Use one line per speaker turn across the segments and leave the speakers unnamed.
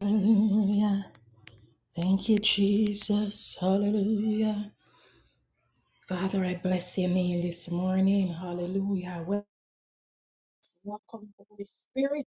Hallelujah. Thank you, Jesus. Hallelujah. Father, I bless your name this morning. Hallelujah. Well- Welcome, Holy Spirit.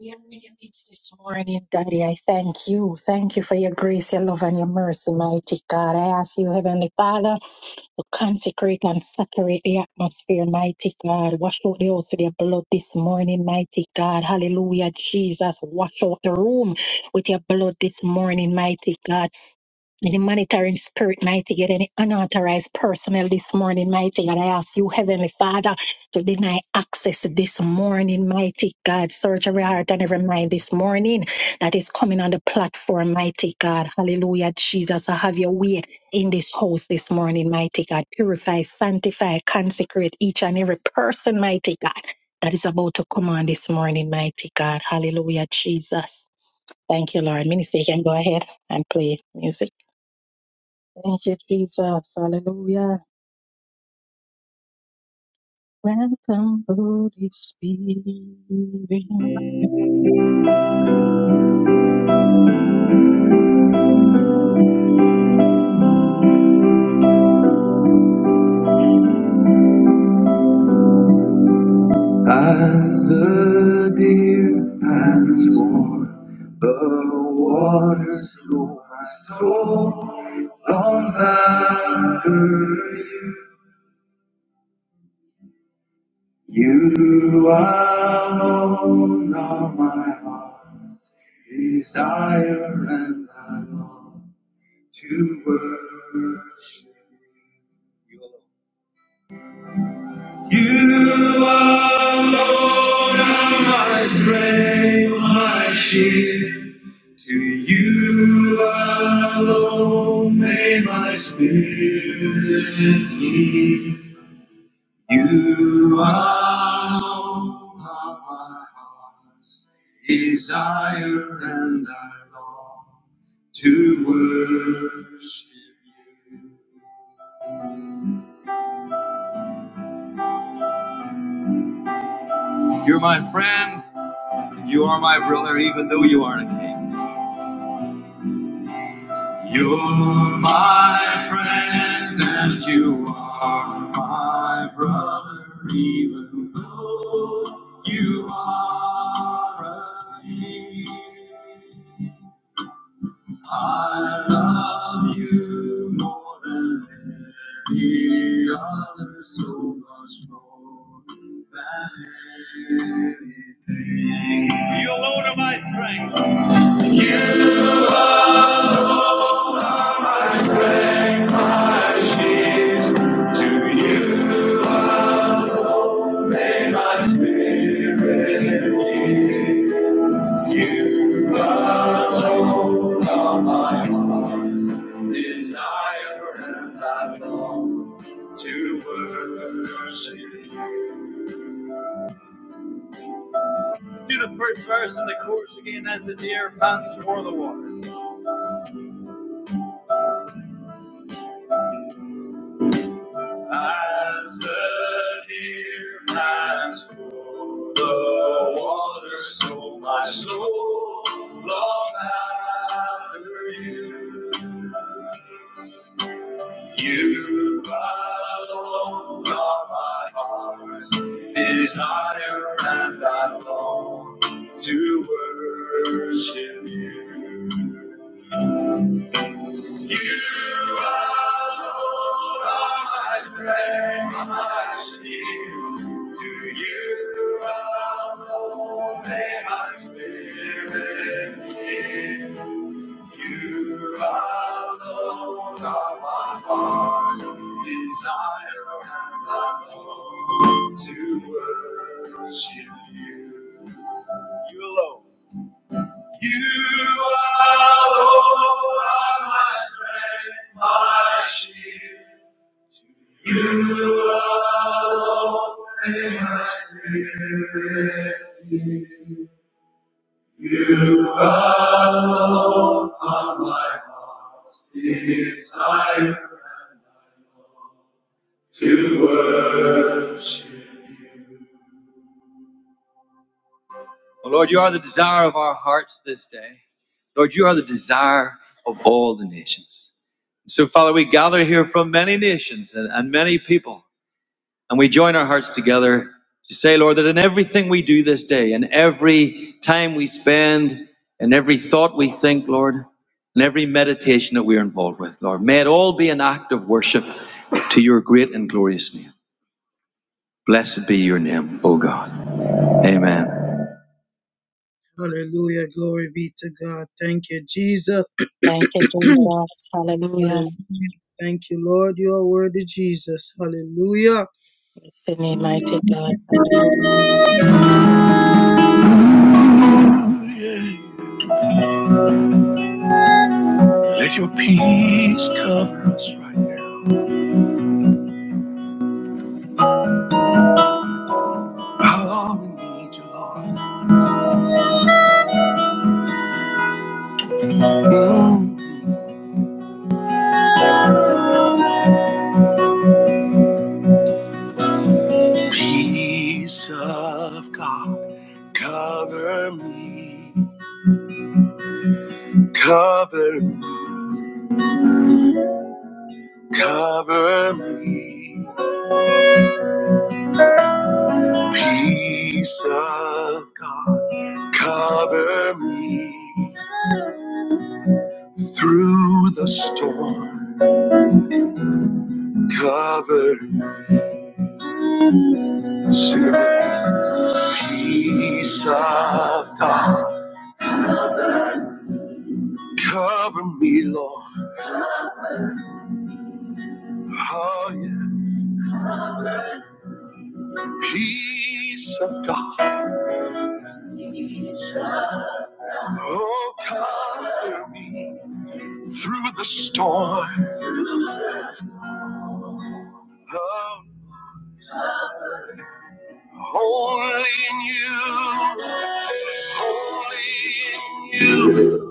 We are in your midst this morning, Daddy. I thank you. Thank you for your grace, your love, and your mercy, mighty God. I ask you, Heavenly Father, to consecrate and saturate the atmosphere, mighty God. Wash out the house with your blood this morning, mighty God. Hallelujah, Jesus. Wash out the room with your blood this morning, mighty God. Any monitoring spirit, mighty God, any unauthorized personnel this morning, mighty God. I ask you, Heavenly Father, to deny access this morning, mighty God. Search every heart and every mind this morning that is coming on the platform, mighty God. Hallelujah, Jesus. I have your way in this house this morning, mighty God. Purify, sanctify, consecrate each and every person, mighty God, that is about to come on this morning, mighty God. Hallelujah, Jesus. Thank you, Lord. Minister, you can go ahead and play music. Thank you, Jesus. Hallelujah. Welcome, Holy Spirit.
As the deer pants for the waters, so my soul longs after you. You alone are my heart's desire, and I long to worship you. You are Lord, i my strength, my shield. To you alone may my spirit lead. You alone are my heart's desire, and I long to worship you. You're my friend, and you are my brother, even though you aren't a king. You're my friend and you are my brother, even though you are a thief. I love you more than any other, so much more than anything. You're the Lord of my strength. To you. May my spirit lead you alone on my heart's desire I long to worship you. Do the first verse in the chorus again as the deer pants for the water. As the deer pants for the water, so my soul longs after you. You alone are my heart's desire, and I long to worship you. You alone are Lord, my friend, my shield. To you alone may my spirit yield. You alone are Lord, my heart's desire, and I long to worship you. You alone. You alone are Lord, my strength, my shield. You alone may my spirit yield. You alone are Lord, on my heart's desire, and I long to worship you. Oh, Lord, you are the desire of our hearts this day. Lord, you are the desire of all the nations. So, Father, we gather here from many nations and, and many people, and we join our hearts together to say, Lord, that in everything we do this day, in every time we spend, in every thought we think, Lord, in every meditation that we're involved with, Lord, may it all be an act of worship to your great and glorious name. Blessed be your name, O God. Amen. Hallelujah. Glory be to God. Thank you, Jesus.
Thank you, Jesus.
Hallelujah.
Hallelujah.
Thank you, Lord. You are worthy, Jesus. Hallelujah.
Bless the name, mighty God. Hallelujah.
How long we need you, Lord. Mm. Peace of God. Cover me. Cover me. Cover me. Peace of God. Cover me through the storm. Cover me. Peace of God. Cover me, Lord. Oh, yeah. Peace of God. Oh, cover me through the storm. Oh, only in you. Only in you.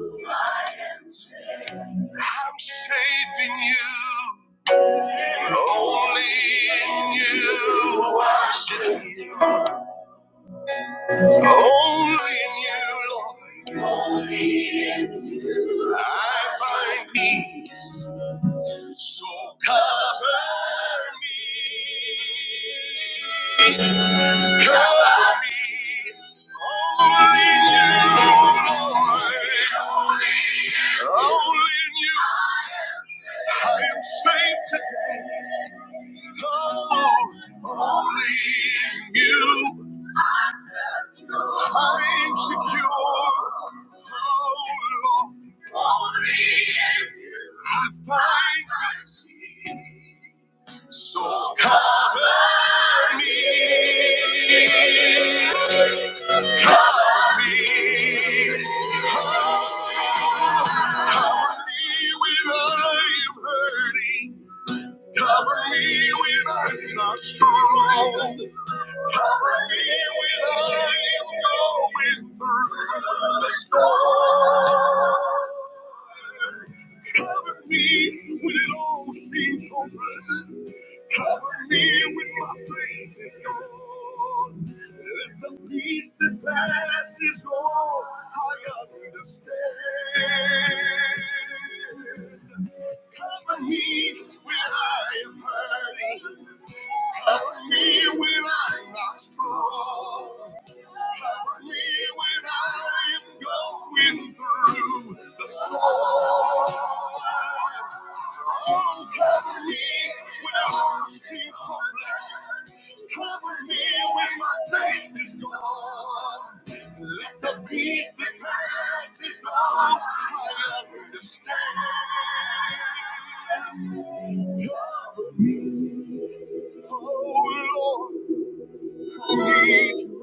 I'm safe in you. Only in you. I'm safe. Only in you, Lord. I find peace. So cover me, cover me, only you, Lord, only in you. I am safe today, oh, only in you. I am secure, oh Lord, only in you. I find mercy. So cover me, cover me. when I'm hurting. Cover me when I'm not strong. Cover me when I'm going through the storm. Cover me when it all seems Oh, cover me when all seems hopeless. Cover me when my faith is gone. Let the peace that passes all I understand. Cover me, oh Lord, I need you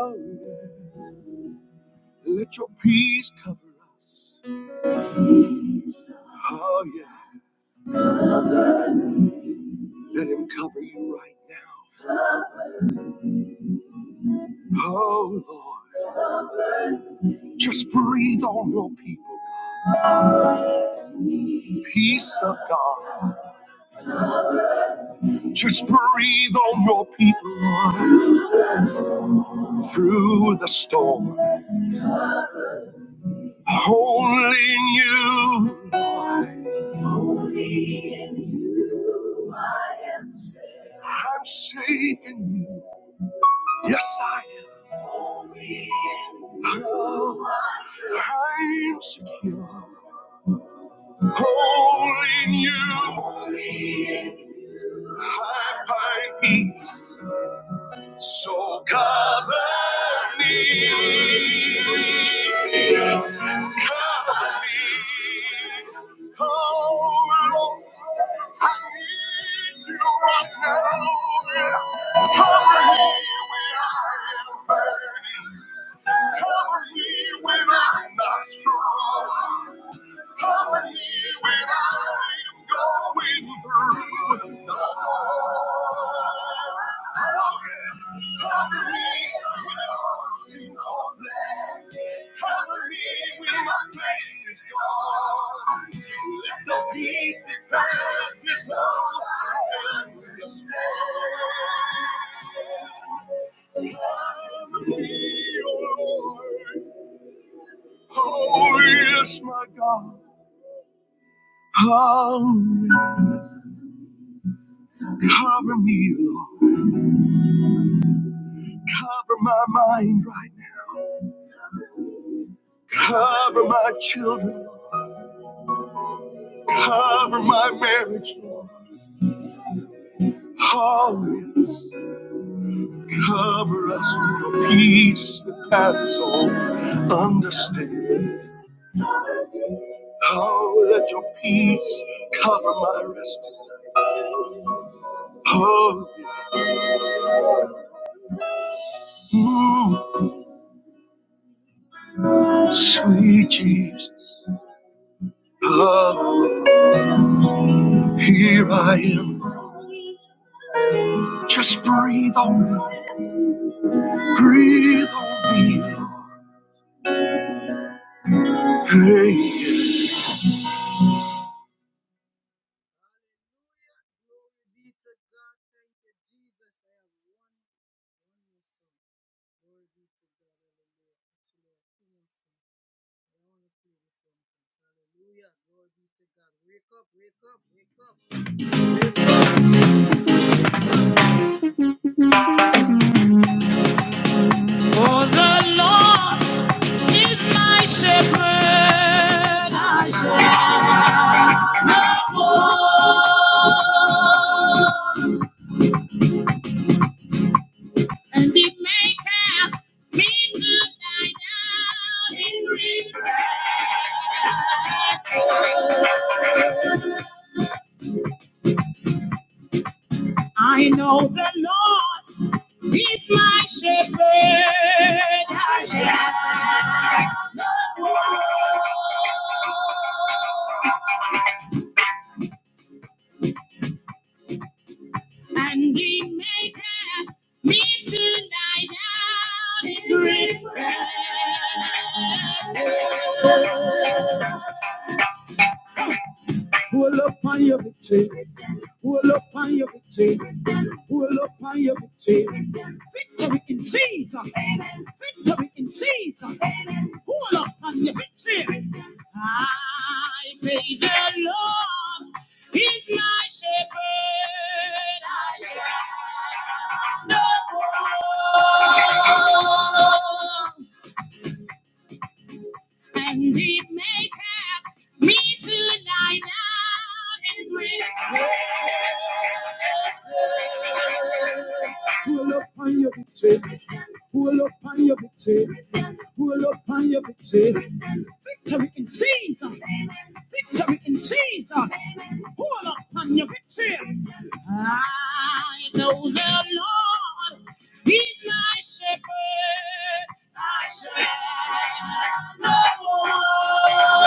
right now. Let your peace cover us. Oh yeah, let him cover you right now. Oh Lord. Just breathe on your people. Peace of God. Just breathe on your people through the storm. Only in you. I'm safe in you. Yes, I am. Oh, I'm secure. Only in you. I find peace. So cover me. Cover me. Going through the storm. Cover me with your merciful blessing. Cover me when my pain is Let the peace that passes all understanding cover me, O Lord. Oh, yes, my God. cover me, Lord. Cover my mind right now. Cover my children. Cover my marriage, Lord. Always cover us with your peace that passes all understanding. Oh, let your peace cover my rest. Oh, mm, sweet Jesus. Oh, here I am. Just breathe on me. Breathe on me. Hallelujah. Glory be to God. Thank you, Jesus. I have one, one more song. Glory be to God. Hallelujah. Actually, I have two more songs, but I want to play this one first. Hallelujah. Glory be to God. Wake up, wake up, wake up. For the Lord is my shepherd. I may have to die down in green. I know the Lord is my shepherd. I shall and he may have me tonight out in great rest. Pull up on your victory. Pull up on your victory. Pull up on your victory. Victory in Jesus. Victory in Jesus. Pull up on your victory. I say the Lord is my shepherd. I shall not and we may have me to lie down and rest. Pull up on your victory. Pull up on your victory. Pull up on your victory. Victory in Jesus. Victory in Jesus. Hold Pull upon your victory. I know the Lord. is my shepherd. I shall not want.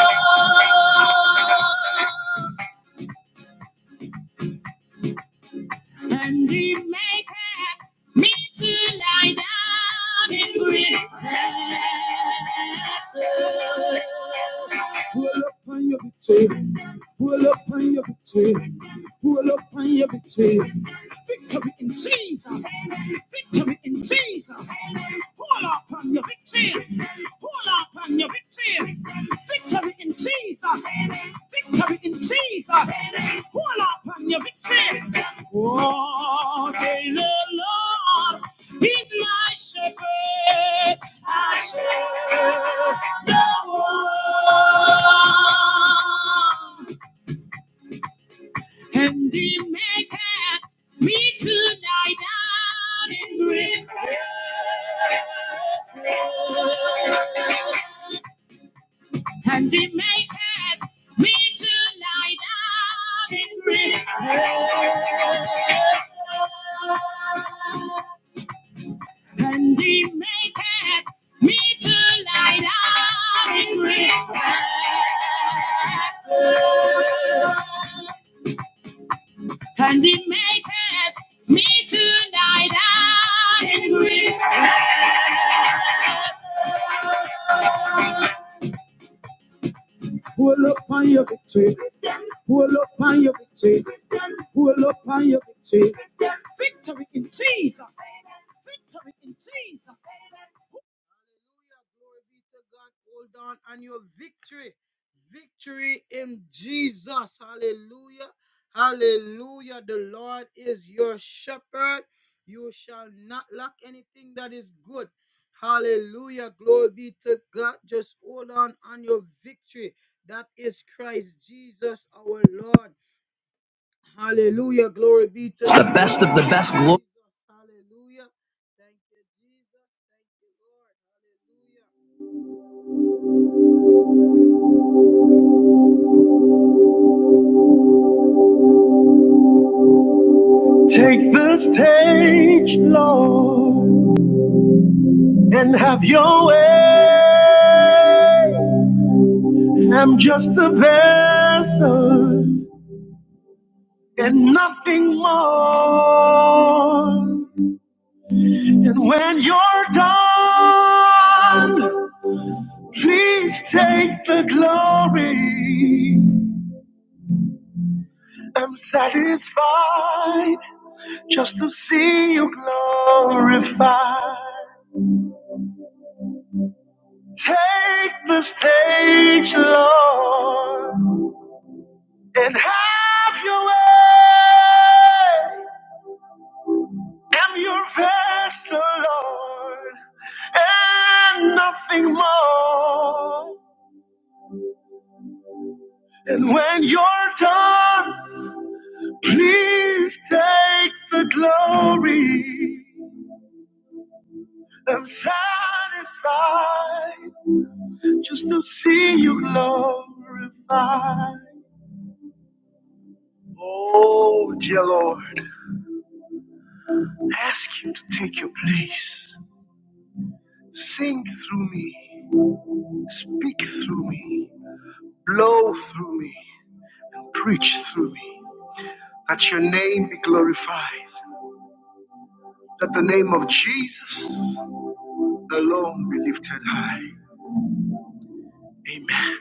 And he maketh me to lie down in green pastures. Hold Pull upon your victory. Hold Pull upon your victory. Pull up on every chains. Victory in Jesus. Victory in Jesus. Pull up on your victims. pull up on your victims. Victory in Jesus. Victory in Jesus. Pull up on your victims. Oh, say the Lord is my shepherd. I shall not want and the maker me to lie down in green grasses. and the maker me to lie down in green grasses. and the maker me to lie down in green grasses. and it maketh me to lie down in green Pull up on your victory. Pull up on your victory. Pull up on your victory. Victory in Jesus. Victory in Jesus. Hallelujah. Glory be to God. Hold on on your victory. Victory in Jesus. Hallelujah. Hallelujah. The Lord is your shepherd. You shall not lack anything that is good. Hallelujah. Glory be to God. Just hold on on your victory. That is Christ Jesus our Lord. Hallelujah. Glory be to It's the best of the best. Glory. Hallelujah. Thank you, Jesus. Thank you, Lord. Hallelujah. Take the stage, Lord, and have your way. I'm just a vessel and nothing more. And when you're done, Please take the glory. I'm satisfied just to see you glorified. Take the stage, Lord, and have your way. I'm your vessel, Lord, and nothing more. And when you're done, please take the glory. I'm satisfied just to see you glorified. Oh, dear Lord, I ask you to take your place. Sing through me, speak through me, blow through me, preach through me. That your name be glorified, that the name of Jesus alone be lifted high. Amen.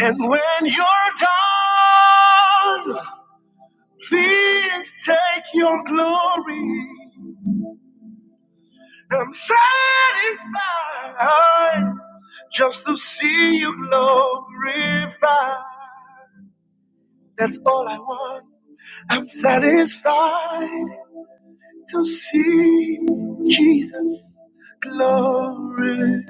And when you're done, Please take your glory. I'm satisfied just to see you glorified. That's all I want. I'm satisfied to see Jesus glorified.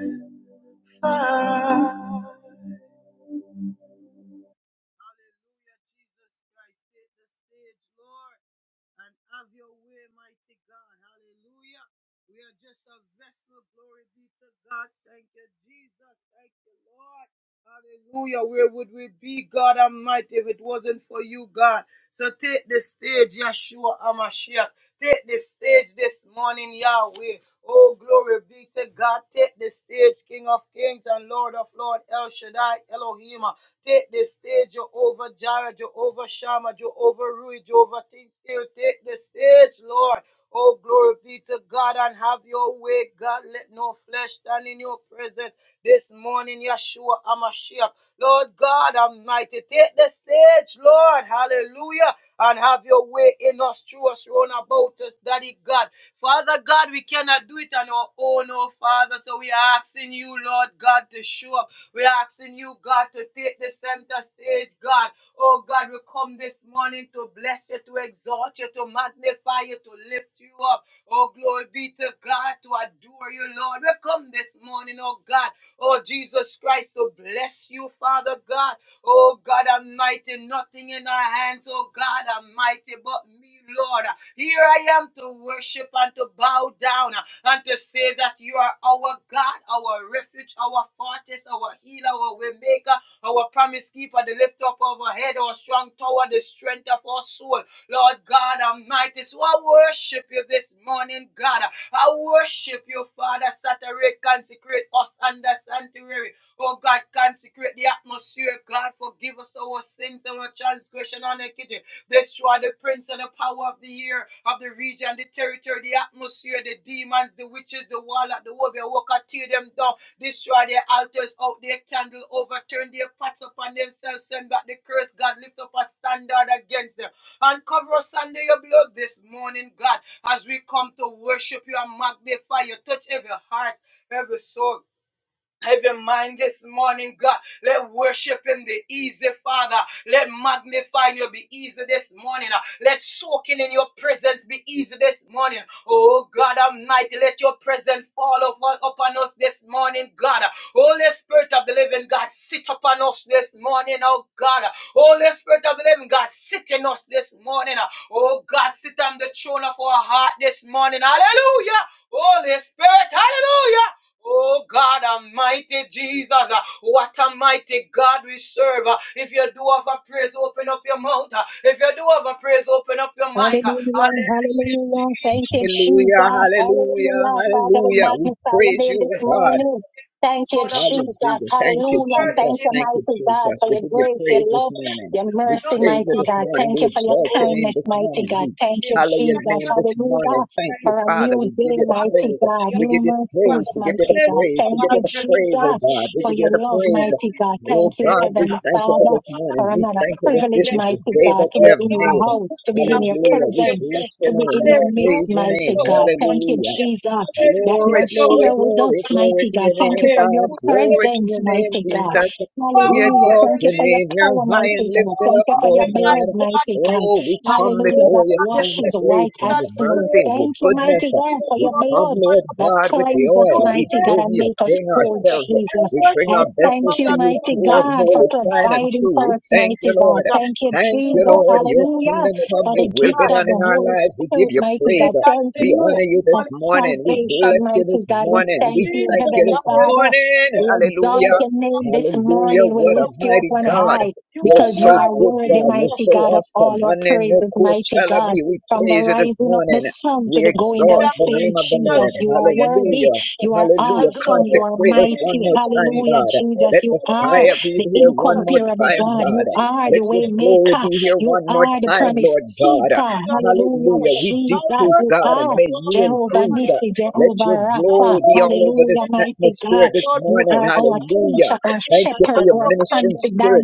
and have your way, mighty God. Hallelujah. We are just a vessel. Glory be to God. Thank you, Jesus. Thank you, Lord. Hallelujah. Where would we be, God Almighty, if it wasn't for you, God? So take the stage, Yeshua Amashiach. Take the stage this morning, Yahweh. Oh, glory be to God. Take the stage, King of Kings and Lord of Lords, El Shaddai, Elohim. Take the stage, Jehovah Jireh, Jehovah Shammah, Jehovah Rui, Jehovah Things. Take the stage, Lord. Oh, glory be to God and have your way, God. Let no flesh stand in your presence this morning, Yeshua Amashiach. Lord God Almighty, take the stage, Lord. Hallelujah. And have your way in us, through us, round about us, Daddy God. Father God, we cannot do it on our own, oh Father. So we are asking you, Lord God, to show up. We are asking you, God, to take the center stage, God. Oh God, we come this morning morning to bless you, to exalt you, to magnify you, to lift you up. Oh, glory be to God, to adore you, Lord. We come this morning, oh God, oh Jesus Christ, to bless you, Father God. Oh God Almighty, nothing in our hands, oh God Almighty, but me, Lord. Here I am to worship and to bow down and to say that you are our God, our refuge, our fortress, our healer, our waymaker our promise keeper, the lift up of our head, our strong tower, the strength of our soul. Lord God Almighty, so I worship you this morning, God. I worship you, Father. Saturate, consecrate us under sanctuary. Oh God, consecrate the atmosphere, God. Forgive us our sins and our transgression on the it. Destroy the prince and the power of the air, of the region, the territory, the atmosphere, the demons, the witches, the warlock, the warrior worker. Tear them down. Destroy their altars out, their candle, overturn their pots upon themselves. Send back the curse, God. Lift up a standard against them. And cover us under your blood this morning, God, as we come to worship you and magnify you. Touch every heart, every soul. Even mind this morning, God, let worshiping be easy, Father. Let magnifying you be easy this morning. Uh, Let soaking in your presence be easy this morning. Oh God Almighty, let your presence fall over, upon us this morning, God. Uh, Holy Spirit of the Living God, sit upon us this morning, oh God. Uh, Holy Spirit of the Living God, sit in us this morning. Uh, Oh God, sit on the throne of our heart this morning. Hallelujah. Holy Spirit, hallelujah. Oh God, Almighty Jesus, uh, what a mighty God we serve. uh. If you do have a praise, open up your mouth. uh. If you do have a praise, open up your mic. uh. Hallelujah,
Hallelujah, hallelujah. Thank
Jesus,
you,
Hallelujah,
Jesus.
hallelujah,
Hallelujah. Father, we
hallelujah. We
magnify your
praise
name
you,
this
oh God.
morning. Thank you,
Lord of Lords, uh,
Jesus.
Hallelujah. Thank
how
you,
Hallelujah.
worthy
Thank
Jesus.
King
you,
Thank you,
mighty God,
Jesus.
for your
We give you
grace, your
praise this
love,
morning.
your
We
mercy,
praise you
mighty
this
God.
morning.
Thank
We
you for your
exalt your
Oh,
name
kindness,
this
mighty
morning.
God.
We
Thank
yeah.
you,
hallow your
thank
Jesus.
you,
name this
Hallelujah.
morning. Thank
thank you.
you,
For a
Father.
new
We give
day,
you the
mighty
praise.
God.
Hallelujah,
We
New
give you praise.
mercies,
Father.
We give you
mighty
the
Hallelujah,
God.
praise. We
Thank
give
my
you,
you the
Lord
praise, oh
Jesus,
God. We
for
give
your
you the
love,
praise.
mighty
Hallelujah,
God.
my
Oh
Thank you,
God, we
Savior.
Heavenly
thank you
Father
for this
for
morning. We
another
thank you that
privilege,
this is the
mighty
day
God,
that
to
you
be
have
in your
made.
house, to be in your
Hallelujah. We
presence,
bless
to
your
be in
name. We
your midst,
praise your
mighty
name.
God. Thank you,
Hallelujah.
Jesus, that
Glory,
you're
glory,
here with us,
glory,
God,
glory
mighty
to
God.
your
Thank
name,
you for your
God. Glory to
presence,
your name,
mighty God.
Jesus. We
Hallelujah.
exalt
Thank you
your
for your
name. You're
power,
praise,
high and
mighty God.
lifted
Thank
up,
you for your
Lord
blood,
God.
mighty God.
Oh, we come
Hallelujah.
before
That
your throne of
washes white
grace and
as
your
snow.
mercy and your
Thank you,
praise
goodness.
mighty
be
God,
the
for
We
your
come,
blood
Lord
that
God, with the
cleanses,
So
us,
oil. We
mighty God,
bring
and
you,
make us
bring
whole,
Jesus.
ourselves.
I
Jesus.
We bring
I
our
worship your
vessels
thank
to
you,
Father
you,
mighty
God.
pure and
God, for
holy,
Oh
tried and
God,
providing
true. We
thank
for
you,
us,
thank you,
mighty
Jesus.
God.
Lord.
Come
Thank you,
Thank
to
you,
Jesus.
Holy
Lord. Your
Hallelujah.
kingdom come.
Spirit.
For the
Your will
gift
be
God,
done
of the
in our
Holy
lives. We give
Spirit,
you
mighty
praise.
God.
Take that
Thank
We
place
you
honor
this
you
for
this
morning,
morning. We
Jesus.
salvation,
bless you
mighty
this
God. We
Thank you,
morning.
thank
We
you,
Jesus.
thank you
Heavenly
this
Hallelujah.
Father.
morning.
We
Oh
exalt
Hallelujah.
your name this
Hallelujah.
morning. We
What a
lift you up
mighty
on
God,
God.
high
you
You're
are
because you
so
are
worthy,
good,
worthy,
God.
Jesus.
You're
mighty
so
God, of
awesome.
all our praises, mighty God.
Manenokosalami. We
From the
praise you this
rising of the
morning.
sun to
We
the
Oh
going
exalt
God,
down,
I'm
the
saying,
name of
grateful,
the Lord.
Jesus, you
magnify
are
your name,
worthy.
Hallelujah.
Jesus.
You are
I
Hallelujah.
awesome. You are
glorify
Consecrate
your
us
name,
one
mighty.
Prince
more
of
time,
Hallelujah,
God.
Oh
Jesus.
Let
You
the
God,
are
fire
Almighty,
be
the
Jesus.
here one
Thank
more
incomparable
time,
you,
God.
God.
You
Jesus.
are
Let
the
your
way
Thank you,
glory
maker.
be here
Lord.
You
one
Jesus,
more
are the
time,
promise
Lord
Jesus,
God.
keeper.
Jesus.
Hallelujah,
Hallelujah.
Jesus.
We
I
Jesus.
decrease,
You
worship
God,
you,
and
are
may
Lord
you
God.
Jehovah
increase. Uh,
Nissi,
Let your
Jehovah
I
Rapha.
glory be all
worship
over
you,
Hallelujah,
this
Prince of
mighty God.
atmosphere this
Lord
You
morning.
are
God.
our
I
Hallelujah.
teacher,
worship
our
you,
Thank
my
you for
shepherd,
your
our
advocate.
ministering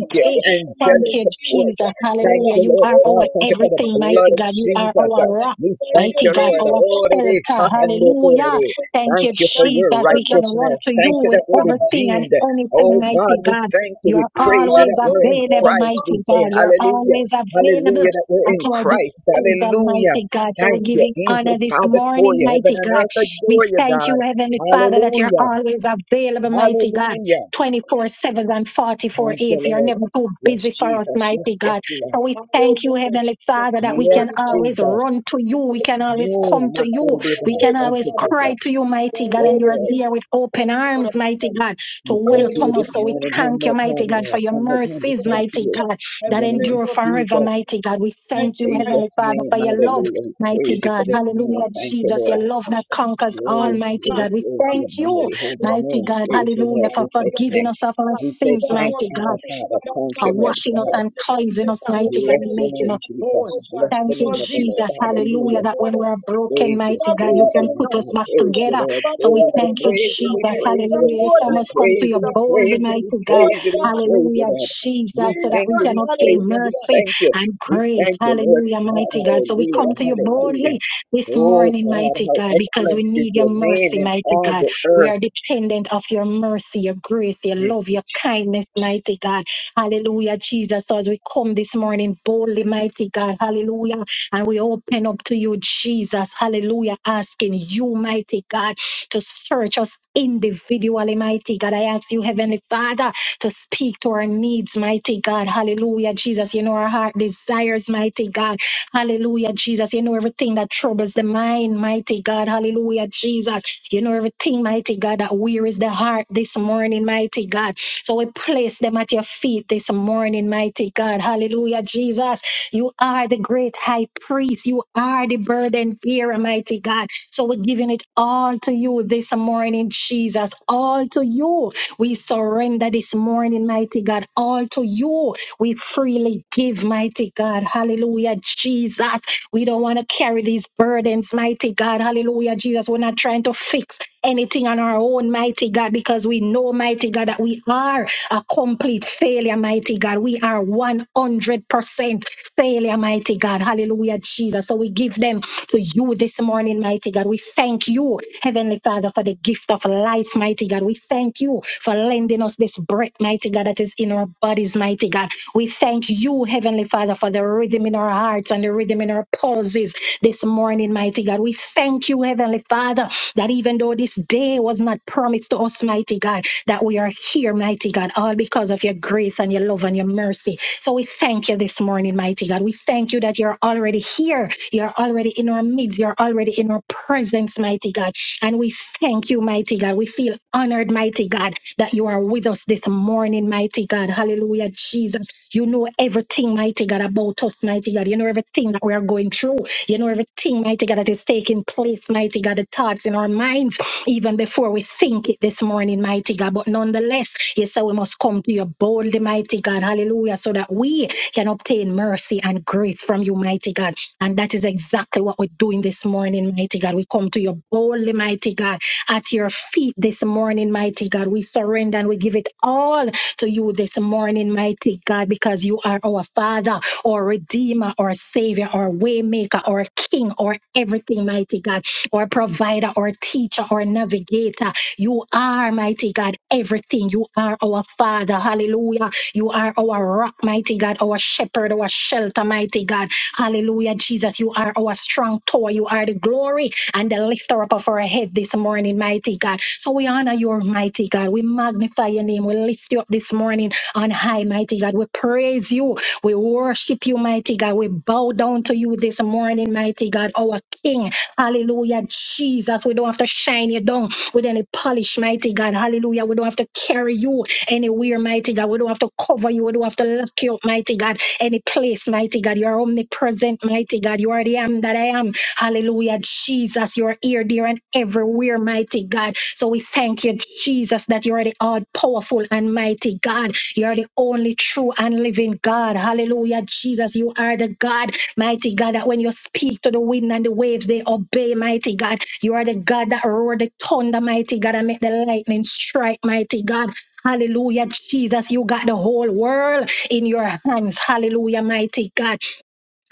I
your
Hey,
worship for my
Thank
angelic
you,
redeemer,
support.
Jesus.
my
Thank
soul.
Hallelujah.
you,
You
Lord
are
Oh,
our
God.
God,
Thank you for the
everything, mighty
blood of
God. You
Almighty,
are
Jesus.
our
Uh,
rock.
We
thank you,
thank
Mighty
you,
God,
Lord.
Jesus.
our
Thank
Oh, it
you,
is. ha,
shelter,
Jesus.
ha, no, oh,
hallelujah.
it
Thank you, Jesus. Thank
is.
you,
Thank
Thank
you,
you for
thank you,
your
Jesus.
the
We can run
Lamb.
righteousness.
to you
Thank
Thank
you
with
that
you,
we're
God
everything and
redeemed.
Almighty. Jesus,
anything,
Oh God,
mighty
we
Jesus,
God.
thank you. We
You're
praise you
always
that
you are
we're in
available,
worthy,
Christ. We
mighty
God.
say
God. You're
hallelujah.
always available
Hallelujah, that we're
at
in
our
Christ.
disposal,
Hallelujah.
mighty God. So we are
Thank you.
giving honor
Angels
this
bow before
morning,
you. Heaven
mighty
and
God.
earth
We
adore you,
thank
God.
you, Heavenly Father, that you're
Hallelujah.
always available, mighty God.
Hallelujah.
24 7 and 44
Thank you,
8. You're
Lord.
never too
Yes,
busy for us,
Jesus.
mighty
Yes, yes,
God.
you are.
So we thank you,
Hallelujah,
Heavenly
Jesus.
Father,
You
that
are
we can
Yes,
worthy, God.
always
Jesus.
run to
You
you.
are
We
worthy,
can always
Jesus.
Oh,
come to
my
you
God,
You
we
are
we
bow.
can
worthy,
Thank
always
you,
Father,
cry
God.
to
Jesus.
you,
You
mighty
are
God,
Yes,
and
worthy,
you're
Lord.
Prince
here
of
with open
Peace, Lord of
arms, mighty
God.
God,
You
to
We
are
come to you
worthy,
welcome us.
this
So we
morning
Jesus.
one
thank you,
more
mighty
time,
God, for
Lord.
your
Yes,
One more time to
mercies,
come to
mighty
you.
Lord.
God,
I
In
that
the name
praise
of
endure
your
forever,
Jesus.
Thank
mighty God.
Jesus.
We
In
Thank
thank
you,
you,
my
Heavenly
Jesus'
sweet
Father, for
name,
your
Jesus.
love,
hallelujah. We
mighty
praise you
God.
for this
That you are
morning.
Hallelujah,
Thank you,
Jesus,
Lord.
you
your
are
love
precious
that
and
conquers
you
all,
are
Glory,
not
mighty
God.
glory,
God. We
glory
You
to
are
thank
your
you,
precious
mighty
and
holy
you are
mighty
wonderful
name.
and
God,
you are
Praise the
hallelujah,
Lord.
for
We say
forgiving us
thanks.
of
everything,
our
God.
We say
You
sins,
are
thanks,
more
mighty God
Abba
precious,
Father.
God
Thank
are
you,
Almighty,
Lord
washing
more
us
God.
than
and
the things
cleansing
that
us,
I will
mighty God, and
still
Bless your
making
face
name,
us
and
Jesus.
keep,
whole.
oh God.
Bless the
Thank you,
Lord
name of the
Jesus
Lord.
Jesus.
Christ, you are
Hallelujah.
Hallelujah.
That
more
when
than
we're
enough.
broken,
Praise you,
You
mighty
are
God, you
more
praise you,
than
can
my
put
enough,
us
God,
my
back
praise
Lord.
you,
together.
Lord,
You are
So we
more
praise
than
you,
thank you,
enough
praise you,
out
we
Jesus.
there.
praise
You are
you,
Hallelujah. There's
more
so
than
we
much coming to
praise
you
you, we
boldly,
praise
enough.
you,
mighty
we
God.
Oh
praise you, we
God, i
praise you,
Hallelujah,
Lord.
Jesus,
We
so
Jesus,
that
thank
we
you,
can
we
obtain
praise you, we
hallelujah.
mercy
thank you,
and
we
grace.
thank you, Lord
Hallelujah, mighty
God,
God. So we
Hallelujah,
hallelujah,
come to you
Jesus.
hallelujah.
boldly this
Oh
morning,
God,
mighty
how
God, because we
excellent is
need your
your name
mercy,
in
mighty
all
God.
the
We
earth.
are dependent of your mercy, your grace, your
Thank
love,
you,
your
Jesus.
kindness, mighty God. Hallelujah, Jesus. So as we come this morning boldly, mighty God, hallelujah, and we open up to you, Jesus, hallelujah, asking you, mighty God, to search us individually, mighty God. I ask you, Heavenly Father, to speak to our needs, mighty God, hallelujah, Jesus. You know our heart desires, mighty God, hallelujah, Jesus. You know everything that troubles the mind, mighty God, hallelujah, Jesus. You know everything, mighty God, that wearies the heart this morning, mighty God. So we place them at your feet this morning, mighty God. Hallelujah, Jesus. You are the great high priest. You are the burden bearer, mighty God. So we're giving it all to you this morning, Jesus. All to you. We surrender this morning, mighty God. All to you. We freely give, mighty God. Hallelujah, Jesus. We don't want to carry these burdens, mighty God. Hallelujah, Jesus. We're not trying to fix anything on our own, mighty God, because we know, mighty God, that we are a complete failure, mighty God. We are 100% failure, mighty God. Hallelujah, Jesus. So we give them to you this morning, mighty God. We thank you, Heavenly Father, for the gift of life, mighty God. We thank you for lending us this breath, mighty God, that is in our our bodies, mighty God. We thank you, Heavenly Father, for the rhythm in our hearts and the rhythm in our pulses this morning, mighty God. We thank you, Heavenly Father, that even though this day was not promised to us, mighty God, that we are here, mighty God, all because of your grace and your love and your mercy. So we thank you this morning, mighty God. We thank you that you're already here. You're already in our midst. You're already in our presence, mighty God. And we thank Thank you, mighty God. We feel honored, mighty God, that you are with us this morning, mighty God. Hallelujah, Jesus. You know everything, mighty God, about us, mighty God. You know everything that we are going through. You know everything, mighty God, that is taking place, mighty God, the thoughts in our minds, even before we think it this morning, mighty God. But nonetheless, you say we must come to you boldly, mighty God. Hallelujah, so that we can obtain mercy and grace from you, mighty God. And that is exactly what we're doing this morning, mighty God. We come to you boldly, mighty God at your feet this morning, mighty God. We surrender and we give it all to you this morning, mighty God, because you are our Father, our Redeemer, our Savior, our Waymaker, our King, or everything, mighty God, our provider, our teacher, our navigator. You are, mighty God, everything. You are our Father. Hallelujah. You are our rock, mighty God, our shepherd, our shelter, mighty God. Hallelujah, Jesus. You are our strong tower. You are the glory and the lifter up of our head this morning, mighty God. So we honor you, mighty God. We magnify your name. We lift you up this morning on high, mighty God. We praise you. We worship you, mighty God. We bow down to you this morning, mighty God, our King. Hallelujah, Jesus. We don't have to shine you down with any polish, mighty God. Hallelujah. We don't have to carry you anywhere, mighty God. We don't have to cover you. We don't have to lock you up, mighty God any place, mighty God. You are omnipresent, mighty God. You are the am that I am. Hallelujah, Jesus. You are here, there, and everywhere, mighty God. So we thank you, Jesus, that you are the all powerful and mighty God. You are the only true and living God. Hallelujah, Jesus. You are the God, mighty God, that when you speak to the wind and the waves, they obey, mighty God. You are the God that roared the thunder, mighty God, and make the lightning strike, mighty God. Hallelujah, Jesus. You got the whole world in your hands. Hallelujah, mighty God.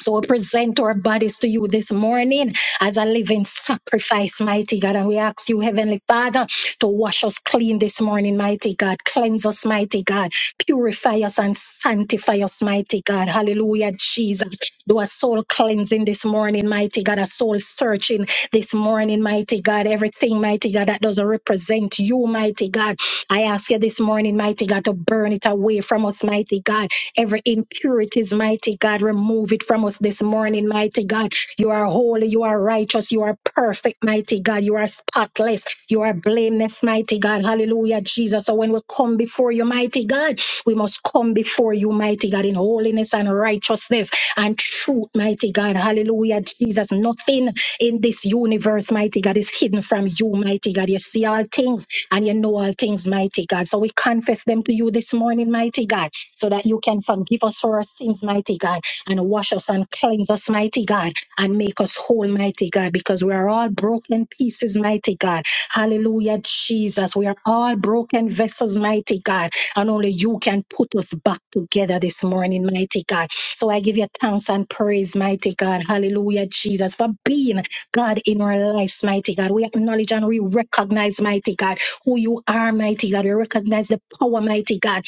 So we present our bodies to you this morning as a living sacrifice, mighty God. And we ask you, Heavenly Father, to wash us clean this morning, mighty God. Cleanse us, mighty God. Purify us and sanctify us, mighty God. Hallelujah, Jesus. Do a soul cleansing this morning, mighty God. A soul searching this morning, mighty God. Everything, mighty God, that doesn't represent you, mighty God. I ask you this morning, mighty God, to burn it away from us, mighty God Every impurities, mighty God, remove it from us this morning, mighty God. You are holy, you are righteous, you are perfect, mighty God. You are spotless, you are blameless, mighty God. Hallelujah, Jesus. So when we come before you, mighty God, we must come before you, mighty God, in holiness and righteousness and truth, mighty God. Hallelujah, Jesus. Nothing in this universe, mighty God, is hidden from you, mighty God. You see all things and you know all things, mighty God. So we confess them to you this morning, mighty God so that you can forgive us for our sins, mighty God, and wash us and cleanse us, mighty God, and make us whole, mighty God, because we are all broken pieces, mighty God. Hallelujah, Jesus. We are all broken vessels, mighty God, and only you can put us back together this morning, mighty God. So I give you thanks and praise, mighty God. Hallelujah, Jesus, for being God in our lives, mighty God. We acknowledge and we recognize, mighty God, who you are, mighty God. We recognize the power, mighty God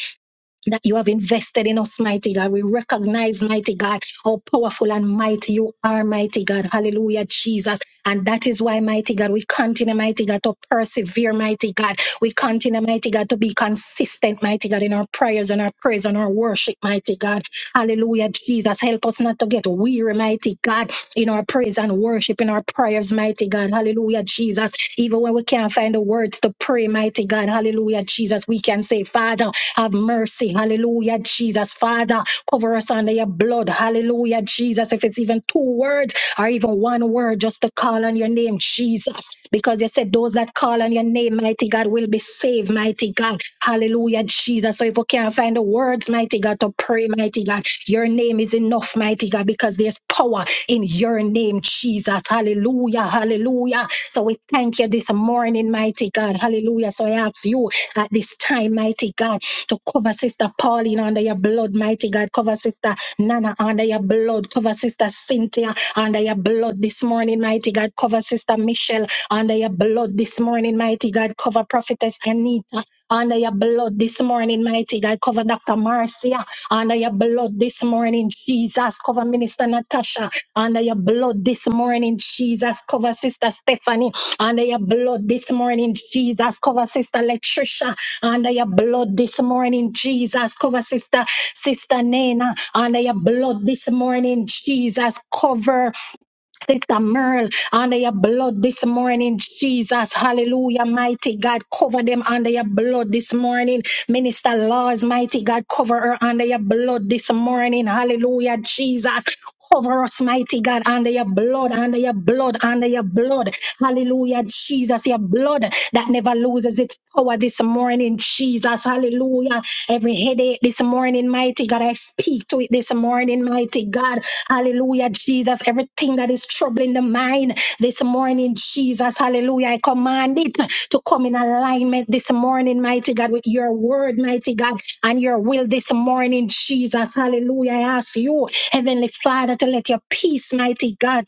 that you have invested in us, mighty God. We recognize, mighty God, how powerful and mighty you are, mighty God. Hallelujah, Jesus. And that is why, mighty God, we continue, mighty God, to persevere, mighty God. We continue, mighty God, to be consistent, mighty God, in our prayers and our praise and our worship, mighty God. Hallelujah, Jesus. Help us not to get weary, mighty God in our praise and worship, in our prayers, mighty God. Hallelujah, Jesus. Even when we can't find the words to pray, mighty God. Hallelujah, Jesus. We can say, Father, have mercy. Hallelujah, Jesus. Father, cover us under your blood. Hallelujah, Jesus. If it's even two words or even one word, just to call on your name, Jesus. Because you said those that call on your name, mighty God, will be saved, mighty God. Hallelujah, Jesus. So if we can't find the words, mighty God, to pray, pray, mighty God. Your name is enough, mighty God, because there's power in your name, Jesus. Hallelujah. Hallelujah. So we thank you this morning, mighty God. Hallelujah. So I ask you at this time, mighty God, to cover Sister Pauline under your blood, mighty God. Cover Sister Nana under your blood. Cover Sister Cynthia under your blood this morning, mighty God. Cover Sister Michelle under your blood this morning, mighty God. Cover Prophetess Anita under your blood this morning, mighty God, cover Dr. Marcia. Under your blood this morning, Jesus, cover Minister Natasha. Under your blood this morning, Jesus, cover Sister Stephanie. Under your blood this morning, Jesus, cover Sister Latricia. Under your blood this morning, Jesus, cover Sister Sister Nena. Under your blood this morning, Jesus, cover. Sister Merle, under your blood this morning, Jesus, hallelujah, mighty God, cover them under your blood this morning. Minister Laws, mighty God, cover her under your blood this morning, hallelujah, Jesus. Cover us, mighty God, under your blood, under your blood, under your blood. Hallelujah, Jesus, your blood that never loses its power this morning, Jesus. Jesus. Hallelujah. Every headache this morning, mighty God, I speak to it this morning, mighty God. Hallelujah, Jesus. Everything that is troubling the mind this morning, Jesus. Hallelujah. I command it to come in alignment this morning, mighty God, with your word, mighty God, and your will this morning, Jesus. Hallelujah. I ask you, Heavenly Father, to let your peace, mighty God,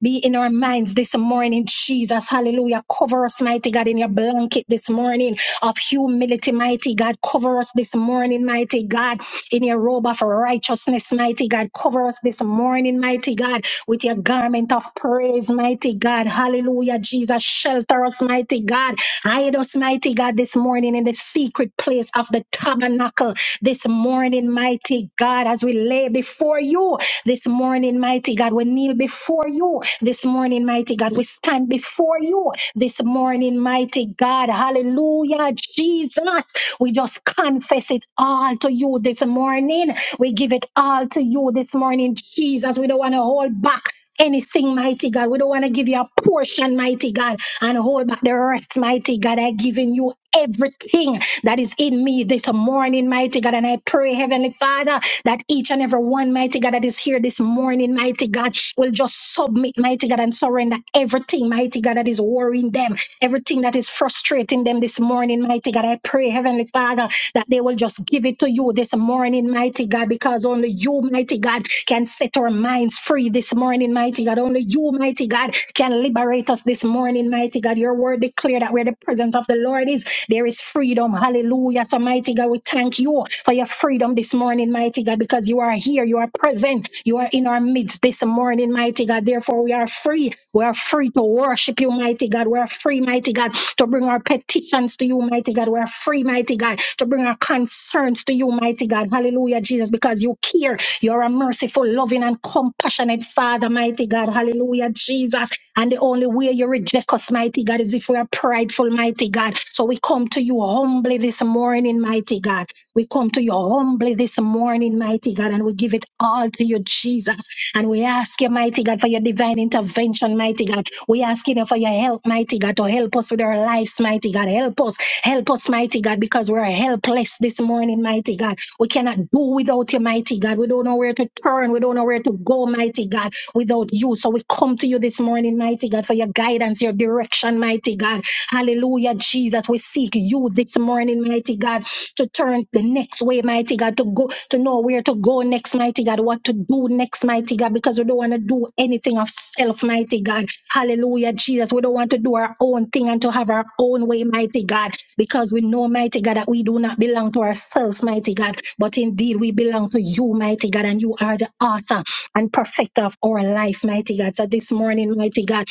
be in our minds this morning, Jesus. Hallelujah. Cover us, mighty God, in your blanket this morning of humility, mighty God. Cover us this morning, mighty God, in your robe of righteousness, mighty God. Cover us this morning, mighty God, with your garment of praise, mighty God. Hallelujah, Jesus. Shelter us, mighty God. Hide us, mighty God, this morning in the secret place of the tabernacle this morning, mighty God, as we lay before you you this morning, mighty God. We kneel before you this morning, mighty God. We stand before you this morning, mighty God. Hallelujah, Jesus. We just confess it all to you this morning. We give it all to you this morning, Jesus. We don't want to hold back anything, mighty God. We don't want to give you a portion, mighty God, and hold back the rest, mighty God. i giving you everything that is in me this morning, mighty God. And I pray, Heavenly Father, that each and every one, mighty God, that is here this morning, mighty God, will just submit, mighty God, and surrender everything, mighty God, that is worrying them, everything that is frustrating them this morning, mighty God. I pray, Heavenly Father that they will just give it to you this morning, mighty God, because only you, mighty God, can set our minds free this morning, mighty God. Only you, mighty God, can liberate us this morning, mighty God. Your word declare that where the presence of the Lord is, there is freedom. Hallelujah. So, mighty God, we thank you for your freedom this morning, mighty God, because you are here. You are present. You are in our midst this morning, mighty God. Therefore, we are free. We are free to worship you, mighty God. We are free, mighty God, to bring our petitions to you, mighty God. We are free, mighty God, to bring our concerns to you, mighty God. Hallelujah, Jesus, because you care. You're a merciful, loving, and compassionate Father, mighty God. Hallelujah, Jesus. And the only way you reject us, mighty God, is if we are prideful, mighty God. So we come to you humbly this morning, mighty God. We come to you humbly this morning, mighty God, and we give it all to you, Jesus. And we ask you, mighty God, for your divine intervention, mighty God. We ask you for your help, mighty God, to help us with our lives, mighty God. Help us, help us, mighty God, because we're helpless this morning, mighty God. We cannot do without you, mighty God. We don't know where to turn. We don't know where to go, mighty God, without you. So we come to you this morning, mighty God, for your guidance, your direction, mighty God. Hallelujah, Jesus. We seek you this morning, mighty God, to turn the next way, mighty God, to go to know where to go go next, mighty God, what to do next, mighty God, because we don't want to do anything of self, mighty God. Hallelujah, Jesus. We don't want to do our own thing and to have our own way, mighty God, because we know, mighty God, that we do not belong to ourselves, mighty God, but indeed we belong to you, mighty God, and you are the author and perfecter of our life, mighty God. So this morning, mighty God,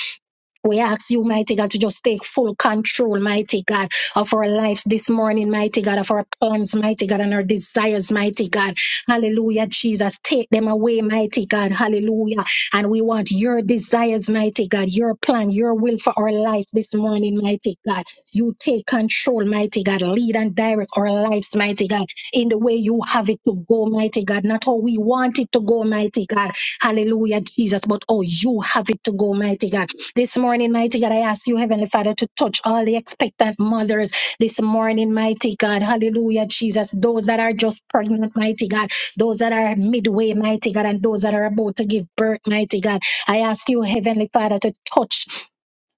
we ask you, mighty God, to just take full control, mighty God, of our lives this morning, mighty God, of our plans, mighty God, and our desires, mighty God. Hallelujah, Jesus. Take them away, mighty God. Hallelujah. And we want your desires, mighty God, your plan, your will for our life this morning, mighty God. You take control, mighty God. Lead and direct our lives, mighty God, in the way you have it to go, mighty God. Not how we want it to go, mighty God. Hallelujah, Jesus, but how you have it to go, mighty God. This morning, mighty God, I ask you, Heavenly Father, to touch all the expectant mothers this morning, mighty God. Hallelujah, Jesus. Those that are just pregnant, mighty God. Those that are midway, mighty God, and those that are about to give birth, mighty God. I ask you, Heavenly Father, to touch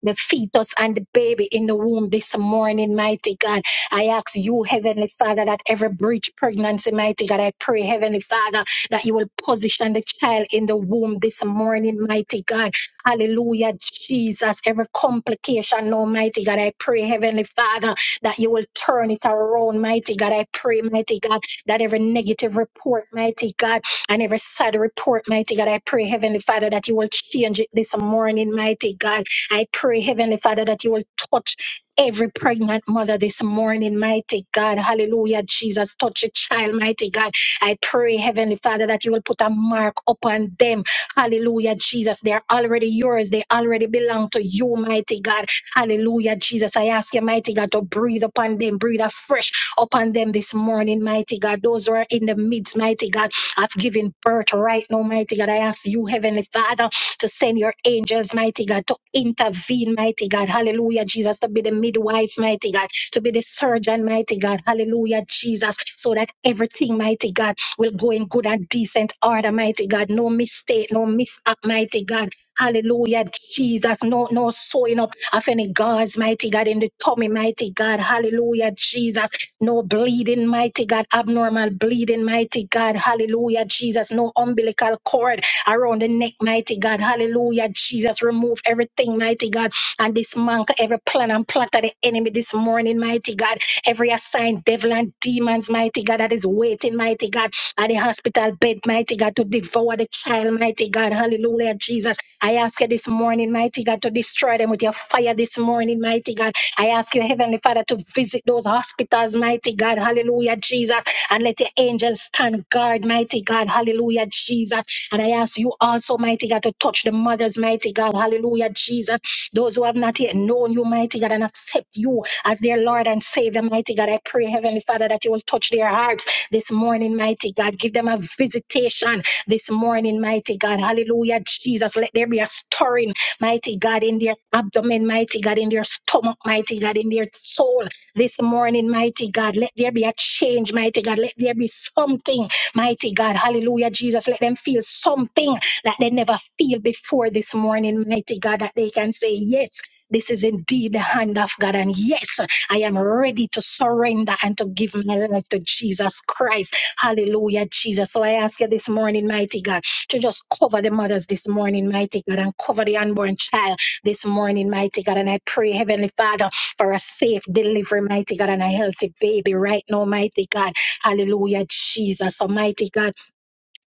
the fetus and the baby in the womb this morning, mighty God. I ask you, Heavenly Father, that every breach pregnancy, mighty God, I pray, Heavenly Father, that you will position the child in the womb this morning, mighty God. Hallelujah, Jesus. Every complication, Almighty God, I pray, Heavenly Father, that you will turn it around, mighty God. I pray, mighty God, that every negative report, mighty God, and every sad report, mighty God, I pray, Heavenly Father, that you will change it this morning, mighty God. I pray, Heavenly Father, that you will touch every pregnant mother this morning, mighty God. Hallelujah, Jesus. Touch a child, mighty God. I pray, Heavenly Father, that you will put a mark upon them. Hallelujah, Jesus. They are already yours. They already belong to you, mighty God. Hallelujah, Jesus. I ask you, mighty God, to breathe upon them, breathe afresh upon them this morning, mighty God. Those who are in the midst, mighty God, of giving birth right now, mighty God. I ask you, Heavenly Father to send your angels, mighty God, to intervene, mighty God. Hallelujah, Jesus, to be the midwife, mighty God, to be the surgeon, mighty God. Hallelujah, Jesus, so that everything, mighty God, will go in good and decent order, mighty God. No mistake, no mishap, mighty God. Hallelujah, Jesus. No, no sewing up of any gods, mighty God, in the tummy, mighty God. Hallelujah, Jesus. No bleeding, mighty God, abnormal bleeding, mighty God. Hallelujah, Jesus. No umbilical cord around the neck, mighty God. Hallelujah, Jesus. Remove everything, mighty God, and dismantle every plan and plot of the enemy this morning, mighty God. Every assigned devil and demons, mighty God, that is waiting, mighty God, at the hospital bed, mighty God, to devour the child, mighty God. Hallelujah, Jesus. I ask you this morning, mighty God, to destroy them with your fire this morning, mighty God. I ask you, Heavenly Father, to visit those hospitals, mighty God. Hallelujah, Jesus. And let your angels stand guard, mighty God. Hallelujah, Jesus. And I ask you also, mighty God, to touch the mothers, mighty God. Hallelujah, Jesus. Those who have not yet known you, mighty God, and accept you as their Lord and Savior, mighty God. I pray, Heavenly Father, that you will touch their hearts this morning, mighty God. Give them a visitation this morning, mighty God. Hallelujah, Jesus. Let there be a stirring, mighty God, in their abdomen, mighty God, in their stomach, mighty God, in their soul this morning, mighty God. Let there be a change, mighty God. Let there be something, mighty God. Hallelujah, Jesus. Let them feel something that they never feel before this morning, mighty God, that they can say yes this is indeed the hand of God. And yes, I am ready to surrender and to give my life to Jesus Christ. Hallelujah, Jesus. So I ask you this morning, mighty God, to just cover the mothers this morning, mighty God, and cover the unborn child this morning, mighty God. And I pray, Heavenly Father, for a safe delivery, mighty God, and a healthy baby right now, mighty God. Hallelujah, Jesus. Almighty God.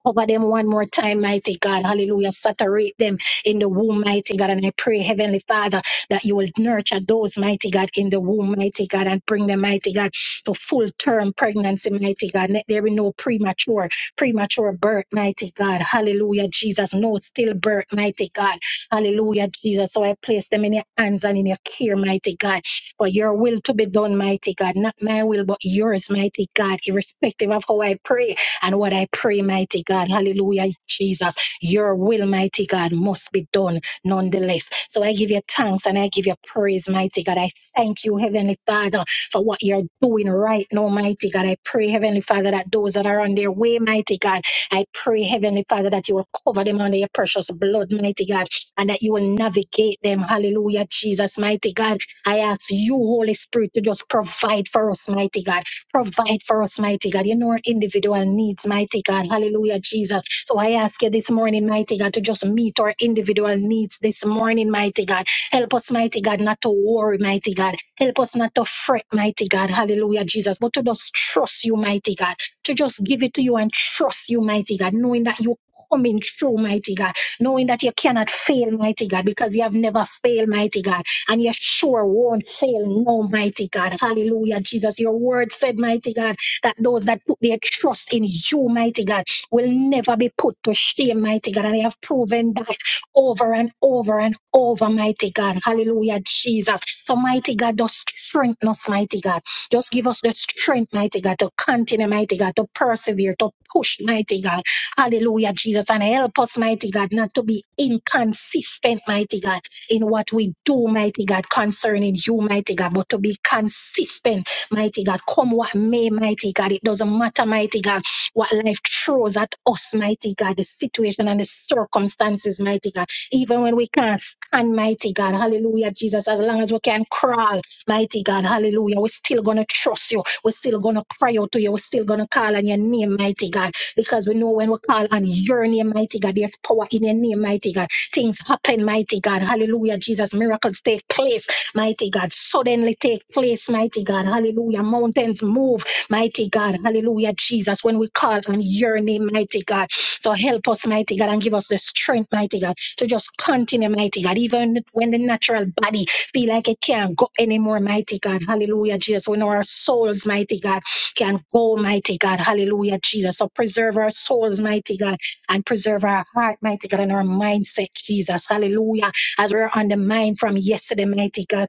Cover them one more time, mighty God. Hallelujah. Saturate them in the womb, mighty God. And I pray, Heavenly Father, that you will nurture those, mighty God, in the womb, mighty God, and bring them, mighty God, to full term pregnancy, mighty God. Let there be no premature, premature birth, mighty God. Hallelujah, Jesus. No stillbirth, mighty God. Hallelujah, Jesus. So I place them in your hands and in your care, mighty God. For your will to be done, mighty God. Not my will, but yours, mighty God. Irrespective of how I pray. And what I pray, mighty God, hallelujah, Jesus, your will, mighty God, must be done nonetheless. So I give you thanks and I give you praise, mighty God. I thank you, Heavenly Father, for what you're doing right now, mighty God. I pray, Heavenly Father, that those that are on their way, mighty God, I pray, Heavenly Father, that you will cover them under your precious blood, mighty God, and that you will navigate them, hallelujah, Jesus, mighty God. I ask you, Holy Spirit, to just provide for us, mighty God. Provide for us, mighty God. You know our individual needs, mighty God. Hallelujah, Jesus. So I ask you this morning, mighty God, to just meet our individual needs this morning, mighty God. Help us, mighty God, not to worry, mighty God. Help us not to fret, mighty God. Hallelujah, Jesus. But to just trust you, mighty God. To just give it to you and trust you, mighty God, knowing that you coming through, mighty God, knowing that you cannot fail, mighty God, because you have never failed, mighty God and you sure won't fail no mighty God. Hallelujah, Jesus. Your word said, mighty God, that those that put their trust in you, mighty God, will never be put to shame, mighty God. And I have proven that over and over and over, mighty God. Hallelujah, Jesus. So, mighty God, just strengthen us, mighty God. Just give us the strength, mighty God, to continue, mighty God, to persevere, to push, mighty God. Hallelujah, Jesus. And help us, mighty God, not to be inconsistent, mighty God in what we do, mighty God, concerning you, mighty God, but to be consistent, mighty God. Come what may, mighty God. It doesn't matter, mighty God, what life throws at us, mighty God, the situation and the circumstances, mighty God. Even when we can't stand, mighty God, hallelujah, Jesus, as long as we can crawl, mighty God, hallelujah, we're still going to trust you. We're still going to cry out to you. We're still going to call on your name, mighty God because we know when we call on your name, mighty God, there's power in your name, mighty God. Things happen, mighty God. Hallelujah, Jesus. Miracles take place, mighty God. Suddenly take place, mighty God. Hallelujah. Mountains move, mighty God. Hallelujah, Jesus. When we call on your name, mighty God. So help us, mighty God, and give us the strength, mighty God, to just continue, mighty God, even when the natural body feel like it can't go anymore, mighty God. Hallelujah, Jesus. We know our souls, mighty God can go, mighty God. Hallelujah, Jesus. So preserve our souls, mighty God, and preserve our heart, mighty God, and our mindset, Jesus. Hallelujah. As we're on the mind from yesterday, mighty God.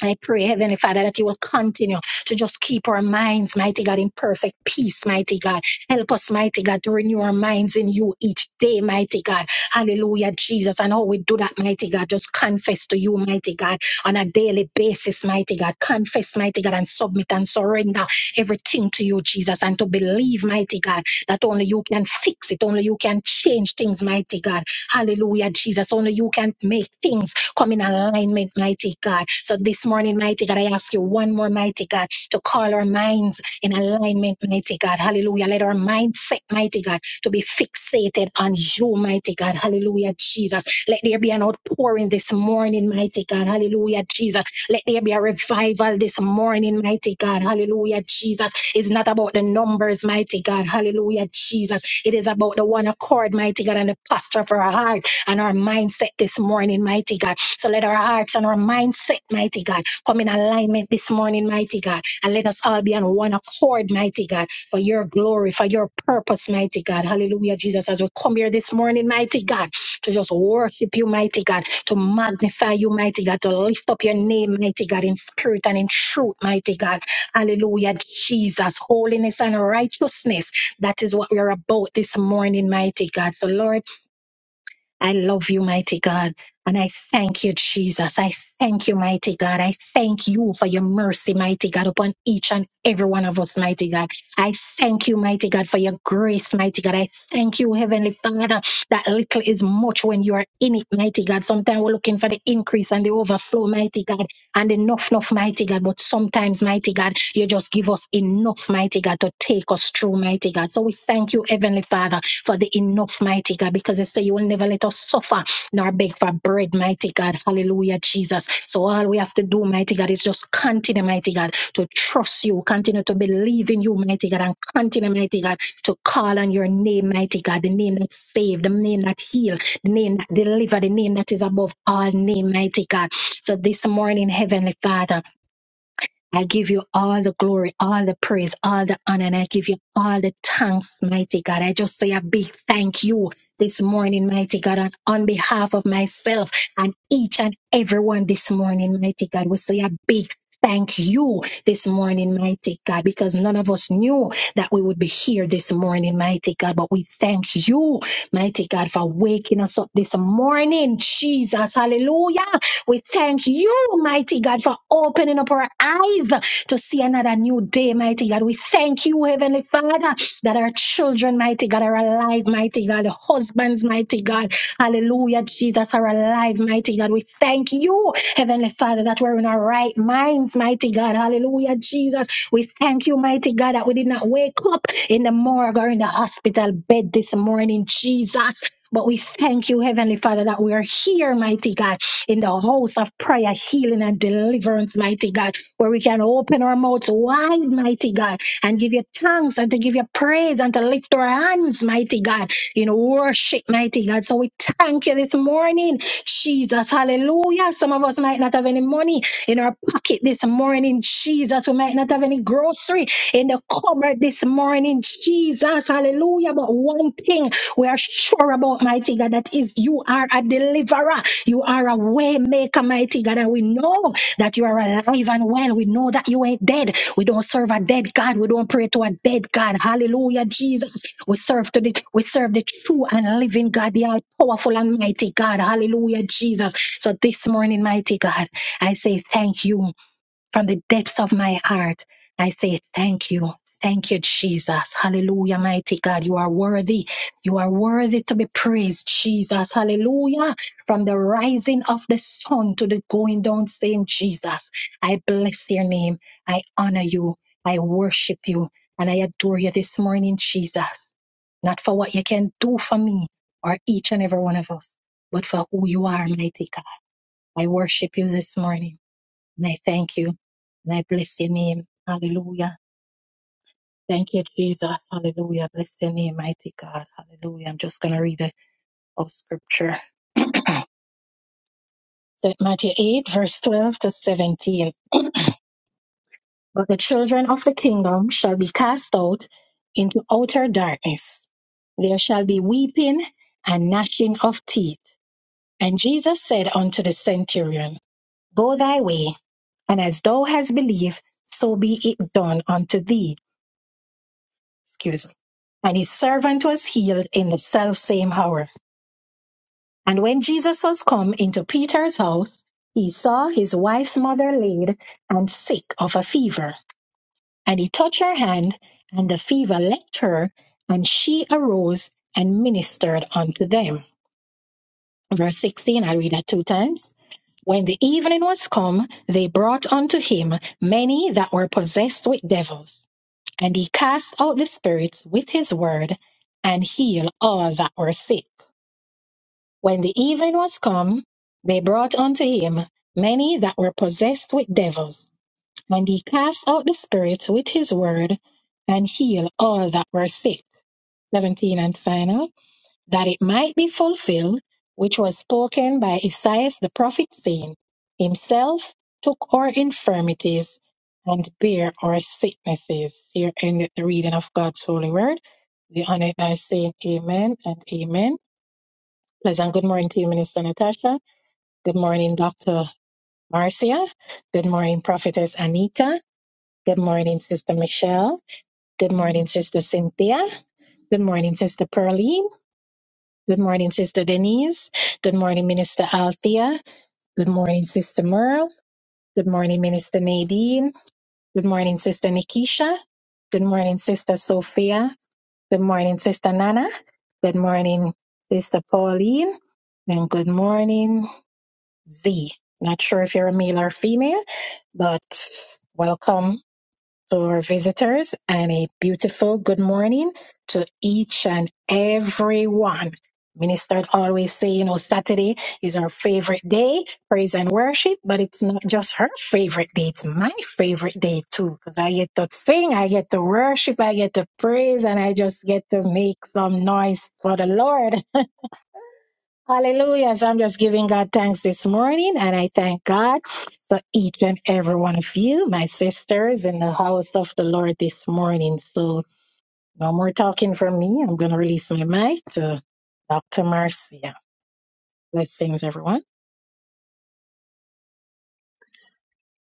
I pray, Heavenly Father, that you will continue to just keep our minds, mighty God, in perfect peace, mighty God. Help us, mighty God, to renew our minds in you each day, mighty God. Hallelujah, Jesus. And how we do that, mighty God, just confess to you, mighty God, on a daily basis, mighty God. Confess, mighty God, and submit and surrender everything to you, Jesus, and to believe, mighty God, that only you can fix it, only you can change things, mighty God. Hallelujah, Jesus. Only you can make things. Come in alignment, mighty God. So this morning, mighty God, I ask you one more, mighty God, to call our minds in alignment, mighty God. Hallelujah. Let our mindset, mighty God, to be fixated on you, mighty God. Hallelujah, Jesus. Let there be an outpouring this morning, mighty God. Hallelujah, Jesus. Let there be a revival this morning, mighty God. Hallelujah, Jesus. It's not about the numbers, mighty God. Hallelujah, Jesus. It is about the one accord, mighty God, and the posture for our heart and our mindset this morning, mighty God. So let our hearts and our mindset, mighty God, come in alignment this morning, mighty God. And let us all be on one accord, mighty God, for your glory, for your purpose, mighty God. Hallelujah, Jesus. As we come here this morning, mighty God, to just worship you, mighty God, to magnify you, mighty God, to lift up your name, mighty God, in spirit and in truth, mighty God. Hallelujah, Jesus. Holiness and righteousness. That is what we're about this morning, mighty God. So, Lord, I love you, mighty God. And I thank you, Jesus. I thank you, mighty God. I thank you for your mercy, mighty God, upon each and every one of us, mighty God. I thank you, mighty God, for your grace, mighty God. I thank you, Heavenly Father, that little is much when you are in it, mighty God. Sometimes we're looking for the increase and the overflow, mighty God, and enough, enough, mighty God. But sometimes, mighty God, you just give us enough, mighty God, to take us through, mighty God. So we thank you, Heavenly Father for the enough, mighty God, because it say you will never let us suffer nor beg for bread, mighty God. Hallelujah, Jesus. So all we have to do, mighty God, is just continue, mighty God, to trust you, continue to believe in you, mighty God, and continue, mighty God, to call on your name, mighty God, the name that saved, the name that healed, the name that delivered, the name that is above all name, mighty God. So this morning, Heavenly Father. I give you all the glory, all the praise, all the honor, and I give you all the thanks, mighty God. I just say a big thank you this morning, mighty God, and on behalf of myself and each and everyone this morning, mighty God. We say a big thank you this morning, mighty God, because none of us knew that we would be here this morning, mighty God. But we thank you, mighty God, for waking us up this morning, Jesus. Hallelujah. We thank you, mighty God, for opening up our eyes to see another new day, mighty God. We thank you, Heavenly Father, that our children, mighty God, are alive, mighty God. The husbands, mighty God, hallelujah, Jesus, are alive, mighty God. We thank you, Heavenly Father, that we're in our right minds, mighty God, hallelujah, Jesus. We thank you, mighty God, that we did not wake up in the morgue or in the hospital bed this morning, Jesus. But we thank you, Heavenly Father, that we are here, mighty God in the house of prayer, healing and deliverance, mighty God, where we can open our mouths wide, mighty God, and give you thanks and to give you praise and to lift our hands, mighty God, in worship, mighty God. So we thank you this morning, Jesus. Hallelujah. Some of us might not have any money in our pocket this morning, Jesus. We might not have any grocery in the cupboard this morning, Jesus. Hallelujah. But one thing we are sure about, mighty God, that is you are a deliverer. You are a way maker, mighty God, and we know that you are alive and well. We know that you ain't dead. We don't serve a dead God. We don't pray to a dead God. Hallelujah, Jesus. We serve to the we serve the true and living God, the all powerful and mighty God. Hallelujah, Jesus. So this morning, mighty God, I say thank you. From the depths of my heart, I say thank you. Thank you, Jesus. Hallelujah, mighty God. You are worthy. You are worthy to be praised, Jesus. Hallelujah. From the rising of the sun to the going down, same Jesus. I bless your name. I honor you. I worship you. And I adore you this morning, Jesus. Not for what you can do for me or each and every one of us, but for who you are, mighty God. I worship you this morning. And I thank you and I bless your name. Hallelujah. Thank you, Jesus. Hallelujah. Bless your name, mighty God. Hallelujah. I'm just going to read the of scripture. St. Matthew 8, verse 12 to 17. But the children of the kingdom shall be cast out into outer darkness. There shall be weeping and gnashing of teeth. And Jesus said unto the centurion, Go thy way, and as thou hast believed, so be it done unto thee. Excuse me. and his servant was healed in the selfsame hour. And when Jesus was come into Peter's house, he saw his wife's mother laid and sick of a fever. And he touched her hand, and the fever left her, and she arose and ministered unto them. Verse 16, I read that two times. When the evening was come, they brought unto him many that were possessed with devils. And he cast out the spirits with his word, and healed all that were sick When the even was come, they brought unto him many that were possessed with devils, and he cast out the spirits with his word, and healed all that were sick. 17 and final, that it might be fulfilled, which was spoken by Esaias the prophet, saying, Himself took our infirmities and bare our sicknesses. Here ended the reading of God's holy word. We honor it by saying amen and amen. Pleasant good morning to you, Minister Natasha. Good morning, Dr. Marcia. Good morning, Prophetess Anita. Good morning, Sister Michelle. Good morning, Sister Cynthia. Good morning, Sister Pearline. Good morning, Sister Denise. Good morning, Minister Althea. Good morning, Sister Merle. Good morning, Minister Nadine. Good morning, Sister Nikisha. Good morning, Sister Sophia. Good morning, Sister Nana. Good morning, Sister Pauline. And good morning. Z. Not sure if you're a male or female, but welcome to our visitors and a beautiful good morning to each and every one. Minister always say, you know, Saturday is our favorite day, praise and worship, but it's not just her favorite day, it's my favorite day too, because I get to sing, I get to worship, I get to praise, and I just get to make some noise for the Lord. Hallelujah. So I'm just giving God thanks this morning and I thank God for each and every one of you, my sisters in the house of the Lord this morning. So no more talking from me. I'm going to release my mic to Dr. Marcia. Blessings, everyone.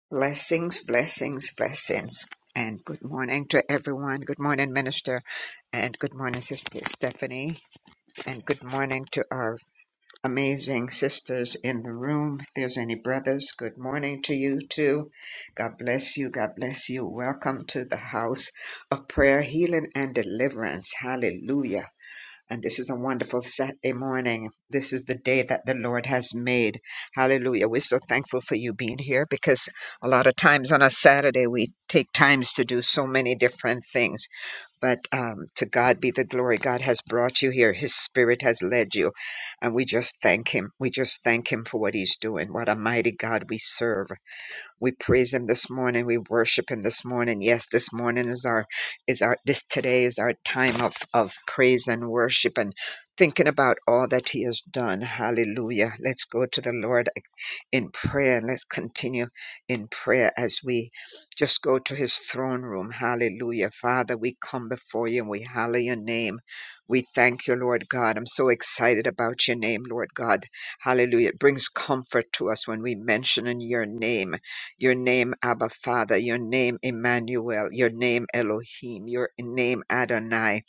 Blessings, blessings, blessings. And good morning to everyone. Good morning, Minister. And good morning, Sister Stephanie. And good morning to our amazing sisters in the room. If there's any brothers, good morning to you too. God bless you. God bless you. Welcome to the house of prayer, healing, and deliverance. Hallelujah. And this is a wonderful Saturday morning. This is the day that the Lord has made. Hallelujah. We're so thankful for you being here because a lot of times on a Saturday we take times to do so many different things but um, to God be the glory. God has brought you here. His Spirit has led you. And we just thank Him. We just thank Him for what He's doing. What a mighty God we serve. We praise him this morning. We worship him this morning. Yes, this morning is our is our this today is our time of of praise and worship and thinking about all that he has done. Hallelujah. Let's go to the Lord in prayer and let's continue in prayer as we just go to his throne room. Hallelujah. Father, we come before you and we hallow your name. We thank you, Lord God. I'm so excited about your name, Lord God. Hallelujah. It brings comfort to us when we mention in your name your name Abba Father, your name Emmanuel, your name Elohim, your name Adonai.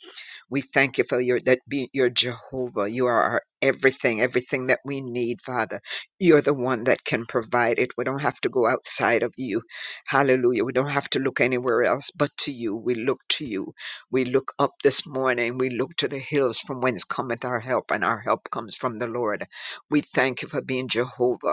We thank you for your that be your Jehovah. You are our everything, everything that we need, Father. You're the one that can provide it. We don't have to go outside of you. Hallelujah. We don't have to look anywhere else but to you. We look to you. We look up this morning. We look to the hills from whence cometh our help, and our help comes from the Lord. We thank you for being Jehovah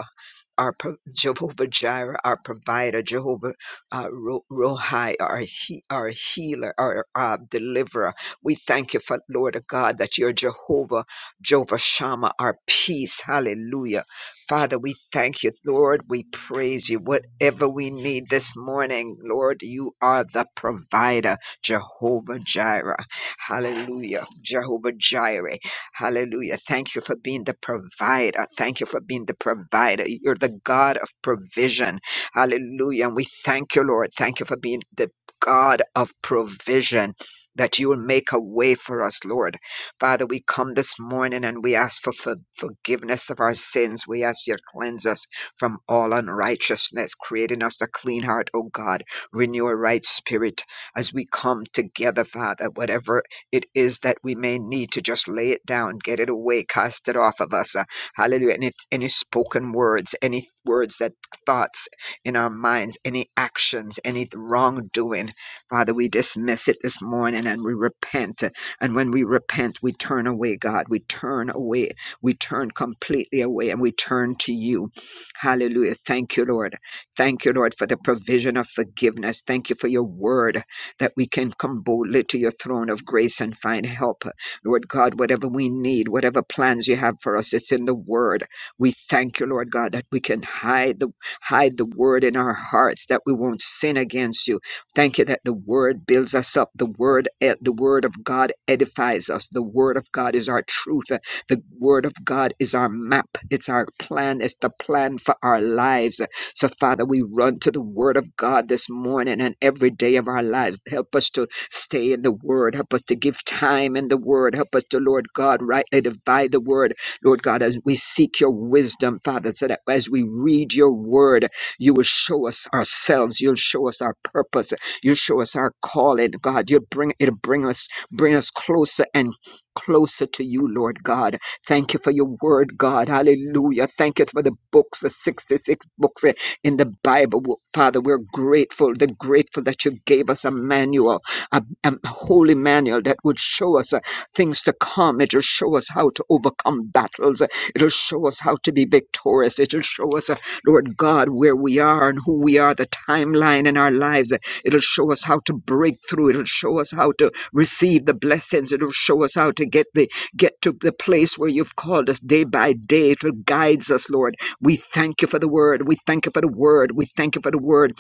our pro- Jehovah Jireh, our provider, Jehovah uh, Ro- Rohi, our, he- our healer, our uh, deliverer. We thank you for, Lord God, that you're Jehovah, Jehovah Shammah, our peace. Hallelujah. Father, we thank you, Lord. We praise you. Whatever we need this morning, Lord, you are the provider, Jehovah Jireh. Hallelujah. Jehovah Jireh. Hallelujah. Thank you for being the provider. Thank you for being the provider. You're the God of provision. Hallelujah. And we thank you, Lord. Thank you for being the God of provision, that you will make a way for us, Lord. Father, we come this morning and we ask for, for forgiveness of our sins. We ask you to cleanse us from all unrighteousness, creating us a clean heart, O God. Renew a right spirit as we come together, Father, whatever it is that we may need to just lay it down, get it away, cast it off of us. Uh, hallelujah. Any, any spoken words, any words that thoughts in our minds, any actions, any wrongdoing. Father, we dismiss it this morning and we repent. And when we repent, we turn away, God. We turn away. We turn completely away and we turn to you. Hallelujah. Thank you, Lord. Thank you, Lord, for the provision of forgiveness. Thank you for your word that we can come boldly to your throne of grace and find help. Lord God, whatever we need, whatever plans you have for us, it's in the word. We thank you, Lord God, that we can hide the hide the word in our hearts, that we won't sin against you. Thank you that the word builds us up. The word ed- the word of God edifies us. The word of God is our truth. The word of God is our map. It's our plan. It's the plan for our lives. So, Father, we run to the Word of God this morning and every day of our lives. Help us to stay in the Word. Help us to give time in the Word. Help us to, Lord God, rightly divide the Word. Lord God, as we seek your wisdom, Father, so that as we read your Word, you will show us ourselves. You'll show us our purpose. You'll show us our calling, God. You'll bring it'll bring us bring us closer and closer to you, Lord God. Thank you for your word, God. Hallelujah. Thank you for the books, the 66 books. eh, in the Bible. Father, we're grateful. They're grateful that you gave us a manual, a, a holy manual that would show us uh, things to come. It'll show us how to overcome battles. It'll show us how to be victorious. It'll show us, uh, Lord God, where we are and who we are, the timeline in our lives. It'll show us how to break through. It'll show us how to receive the blessings. It'll show us how to get the get to the place where you've called us day by day. It will guides us, Lord. We thank you for the word. We thank you for the word. We thank you for the word.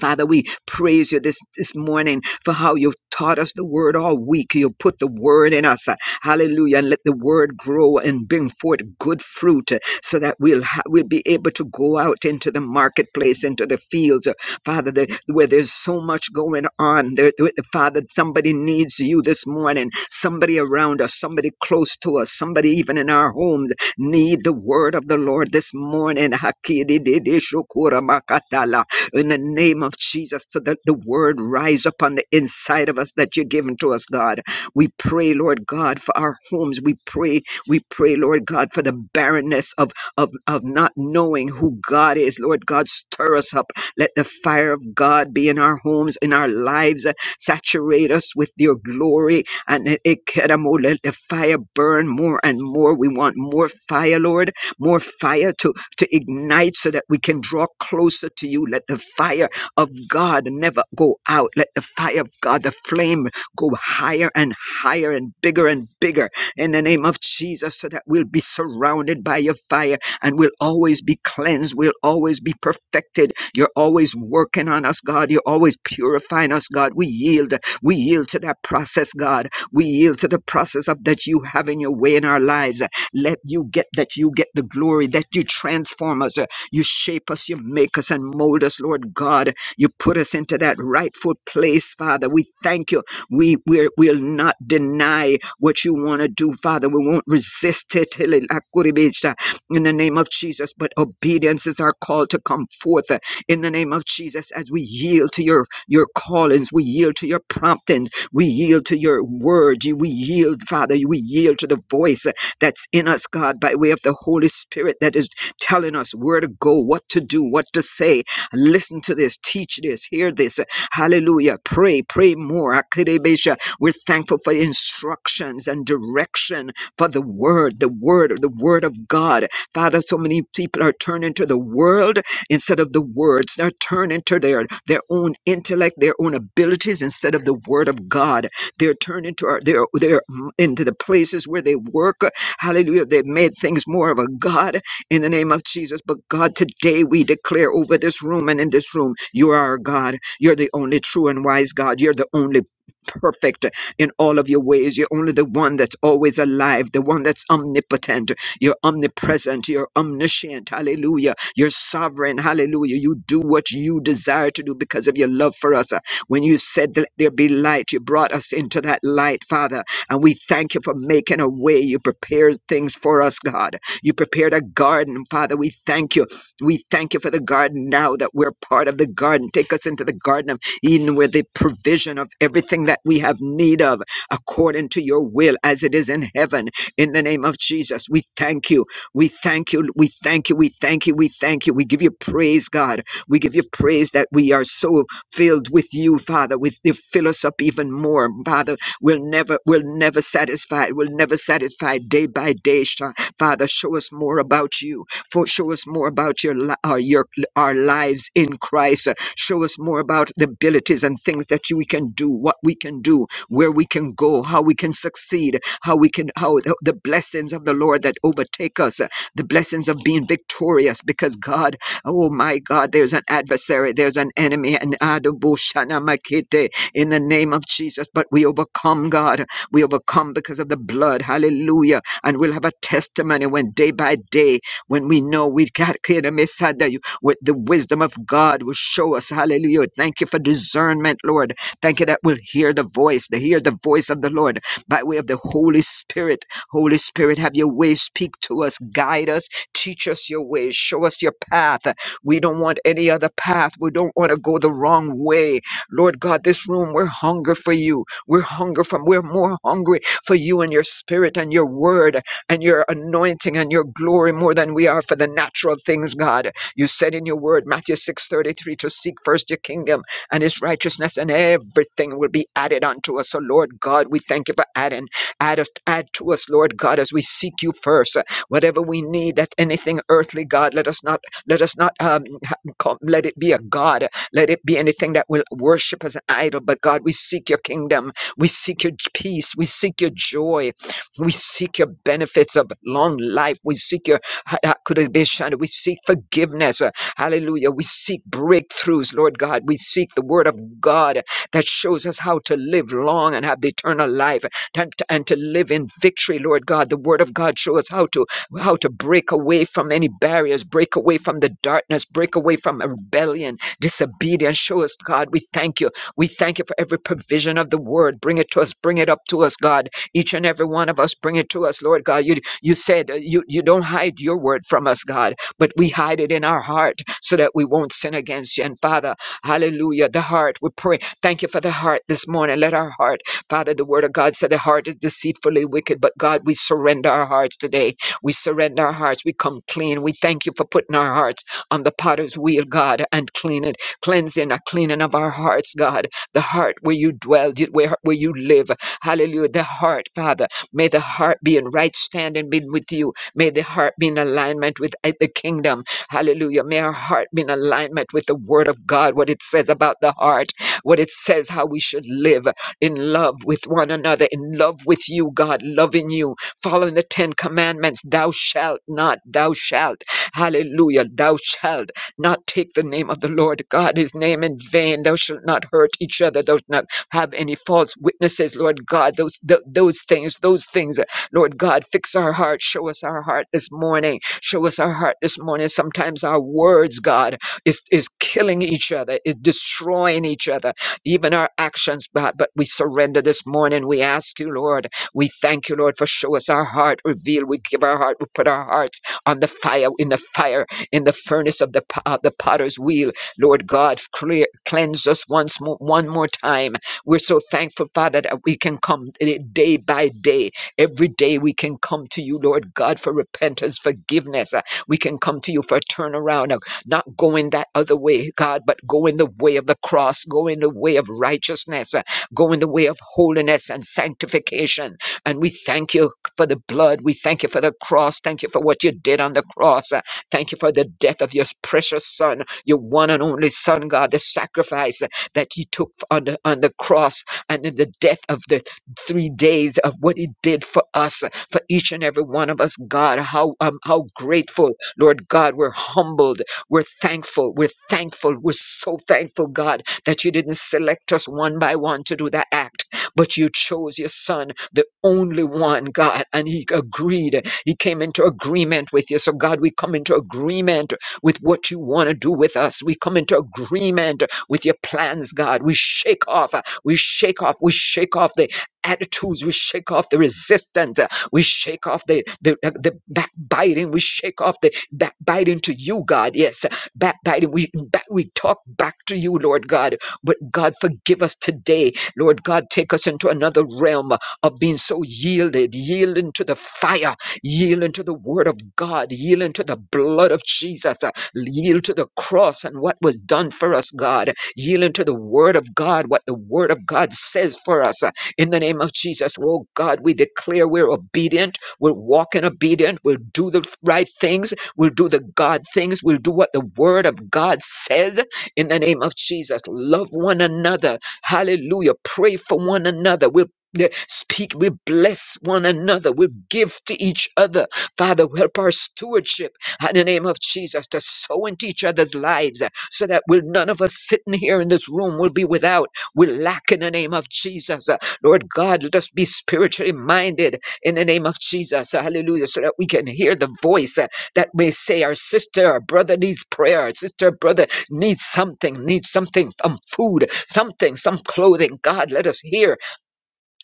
Father, we praise you this, this morning for how you've taught us the word all week. You put the word in us. uh, Hallelujah. And let the word grow and bring forth good fruit uh, so that we'll, ha- we'll be able to go out into the marketplace, into the fields. uh, Father, the, where there's so much going on. There, there- Father, somebody needs you this morning. Somebody around us, somebody close to us, somebody even in our homes need the word of the Lord this morning. Hakidididishukuramakatala in the name of Jesus, so that the word rise up on the inside of us that you're giving to us, God. We pray, Lord God, for our homes. We pray, we pray, Lord God, for the barrenness of, of, of not knowing who God is. Lord God, stir us up. Let the fire of God be in our homes, in our lives. Saturate us with your glory. And it, it, Kedamo, let the fire burn more and more. We want more fire, Lord, more fire to to ignite so that we can draw closer to you. Let the fire of God never go out. Let the fire of God, the flame, go higher and higher and bigger and bigger in the name of Jesus so that we'll be surrounded by your fire and we'll always be cleansed. We'll always be perfected. You're always working on us, God. You're always purifying us, God. We yield. We yield to that process, God. We yield to the process of that you have in your way in our lives. Let you get that you get the glory, that you transform us, uh, you shape us, you make us and mold us, Lord God. You put us into that rightful place, Father. We thank you. We we're, we'll not deny what you want to do, Father. We won't resist it. Hele lakuribisha. In the name of Jesus, but obedience is our call to come forth uh, in the name of Jesus as we yield to your your callings, we yield to your promptings, we yield to your word, you- we yield, Father, we yield to the voice that's in us, God, by way of the Holy Spirit that is telling us where to go, what to do, what to say. Listen to this, teach this, hear this. Hallelujah. Pray, pray more. Akidebesha. We're thankful for instructions and direction for the word, the word, the word of God. Father, so many people are turning to the world instead of the words. They're turning to their, their own intellect, their own abilities instead of the word of God. They're turning to our, their, their, mm, into the places where they work. Hallelujah. They've made things more of a God in the name of Jesus. But God, today we declare over this room and in this room, you are our God. You're the only true and wise God. You're the only perfect in all of your ways. You're only the one that's always alive, the one that's omnipotent. You're omnipresent. You're omniscient. Hallelujah. You're sovereign. Hallelujah. You do what you desire to do because of your love for us. When you said, Let there be light, you brought us into that light, Father. And we thank you for making a way. You prepared things for us, God. You prepared a garden, Father. We thank you. We thank you for the garden now that we're part of the garden. Take us into the garden of Eden where the provision of everything that we have need of according to your will as it is in heaven. In the name of Jesus, we thank you. We thank you. We thank you. We thank you. We thank you. We give you praise, God. We give you praise that we are so filled with you, Father. With you fill us up even more, Father will never will never satisfy will never satisfy day by day Sha- father show us more about you for show us more about your li- our, your our lives in christ Uh, show us more about the abilities and things that you, we can do what we can do where we can go how we can succeed how we can how the, the blessings of the lord that overtake us uh, the blessings of being victorious because god oh my god there's an adversary there's an enemy and in the name of Jesus. But we overcome, God. We overcome because of the blood. Hallelujah. And we'll have a testimony when day by day, when we know we've got Kira Mesada, you- with the wisdom of God will show us. Hallelujah. Thank you for discernment, Lord. Thank you that we'll hear the voice, to hear the voice of the Lord by way of the Holy Spirit. Holy Spirit, have your way. Speak to us, guide us, teach us your way, show us your path. We don't want any other path. We don't want to go the wrong way. Lord God, this room, we're hunger for you. We're hunger from, we're more hungry for you and your spirit and your word and your anointing and your glory more than we are for the natural things, God. You said in your word, Matthew 6 33, to seek first your kingdom and his righteousness, and everything will be added unto us. So, Lord God, we thank you for adding. Add, us- add to us, Lord God, as we seek you first. Whatever we need, that anything earthly, God, let us not let us not um, ha- co- let it be a God. Let it be anything that will worship as an idol. But God, we seek your kingdom. We seek your j- peace. We seek your joy. We seek your benefits of long life. We seek your ha- ha- could it be shunned? we seek forgiveness. uh, Hallelujah. We seek breakthroughs, Lord God. We seek the word of God that shows us how to live long and have the eternal life and to, and to live in victory, Lord God. The word of God shows us how to how to break away from any barriers, break away from the darkness, break away from rebellion, disobedience. Show us, God. We thank you. We thank you for every provision of the word. Bring it to us. Bring it up to us, God. Each and every one of us, bring it to us, Lord God. You, you said uh, you, you don't hide your word from us, God, but we hide it in our heart so that we won't sin against you. And Father, hallelujah, the heart, we pray. Thank you for the heart this morning. Let our heart, Father, the word of God said the heart is deceitfully wicked, but God, we surrender our hearts today. We surrender our hearts. We come clean. We thank you for putting our hearts on the potter's wheel, God, and clean it. Cleansing, a cleaning of our hearts, God. The heart where you dwell, you- where, where you live. Hallelujah. The heart, Father. May the heart be in right standing be with you. May the heart be in alignment with uh, the kingdom. Hallelujah. May our heart be in alignment with the word of God, what it says about the heart, what it says how we should live in love with one another, in love with you, God, loving you, following the Ten Commandments. Thou shalt not, thou shalt. Hallelujah. Thou shalt not take the name of the Lord God, his name in vain. Thou shalt not hurt each other. Thou shalt not have any false witnesses, Lord God. Those, th- those things, those things, uh, Lord God, fix our heart. Show us our heart this morning. Show us our heart this morning. Sometimes our words, God, is, is killing each other, is destroying each other, even our actions, God. But we surrender this morning. We ask you, Lord. We thank you, Lord, for show us our heart, reveal. We give our heart, we put our hearts on the fire, in the fire, in the furnace of the, p- uh, the potter's wheel. Lord God, clear, cleanse us once more, one more time. We're so thankful, Father, that we can come eh, day by day. Every day we can come to you, Lord God, for repentance, forgiveness. Uh, We can come to you for a turnaround, of not going that other way, God, but going the way of the cross, going the way of righteousness, uh, going the way of holiness and sanctification. And we thank you for the blood. We thank you for the cross. Thank you for what you did on the cross. Uh, Thank you for the death of your precious son, your one and only son, God, the sacrifice uh, that he took on the, on the cross and in the death of the three days of what he did for us, uh, for each and every one of us, God. How, um, how grateful, Lord God, we're humbled. We're thankful. We're thankful. We're so thankful, God, that you didn't select us one by one to do that act but you chose your son, the only one, God, and he agreed. He came into agreement with you. So, God, we come into agreement with what you want to do with us. We come into agreement with your plans, God. We shake off, uh, we shake off, we shake off the attitudes, we shake off the resistance, uh, we shake off the, the, uh, the backbiting, we shake off the backbiting to you, God. Yes, uh, backbiting. We, back, we talk back to you, Lord God. But God, forgive us today Lord God, take us into another realm of being so yielded, yielding to the fire, yielding to the word of God, yielding to the blood of Jesus, uh, yield to the cross and what was done for us, God, yielding to the word of God, what the word of God says for us. uh, In the name of Jesus, oh God, we declare we're obedient, we'll walk in obedient, we'll do the right things, we'll do the God things, we'll do what the word of God says. In the name of Jesus, love one another Hallelujah. Pray for one another. We'll eh, speak, we bless one another, we give to each other. Father, help our stewardship in the name of Jesus to sow into each other's lives eh, so that we'll none of us sitting here in this room will be without. We lack in the name of Jesus. Uh, Lord God, let us be spiritually minded in the name of Jesus. Uh, Hallelujah. So that we can hear the voice uh, that may say, Our sister, our brother needs prayer, our sister, brother needs something, needs something, some food, something, some clothing. God, let us hear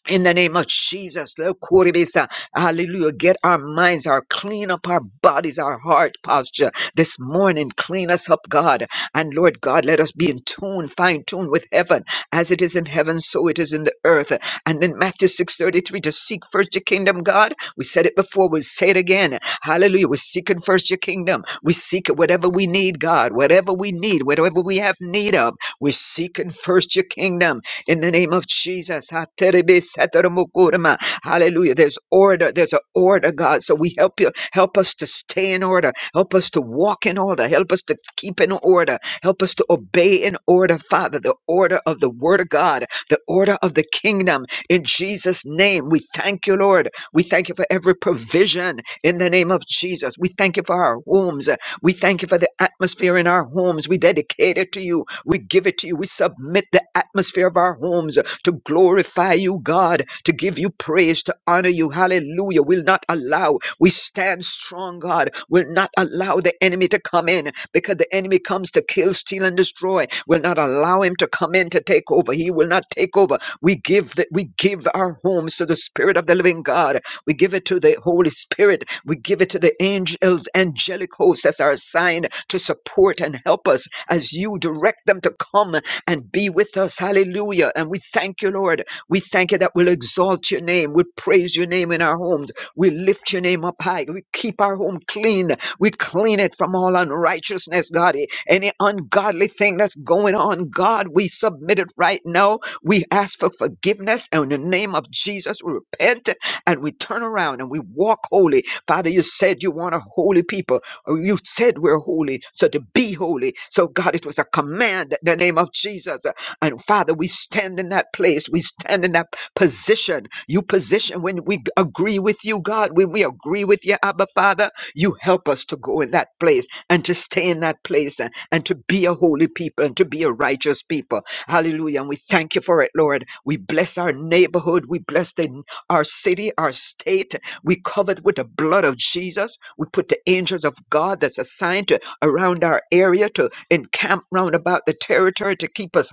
in the name of Jesus, Lokoribisa, hallelujah. Get our minds, our clean up our bodies, our heart posture this morning. Clean us up, God. And Lord God, let us be in tune, fine tuned with heaven. As it is in heaven, so it is in the earth. And in Matthew 6:33, to seek first your kingdom, God. We said it before, we say it again. Hallelujah. We're seeking first your kingdom. We seek it, whatever we need, God, whatever we need, whatever we have need of. We're seeking first your kingdom. In the name of Jesus. ha, terebe sataramukurama. Hallelujah. There's order. There's an order, God. So we help you. Help us to stay in order. Help us to walk in order. Help us to keep in order. Help us to obey in order, Father. The order of the Word of God, the order of the kingdom. In Jesus' name, we thank you, Lord. We thank you for every provision in the name of Jesus. We thank you for our homes. We thank you for the atmosphere in our homes. We dedicate it to you. We give it to you. We submit the atmosphere of our homes to glorify you, God, to give you praise, to honor you. Hallelujah. We'll not allow, we stand strong, God. We'll not allow the enemy to come in because the enemy comes to kill, steal, and destroy. We'll not allow him to come in to take over. He will not take over. We give that we give our homes to the Spirit of the Living God. We give it to the Holy Spirit. We give it to the angels, angelic hosts that are assigned to support and help us as you direct them to come and be with us. Hallelujah. And we thank you, Lord. We thank you that we'll exalt your name. We'll praise your name in our homes. We lift your name up high. We keep our home clean. We clean it from all unrighteousness, God. Any ungodly thing that's going on, God, we submit it right now. We ask for forgiveness. And in the name of Jesus, we repent and we turn around and we walk holy. Father, you said you want a holy people. or You said we're holy, so to be holy. So, God, it was a command in the name of Jesus. And Father, we stand in that place. We stand in that position. You position when we g- agree with you, God, when we agree with you, Abba Father, you help us to go in that place and to stay in that place and, and to be a holy people and to be a righteous people. Hallelujah. And we thank you for it, Lord. We bless our neighborhood. We bless the our city, our state. We cover it with the blood of Jesus. We put the angels of God that's assigned to around our area to encamp round about the territory to keep us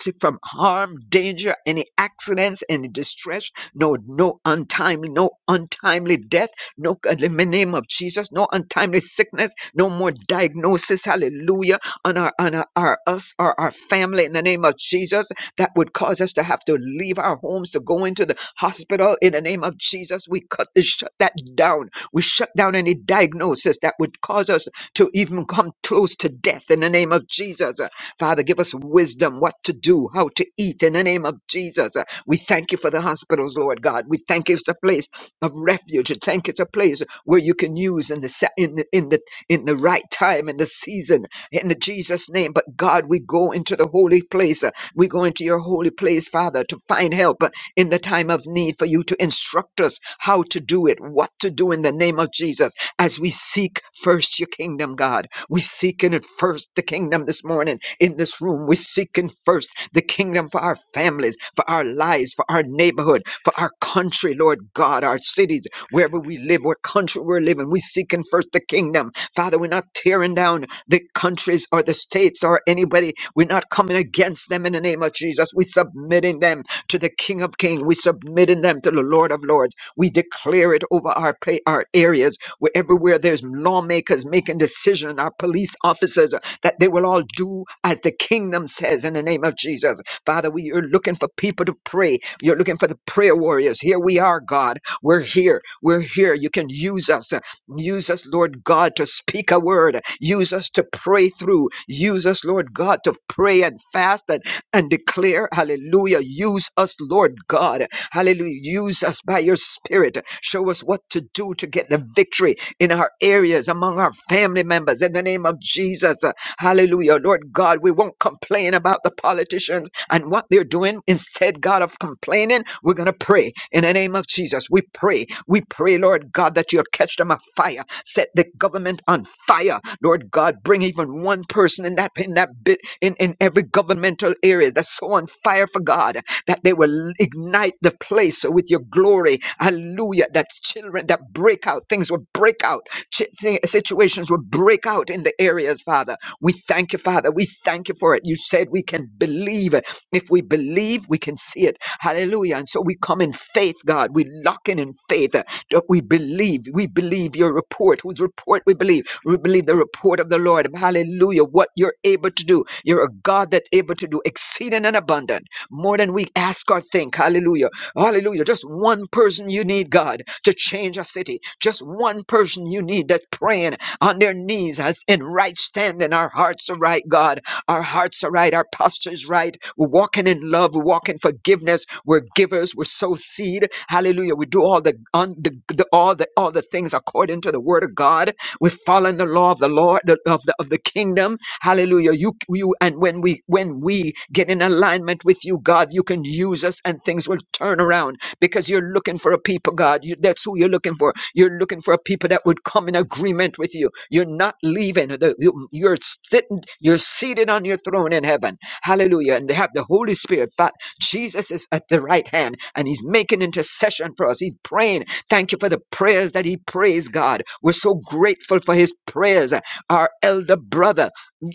to- from harm, danger, any accidents, any distress, no, no untimely, no untimely death, no God, in the name of Jesus, no untimely sickness, no more diagnosis, hallelujah, on our on our, our us or our family in the name of Jesus that would cause us to have to leave our homes to go into the hospital. In the name of Jesus, we cut this, shut that down. We shut down any diagnosis that would cause us to even come close to death. In the name of Jesus, Uh, Father, give us wisdom what to do, how to eat. In the name of Jesus, Uh, we thank you for the hospitals, Lord God. We thank you it's a place of refuge. And thank you it's a place where you can use in the sa- in the in the in the right time in the season in the Jesus name. But God, we go into the holy place. We go into your holy place, Father, to find help uh, in the time of need for you to instruct us how to do it, what to do in the name of Jesus as we seek first your kingdom, God. We seeking it first, the kingdom this morning in this room. We're seeking first the kingdom for our families, for our lives, for our neighborhood, for our country, Lord God, our cities, wherever we live, what country we're living. We're seeking first the kingdom. Father, we're not tearing down the countries or the states or anybody. We're not coming against them in the name of Jesus. We're submitting them to the King of Kings. We're submitting them to the Lord of Lords. We declare it over our pay, our areas, where everywhere there's lawmakers making decision, our police officers, that they will all do as the kingdom says in the name of Jesus. Father, we are looking for people to pray. You're looking for the prayer warriors. Here we are, God. We're here. We're here. You can use us. Use us, Lord God, to speak a word. Use us to pray through. Use us, Lord God, to pray and fast and, and declare. Hallelujah. Use us, Lord God. Hallelujah. Use us by your spirit. Show us what to do to get the victory in our areas, among our family members, in the name of Jesus. Hallelujah. Lord God, we won't complain about the politicians and what they're doing. Instead, God, of complaining, we're going to pray in the name of Jesus. We pray. We pray, Lord God, that you'll catch them afire. Set the government on fire. Lord God, bring even one person in that, in that bit, in, in every governmental area that's so on fire for God that they will ignite the place with your glory. Hallelujah. That children that break out, things will break out. Chi- thi- Situations will break out in the areas, Father. We thank you, Father. We thank you for it. You said we can believe. If we believe, we can see it. Hallelujah. And so we come in faith, God. We lock in in faith uh, that we believe. We believe your report, whose report we believe. We believe the report of the Lord. Hallelujah. What you're able to do. You're a God that's able to do exceeding and abundant, more than we ask or think. Hallelujah. Hallelujah. Just one person you need, God, to change a city. Just one person you need that's praying on their knees as in right standing. Our hearts are right, God. Our hearts are right. Our posture's right. We're walking in love. We're walking forgiveness. We're givers. We're sow seed. Hallelujah. We do all the, un, the, the all the all the things according to the word of God. We're following the law of the Lord the, of the of the kingdom. Hallelujah. You you and when we when we get in alignment with you, God, you can use us and things will turn around because you're looking for a people, God. You, that's who you're looking for. You're looking for a people that would come in agreement with you. You're not leaving. The, you, you're sitting. You're seated on your throne in heaven. Hallelujah! And they have the Holy Spirit. Fa- Jesus is at the right hand, and He's making intercession for us. He's praying. Thank you for the prayers that He prays, God. We're so grateful for His prayers. Our elder brother.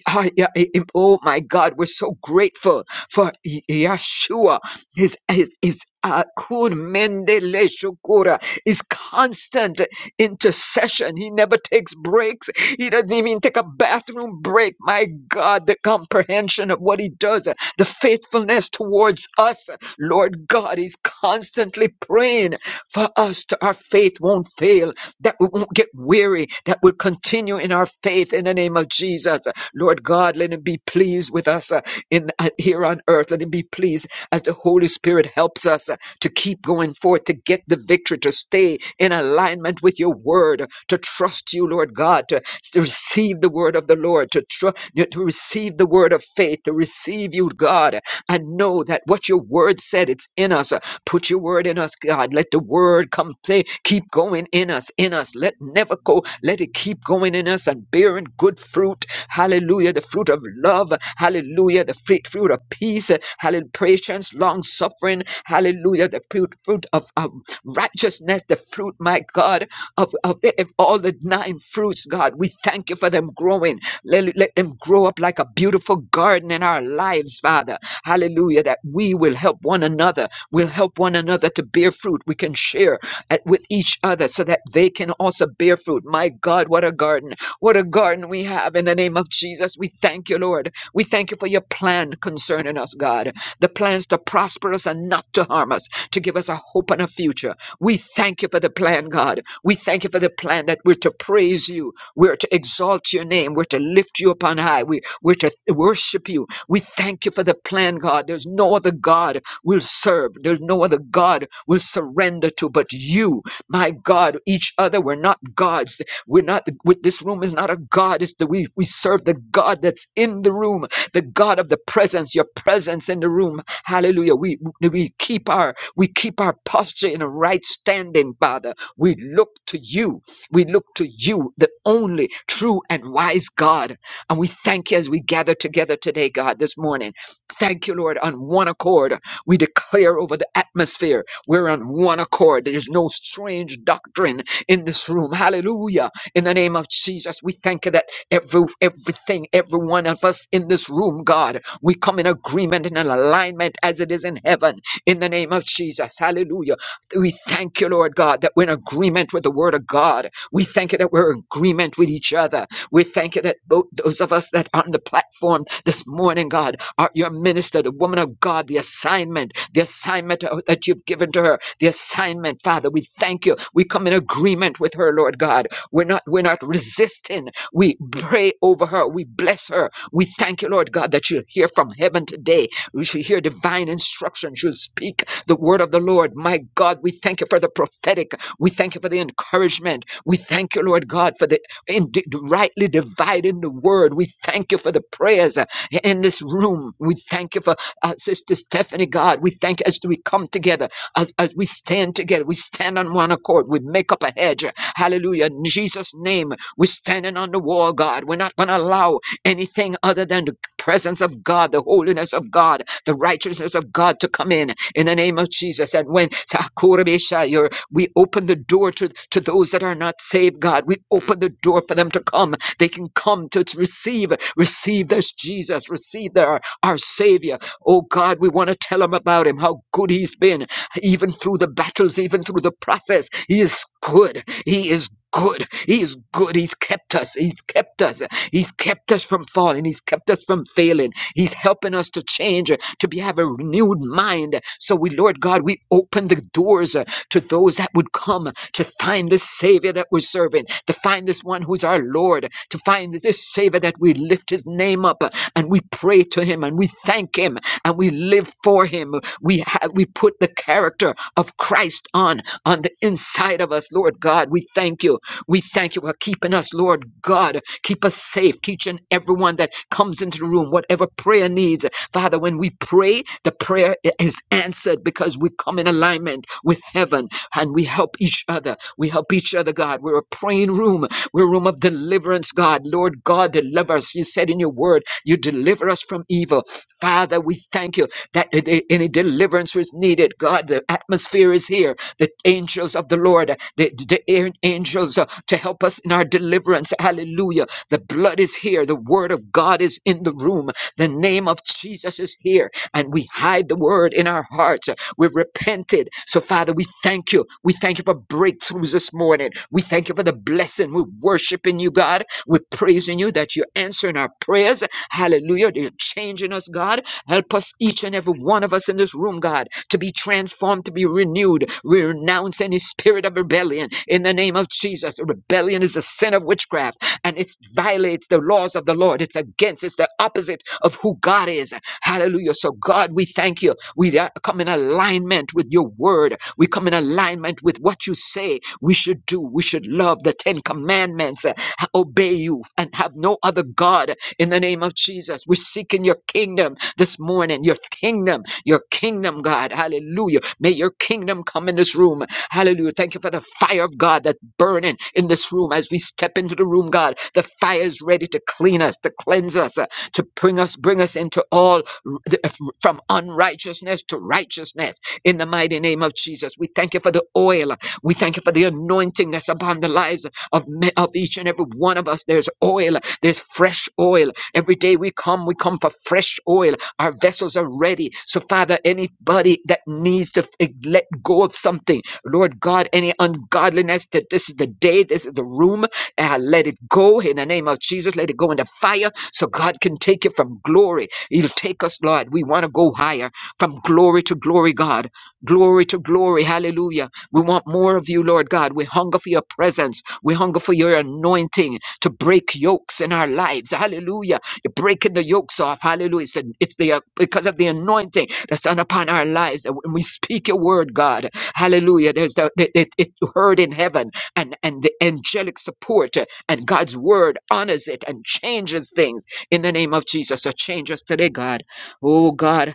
Ah, yeah, eh, eh, Oh my God, we're so grateful for Ye- Yeshua. His, his, his uh, kur mende shukura, his constant intercession. He never takes breaks. He doesn't even take a bathroom break. My God, the comprehension of what he does, the faithfulness towards us. Lord God, he's constantly praying for us to our faith won't fail, that we won't get weary, that we'll continue in our faith in the name of Jesus. Lord God, let him be pleased with us uh, in uh, here on earth. Let him be pleased as the Holy Spirit helps us uh, to keep going forth, to get the victory, to stay in alignment with your word, to trust you, Lord God, to, to receive the word of the Lord, to trust to to receive the word of faith, to receive you, God, and know that what your word said, it's in us. Put your word in us, God. Let the word come, say, keep going in us, in us. Let never go, let it keep going in us and bearing good fruit. Hallelujah. The fruit of love. Hallelujah. The fruit, fruit of peace. Hallelujah. Patience, long suffering. Hallelujah. The fruit, fruit of um, righteousness. The fruit, my God, of, of, of all the nine fruits, God. We thank you for them growing. Let, let them grow up like a beautiful garden in our lives, Father. Hallelujah. That we will help one another. We'll help one another to bear fruit. We can share at- with each other so that they can also bear fruit. My God, what a garden. What a garden we have in the name of Jesus. We thank you, Lord. We thank you for your plan concerning us, God. The plans to prosper us and not to harm us, to give us a hope and a future. We thank you for the plan, God. We thank you for the plan that we're to praise you we're to exalt your name. We're to lift you upon high. We, we're to worship you. We thank you for the plan, God. There's no other God we'll serve. There's no other God we'll surrender to but you. My God, each other, we're not gods. We're not, with this room is not a God. It's the, we, we serve the God that's in the room, the God of the presence, your presence in the room. Hallelujah. We, we keep our, we keep our posture in a right standing, Father. We look to you. We look to you, the only true and wise God. And we thank you as we gather together today, God, this morning. Thank you, Lord, on one accord. We declare over the atmosphere. We're on one accord. There's no strange doctrine in this room. Hallelujah. In the name of Jesus, we thank you that every everything, every one of us in this room, God, we come in agreement and in alignment as it is in heaven. In the name of Jesus. Hallelujah. We thank you, Lord God, that we're in agreement with the word of God. We thank you that we're in agreement with each other. We thank you that both those of us that are on the platform this morning, God, are your minister, the woman of God, the assignment, the assignment uh, that you've given to her, the assignment, Father. We thank you. We come in agreement with her, Lord God. We're not we're not resisting. We pray over her. We bless her. We thank you, Lord God, that you'll hear from heaven today. We shall hear divine instruction. She'll speak the word of the Lord. My God, we thank you for the prophetic. We thank you for the encouragement. We thank you, Lord God, for the in, rightly dividing the word. We thank you for the prayers uh, in this room. We thank you for uh, Sister Stephanie, God. We thank you as we come together, as, as we stand together. We stand on one accord. We make up a hedge. Hallelujah. In Jesus' name, we're standing on the wall, God. We're not going to allow anything other than the presence of God, the holiness of God, the righteousness of God to come in in the name of Jesus. And when Sakurabesha, you're- we open the door to, to those that are not saved, God, we open the door for them to come. They can come to to receive, receive this Jesus, receive their, our Savior. Oh God, we want to tell them about Him, how good He's been, even through the battles, even through the process. He is good. He is good. He is good. He's kept us. He's kept us. He's kept us from falling. He's kept us from failing. He's helping us to change, uh, to be, have a renewed mind. So we, Lord God, we open the doors uh, to those that would come to find this Savior that we're serving, to find this one who's our Lord, to find this Savior that we lift his name up uh, and we pray to him and we thank him and we live for him. We have, we put the character of Christ on, on the inside of us, Lord God. We thank you. We thank you for keeping us, Lord God. Keep us safe. Keep each and everyone that comes into the room, whatever prayer needs. Father, when we pray, the prayer i- is answered because we come in alignment with heaven and we help each other. We help each other, God. We're a praying room. We're a room of deliverance, God. Lord God, deliver us. You said in your word, you deliver us from evil. Father, we thank you that i- i- any deliverance was needed, God the atmosphere is here. The angels of the Lord, uh, the, the air- angels uh, to help us in our deliverance. Hallelujah. The blood is here. The word of God is in the room. The name of Jesus is here. And we hide the word in our hearts. We've repented. So, Father, we thank you. We thank you for breakthroughs this morning. We thank you for the blessing. We're worshiping you, God. We're praising you that you're answering our prayers. Hallelujah. That You're changing change in us, God. Help us, each and every one of us in this room, God, to be transformed, to be renewed. We renounce any spirit of rebellion in the name of Jesus. Rebellion is a sin of witchcraft and it violates the laws of the Lord. It's against, it's the opposite of who God is. Hallelujah. So, God, we thank you. We uh, come in alignment with your word. We come in alignment with what you say we should do. We should love the Ten Commandments, uh, obey you, and have no other God in the name of Jesus. We're seeking your kingdom this morning, your kingdom, your kingdom, God. Hallelujah. May your kingdom come in this room. Hallelujah. Thank you for the fire of God that's burning in this room as we step into the room, God. The fire is ready to clean us, to cleanse us, uh, to bring us, bring us into all r- the- f- from unrighteousness to righteousness in the mighty name of Jesus. We thank you for the oil. We thank you for the anointing that's upon the lives of, me- of each and every one one of us, there's oil, there's fresh oil. Every day we come, we come for fresh oil. Our vessels are ready. So, Father, anybody that needs to f- let go of something, Lord God, any ungodliness, that this is the day, this is the room, uh, let it go in the name of Jesus. Let it go into fire so God can take it from glory. He'll take us, Lord. We want to go higher from glory to glory, God glory to glory. Hallelujah. We want more of you, Lord God. We hunger for your presence. We hunger for your anointing to break yokes in our lives. Hallelujah. You're breaking the yokes off. Hallelujah. It's, the, it's the, because of the anointing that's on upon our lives. That when we speak your word, God, hallelujah, there's the, it, it, it heard in heaven and, and the angelic support uh, and God's word honors it and changes things in the name of Jesus. So change us today, God. Oh, God.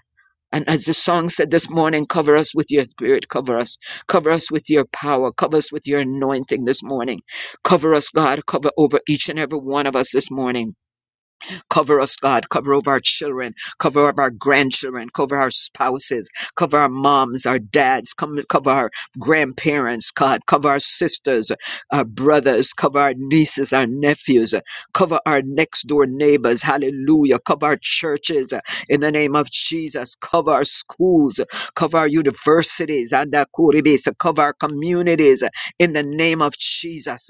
And as the song said this morning, cover us with your spirit, cover us, cover us with your power, cover us with your anointing this morning. Cover us, God, cover over each and every one of us this morning. Cover us, God. Cover over our children. Cover over our grandchildren. Cover our spouses. Cover our moms, our dads. Come, cover our grandparents, God. Cover our sisters, our brothers. Cover our nieces, our nephews. Cover our next door neighbors. Hallelujah. Cover our churches in the name of Jesus. Cover our schools. Cover our universities. and our Cover our communities in the name of Jesus.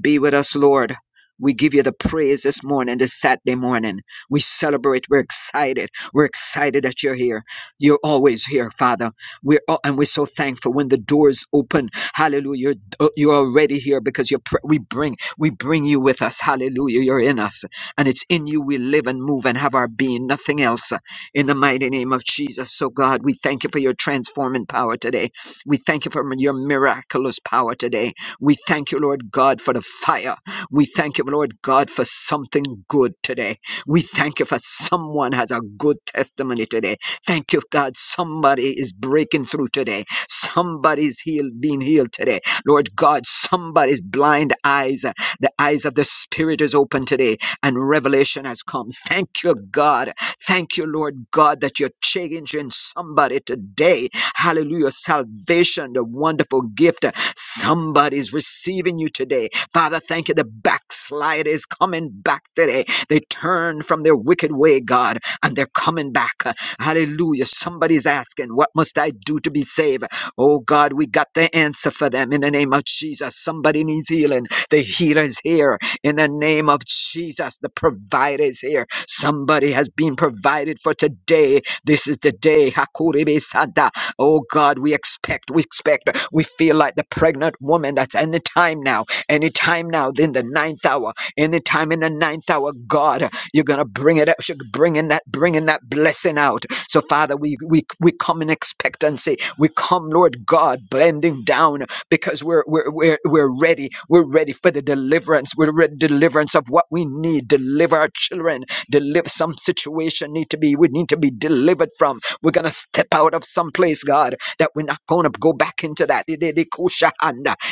Be with us, Lord. We give you the praise this morning, this Saturday morning. We celebrate. We're excited. We're excited that you're here. You're always here, Father. We're all, and we're so thankful when the doors open. Hallelujah. You're, uh, you're already here because you're, pr- we bring we bring you with us. Hallelujah. You're in us, and it's in you we live and move and have our being. Nothing else. uh, In the mighty name of Jesus, so God, we thank you for your transforming power today. We thank you for your miraculous power today. We thank you, Lord God, for the fire. We thank you, Lord God, for something good today. We thank you for someone has a good testimony today. Thank you, God. Somebody is breaking through today. Somebody's healed, being healed today. Lord God, somebody's blind eyes, uh, the eyes of the Spirit is open today, and revelation has come. Thank you, God. Thank you, Lord God, that you're changing somebody today. Hallelujah. Salvation, the wonderful gift. uh, Somebody's receiving you today Father, thank you. The backslide is coming back today. They turn from their wicked way, God, and they're coming back. Hallelujah. Somebody's asking, What must I do to be saved? Oh, God, we got the answer for them in the name of Jesus. Somebody needs healing. The healer is here in the name of Jesus. The provider is here. Somebody has been provided for today. This is the day. Hakurebe Santa. Oh God, we expect, we expect. We feel like the pregnant woman that's in the time now. Anytime now, in the ninth hour, anytime in the ninth hour, God, you're gonna bring it up, you're bringing that, bringing that blessing out. So, Father, we we we come in expectancy. We come, Lord God, bending down because we're we're we're we're ready. We're ready for the deliverance. We're ready deliverance of what we need. Deliver our children. Deliver some situation need to be we need to be delivered from. We're gonna step out of some place, God, that we're not gonna go back into that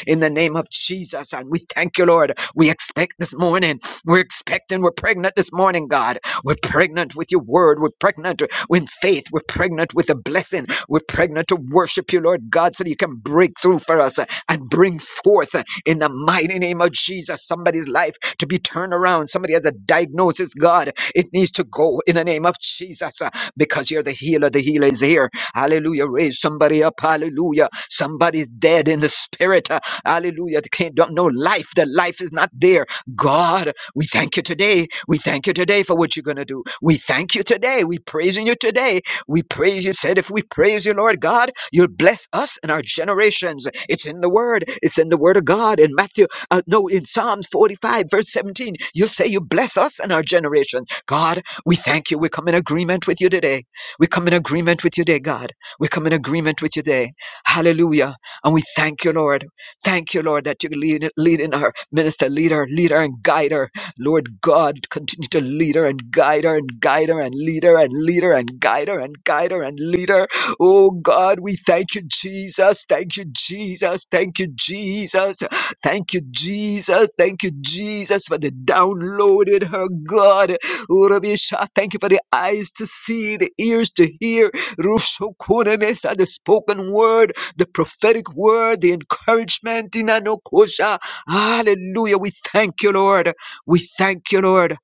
in the name of Jesus. And we thank you, Lord. We expect this morning. We're expecting. We're pregnant this morning, God. We're pregnant with your word. We're pregnant with faith. We're pregnant with a blessing. We're pregnant to worship you, Lord God, so that you can break through for us uh, and bring forth uh, in the mighty name of Jesus somebody's life to be turned around. Somebody has a diagnosis, God. It needs to go in the name of Jesus uh, because you're the healer. The healer is here. Hallelujah. Raise somebody up. Hallelujah. Somebody's dead in the spirit. Hallelujah. The kingdom, no life. The life is not there. God, we thank you today. We thank you today for what you're going to do. We thank you today. We praising you today. We praise you. Said if we praise you, Lord God, you'll bless us and our generations. It's in the word. It's in the word of God. In Matthew, uh, no, in Psalms 45, verse 17, you say you bless us and our generation. God, we thank you. We come in agreement with you today. We come in agreement with you today, God. We come in agreement with you today. Hallelujah. And we thank you, Lord. Thank you, Lord, that you lead, lead in our minister, lead her, lead her and guide her. Lord God, continue to lead her and guide her and guide her and lead her and lead her and guide her and guide her and lead her. Oh God, we thank you, Jesus. Thank you, Jesus. Thank you, Jesus. Thank you, Jesus. Thank you, Jesus, for the downloaded her God. Oh, Rabbi Shah, Thank you for the eyes to see, the ears to hear, Rushokuna Mesa, the spoken word the prophetic word, the encouragement in Anokosha. Hallelujah. We thank you, Lord. We thank you, Lord.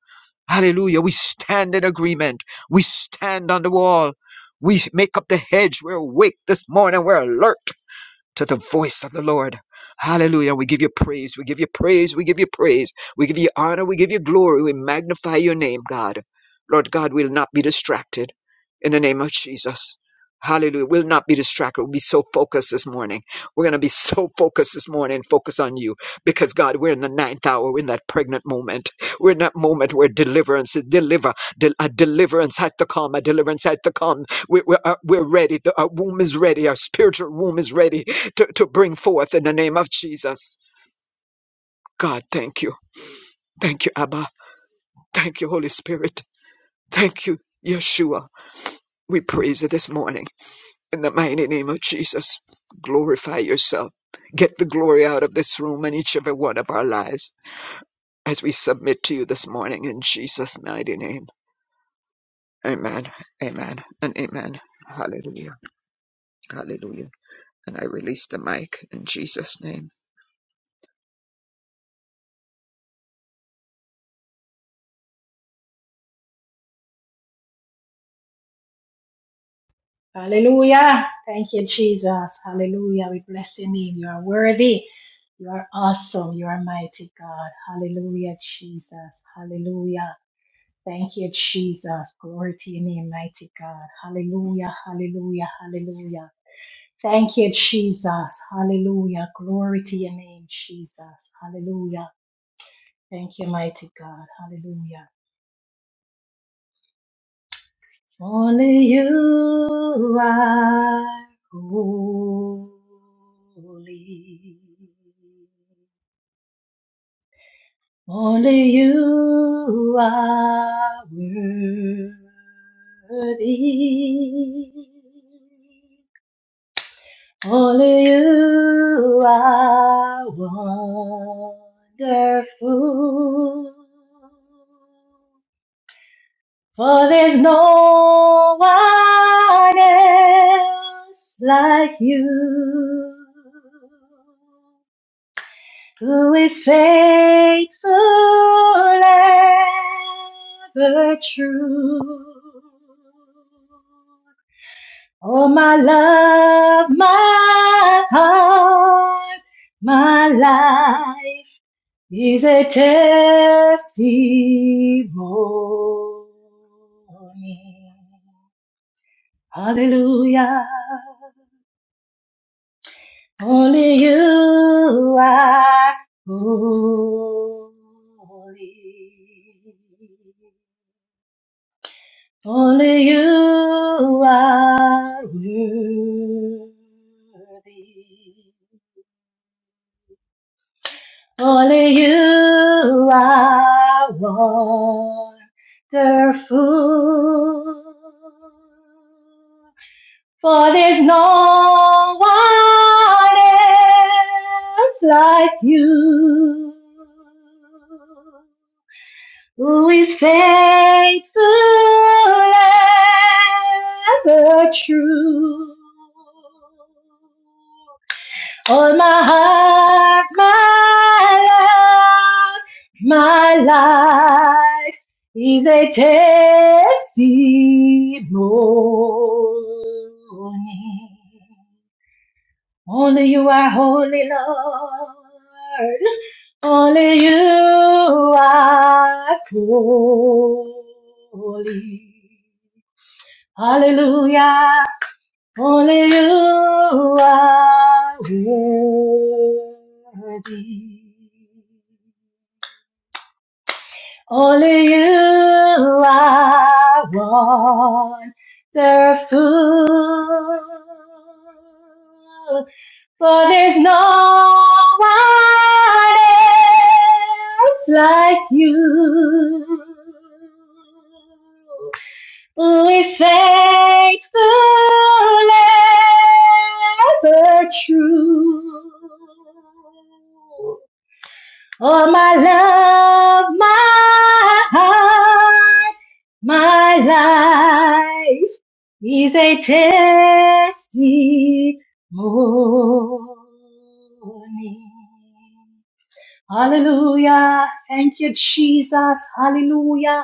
Hallelujah. We stand in agreement. We stand on the wall. We make up the hedge. We're awake this morning. We're alert to the voice of the Lord. Hallelujah. We give you praise. We give you praise. We give you praise. We give you honor. We give you glory. We magnify your name, God. Lord God, we'll not be distracted in the name of Jesus. Hallelujah. We'll not be distracted. We'll be so focused this morning. We're going to be so focused this morning, focus on you because God, we're in the ninth hour. We're in that pregnant moment. We're in that moment where deliverance, deliver, del- a deliverance has to come. A deliverance has to come. We, we're, uh, we're ready. The, our womb is ready. Our spiritual womb is ready to, to bring forth in the name of Jesus. God, thank you. Thank you, Abba. Thank you, Holy Spirit. Thank you, Yeshua. We praise you this morning. In the mighty name of Jesus, glorify yourself. Get the glory out of this room and each and every one of our lives as we submit to you this morning in Jesus' mighty name. Amen, amen, and amen. Hallelujah, hallelujah. And I release the mic in Jesus' name.
Hallelujah. Thank you, Jesus. Hallelujah. We bless your name. You are worthy. You are awesome. You are mighty God. Hallelujah, Jesus. Hallelujah. Thank you, Jesus. Glory to your name, mighty God. Hallelujah, hallelujah, hallelujah. Thank you, Jesus. Hallelujah. Glory to your name, Jesus. Hallelujah. Thank you, mighty God. Hallelujah. Only you are holy. Only you are worthy. Only you are wonderful. For there's no one else like you who is faithful ever true. Oh, my love, my heart, my life is a testimony. Hallelujah. Only you are holy. Only you are worthy. Only you are wonderful. For there's no one else like you who is faithful ever true. All my heart, my love, my life is a testimony. Only you are holy, Lord. Only you are holy. Hallelujah. Only you are worthy. Only you are wonderful. For there's no one else like you who is faithful, ever true. Oh, my love, my heart, my life is a testimony. Hallelujah. Thank you, Jesus. Hallelujah.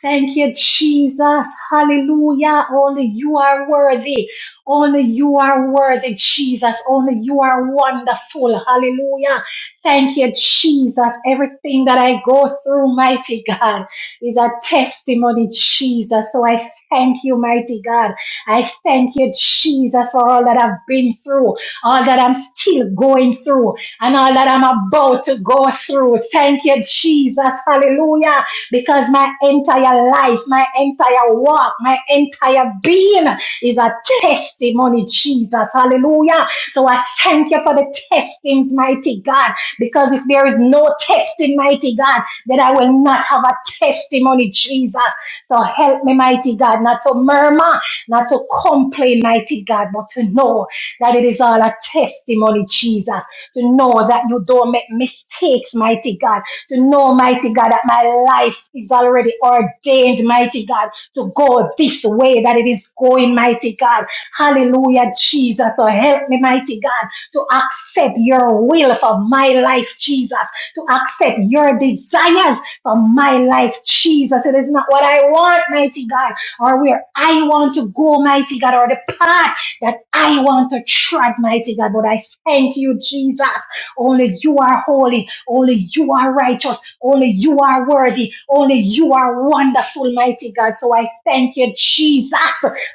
Thank you, Jesus. Hallelujah. Only you are worthy. Only you are worthy, Jesus. Only you are wonderful. Hallelujah. Thank you, Jesus. Everything that I go through, mighty God, is a testimony, Jesus. So I thank you, mighty God. I thank you, Jesus, for all that I've been through, all that I'm still going through, and all that I'm about to go through. Thank you, Jesus. Hallelujah because my entire life, my entire work, my entire being is a testimony, Jesus. Hallelujah. So I thank you for the testings, mighty God, because if there is no testing, mighty God, then I will not have a testimony, Jesus. So help me, mighty God, not to murmur, not to complain, mighty God, but to know that it is all a testimony, Jesus. To know that you don't make mistakes, mighty God to know, mighty God, that my life is already ordained, mighty God, to go this way that it is going, mighty God. Hallelujah, Jesus. So help me, mighty God, to accept your will for my life, Jesus, to accept your desires for my life, Jesus. It is not what I want, mighty God, or where I want to go, mighty God, or the path that I want to tread, mighty God. But I thank you, Jesus. Only you are holy. Only you are righteous. Only you are worthy. Only you are wonderful, mighty God. So I thank you, Jesus,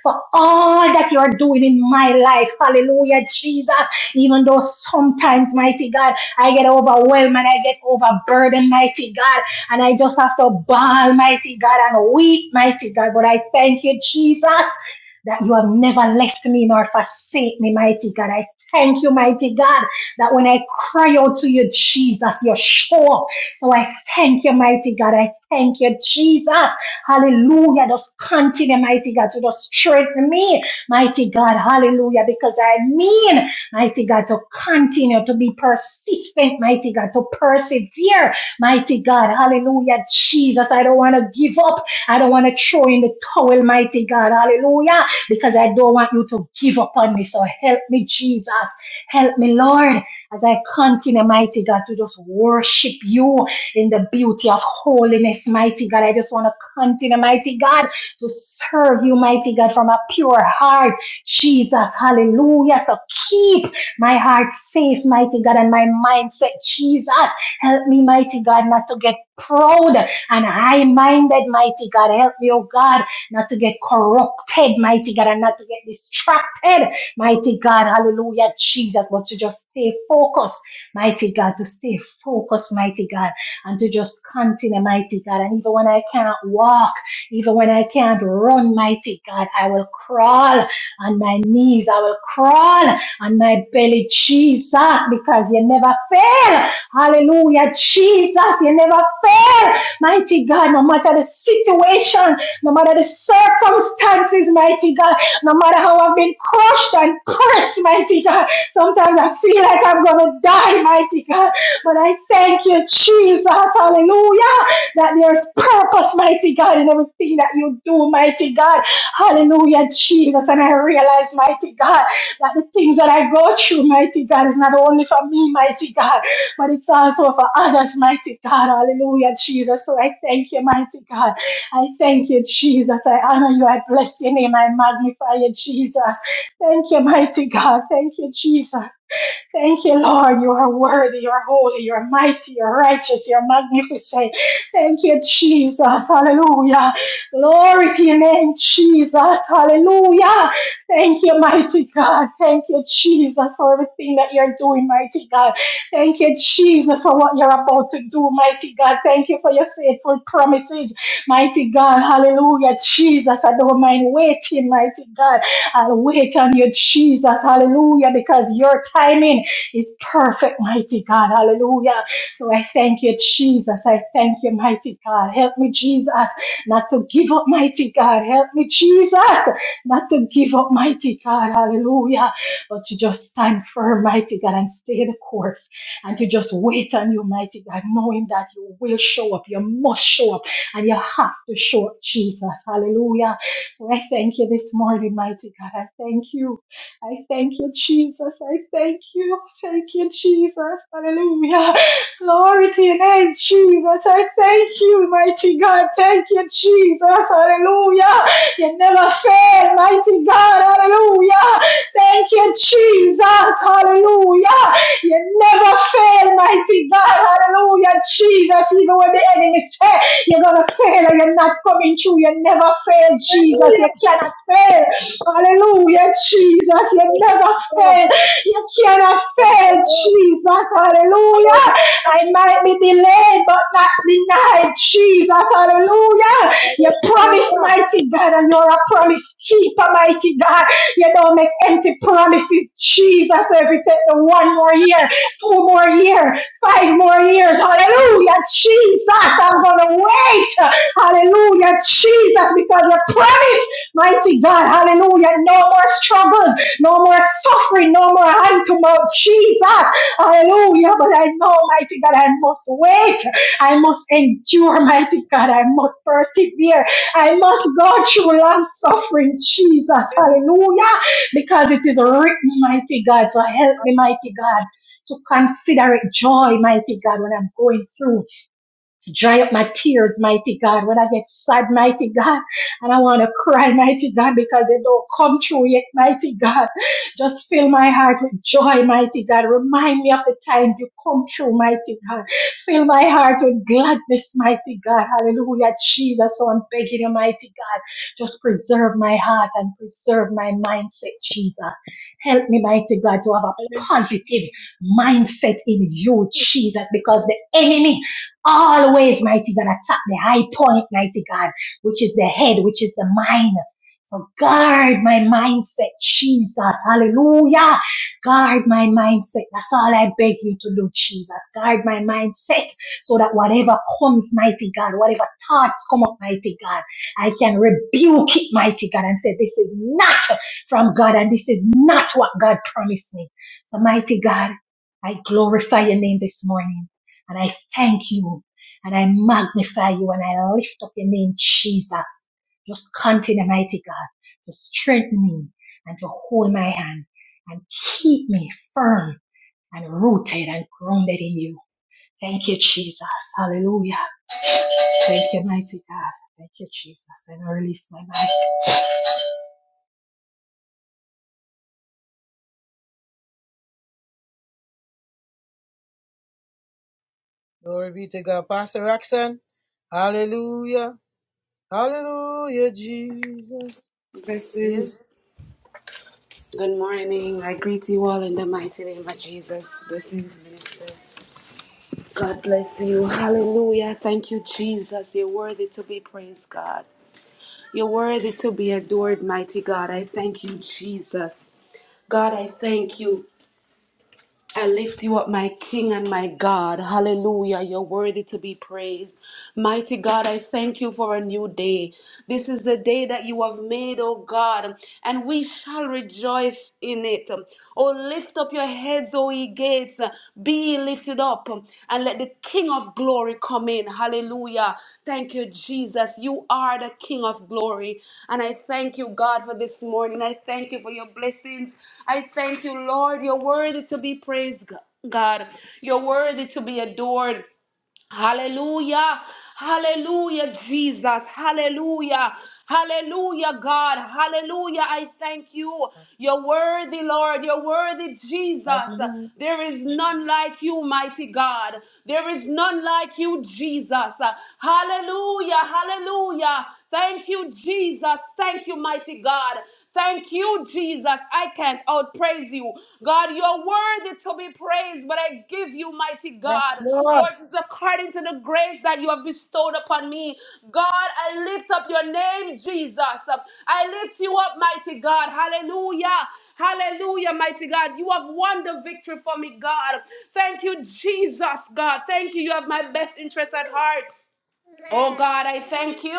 for all that you are doing in my life. Hallelujah, Jesus. Even though sometimes, mighty God, I get overwhelmed and I get overburdened, mighty God, and I just have to bawl, mighty God, and weep, mighty God. But I thank you, Jesus that you have never left me nor forsake me, mighty God. I thank you, mighty God that when I cry out to you, Jesus, you show up. So I thank you, mighty God. I thank you, Jesus. Hallelujah. Just continue, mighty God, to just strengthen me, mighty God. Hallelujah. Because I mean, mighty God, to continue to be persistent, mighty God, to persevere, mighty God. Hallelujah. Jesus, I don't want to give up. I don't want to throw in the towel, mighty God. Hallelujah. Because I don't want you to give up on me. So help me, Jesus. Help me, Lord. As I continue, mighty God, to just worship you in the beauty of holiness, mighty God. I just want to continue, mighty God, to serve you, mighty God, from a pure heart. Jesus, hallelujah. So keep my heart safe, mighty God, and my mindset, Jesus. Help me, mighty God, not to get proud and high minded, mighty God. Help me, oh God, not to get corrupted, mighty God, and not to get distracted Mighty God, hallelujah, Jesus, but to just stay focused, mighty God, to stay focused, mighty God, and to just continue, mighty God. And even when I cannot walk, even when I can't run, mighty God, I will crawl on my knees, I will crawl on my belly, Jesus, because you never fail. Hallelujah, Jesus, you never fail. Mighty God, no matter the situation, no matter the circumstances, mighty God no matter how I've been crushed and cursed, mighty God. Sometimes I feel like I'm going to die, mighty God. But I thank you, Jesus, hallelujah, that there's purpose, mighty God, in everything that you do, mighty God. Hallelujah, Jesus. And I realize, mighty God, that the things that I go through, mighty God, is not only for me, mighty God, but it's also for others, mighty God. Hallelujah, Jesus. So I thank you, mighty God. I thank you, Jesus. I honor you. I bless your name. I magnify you, Jesus. Thank you, mighty God. Thank you, Jesus. Thank you, Lord. You are worthy, you are holy, you are mighty, you are righteous, you are magnificent. Thank you, Jesus. Hallelujah. Glory to your name, Jesus. Hallelujah. Thank you, mighty God. Thank you, Jesus, for everything that you're doing, mighty God. Thank you, Jesus, for what you're about to do, mighty God. Thank you for your faithful promises, mighty God. Hallelujah. Jesus, I don't mind waiting, mighty God. I'll wait on you, Jesus. Hallelujah. Because your timing is perfect, mighty God. Hallelujah. So I thank you, Jesus. I thank you, mighty God. Help me, Jesus, not to give up, mighty God. Help me, Jesus, not to give up, mighty God. Hallelujah. But to just stand firm, mighty God, and stay the course. And to just wait on you, mighty God, knowing that you will show up. You must show up. And you have to show up, Jesus. Hallelujah. So I thank you this morning, mighty God. I thank you. I thank you, Jesus. I thank you. Thank you, Jesus. Hallelujah. Glory to your name, Jesus. I thank you, mighty God. Thank you, Jesus. Hallelujah. You never fail, mighty God. Hallelujah. Thank you, Jesus. Hallelujah. You never fail, mighty God. Hallelujah. Jesus, even when the enemy says you're going to fail and you're not coming through, you never fail, Jesus. You
Hallelujah.
cannot fail. Hallelujah, Jesus. You
Thank
never
God.
fail. You cannot
Thank
fail,
you, Lord.
Jesus. Hallelujah.
Hallelujah.
I might be delayed, but not denied, Jesus. Hallelujah. You promise,
Hallelujah.
mighty God, and you're a promise keeper, mighty God. You don't make empty promises, Jesus. Every day, the one more year, two more year, five more years. Hallelujah, Jesus. I'm going to wait. Hallelujah, Jesus, because you promised. Mighty God, hallelujah. No more struggles, no more suffering, no more hand to mouth. Jesus, hallelujah. But I know, mighty God, I must wait. I must endure, mighty God. I must persevere. I must go through long suffering. Jesus, hallelujah. Because it is written, mighty God. So help me, mighty God, to consider it joy, mighty God, when I'm going through to dry up my tears, mighty God, when I get sad, mighty God, and I want to cry, mighty God, because it don't come true yet, mighty God. Just fill my heart with joy, mighty God. Remind me of the times you come true, mighty God. Fill my heart with gladness, mighty God. Hallelujah, Jesus. So I'm begging you, mighty God, just preserve my heart and preserve my mindset, Jesus. Help me, mighty God, to have a
Hallelujah.
positive mindset in you, Jesus, because the enemy always, mighty God, attack the high point, mighty God, which is the head, which is the mind. So guard my mindset, Jesus. Hallelujah. Guard my mindset. That's all I beg you to do, Jesus. Guard my mindset so that whatever comes, mighty God, whatever thoughts come up, mighty God, I can rebuke it, mighty God, and say, this is not from God and this is not what God promised me. So mighty God, I glorify your name this morning. And I thank you. And I magnify you. And I lift up your name, Jesus. Just continue, mighty God, to strengthen me and to hold my hand and keep me firm and rooted and grounded in you. Thank you, Jesus. Hallelujah. Thank you, mighty God. Thank you, Jesus. And I release my mind.
Glory be to God. Pastor Roxanne. Hallelujah. Hallelujah, Jesus.
Blessings.
Yes.
Good morning. I greet you all in the mighty name of Jesus. Blessings, minister. God bless you. Hallelujah. Thank you, Jesus. You're worthy to be praised, God. You're worthy to be adored, mighty God. I thank you, Jesus. God, I thank you. I lift you up, my King and my God. Hallelujah. You're worthy to be praised. Mighty God, I thank you for a new day. This is the day that you have made, O God, and we shall rejoice in it. Oh, lift up your heads, O ye gates. Be ye lifted lifted up and let the King of glory come in. Hallelujah. Thank you, Jesus. You are the King of glory. And I thank you, God, for this morning. I thank you for your blessings. I thank you, Lord. You're worthy to be praised, God. You're worthy to be adored. Hallelujah. Hallelujah, Jesus. Hallelujah. Hallelujah, God. Hallelujah. I thank you. You're worthy, Lord. You're worthy, Jesus.
Hallelujah.
There is none like you, mighty God. There is none like you, Jesus. Hallelujah. Hallelujah. Thank you, Jesus. Thank you, mighty God. Thank you, Jesus. I can't outpraise you. God, you're worthy to be praised, but I give you, mighty
Yes,
God.
Lord.
Lord, it's according to the grace that you have bestowed upon me. God, I lift up your name, Jesus. I lift you up, mighty God. Hallelujah. Hallelujah, mighty God. You have won the victory for me, God. Thank you, Jesus, God. Thank you. You have my best interest at heart. Oh God, I thank you.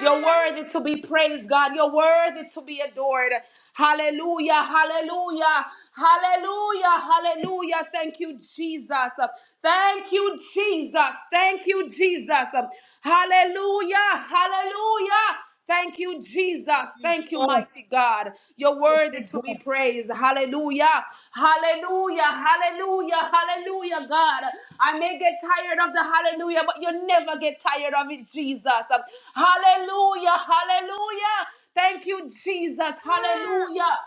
You're worthy to be praised, God. You're worthy to be adored. Hallelujah, hallelujah, hallelujah, hallelujah. Thank you, Jesus. Thank you, Jesus. Thank you, Jesus. Hallelujah, hallelujah. Thank you, Jesus. Thank you,
Yes.
mighty God. You're worthy
Thank
to
God.
be praised. Hallelujah. Hallelujah. Hallelujah. Hallelujah, God. I may get tired of the hallelujah, but you never get tired of it, Jesus. Hallelujah. Hallelujah. Thank you, Jesus. Hallelujah.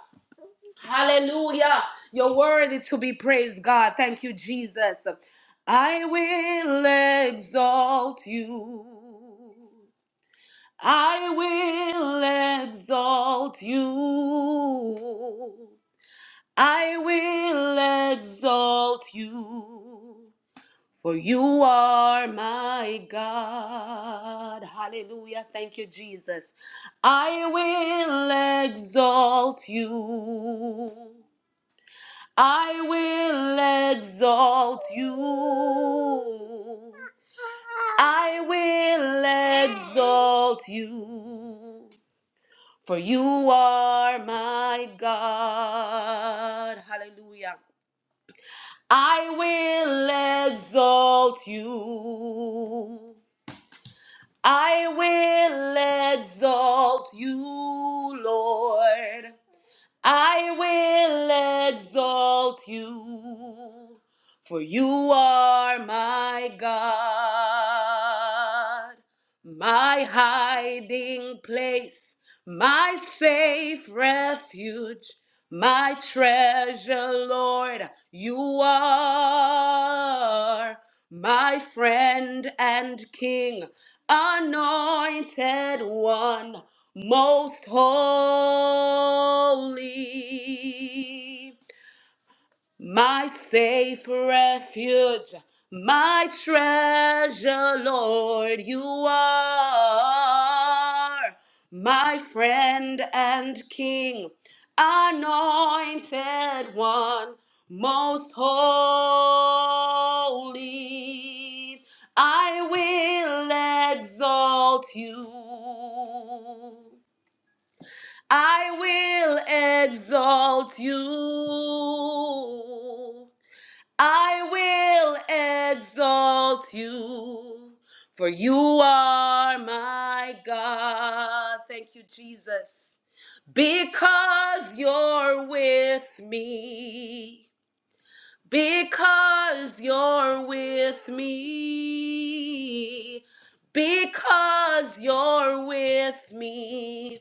Hallelujah. You're worthy to be praised, God. Thank you, Jesus. I will exalt you. I will exalt you. I will exalt you. For you are my God. Hallelujah. Thank you, Jesus. I will exalt you. I will exalt you. I will exalt you. for you are my God. Hallelujah. I will exalt you. I will exalt you, Lord. I will exalt you, for you are my God my hiding place, my safe refuge, my treasure, Lord, you are my friend and King, anointed one, most holy. My safe refuge, my treasure, Lord, you are my friend and king, anointed one, most holy. I will exalt you. I will exalt you. I will exalt you, for you are my God. Thank you, Jesus. Because you're with me because you're with me. Because you're with me.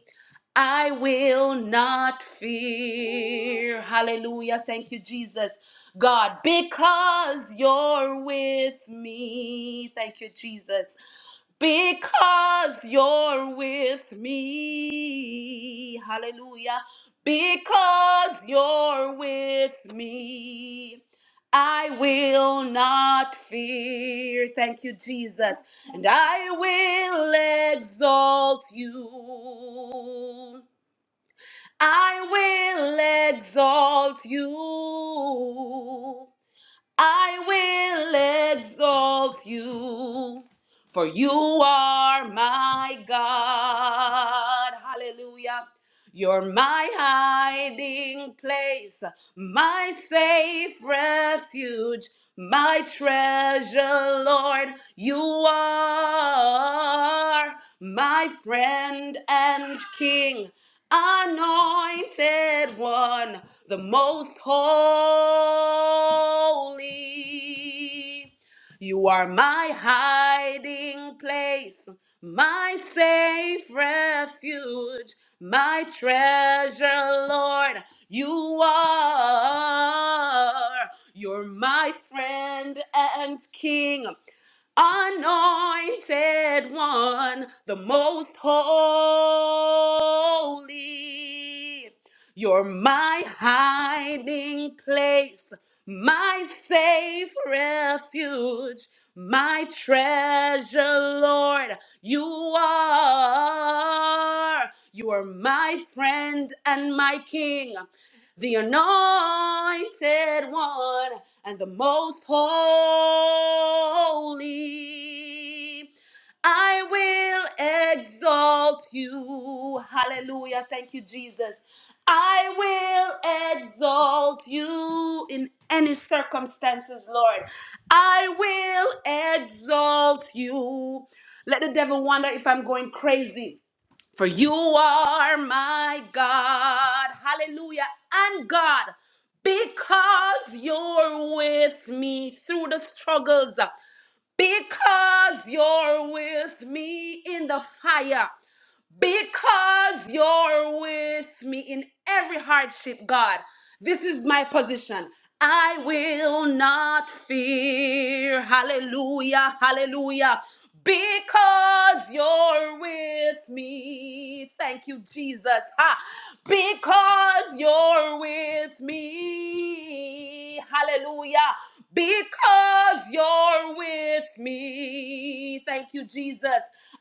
I will not fear. Hallelujah. Thank you, Jesus. God, because you're with me. Thank you, Jesus because you're with me. Hallelujah. Because you're with me, I will not fear. Thank you, Jesus. And I will exalt you. I will exalt you. I will exalt you, for you are my God. Hallelujah. You're my hiding place, my safe refuge, my treasure, Lord. You are my friend and king anointed one, the most holy. You are my hiding place, my safe refuge, my treasure, Lord. You are, you're my friend and king anointed one, the most holy. You're my hiding place, my safe refuge, my treasure, Lord. You are. You are my friend and my king the anointed one, and the most holy. I will exalt you. Hallelujah. Thank you, Jesus. I will exalt you in any circumstances, Lord. I will exalt you. Let the devil wonder if I'm going crazy. For you are my God. Hallelujah. And God, because you're with me through the struggles, because you're with me in the fire because you're with me in every hardship, God. This is my position. I will not fear. Hallelujah, hallelujah. Because you're with me. Thank you, Jesus. Ah! Because you're with me. Hallelujah. Because you're with me. Thank you, Jesus.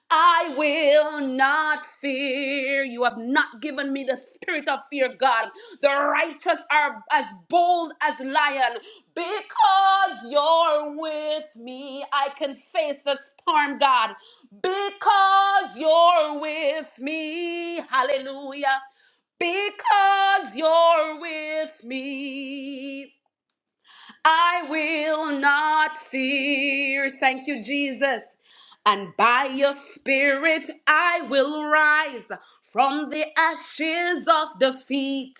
I will not fear. You have not given me the spirit of fear, God. The righteous are as bold as lion. Because you're with me, I can face the storm, God. Because you're with me. Hallelujah. Because you're with me. I will not fear. Thank you, Jesus. And by your spirit, I will rise from the ashes of defeat.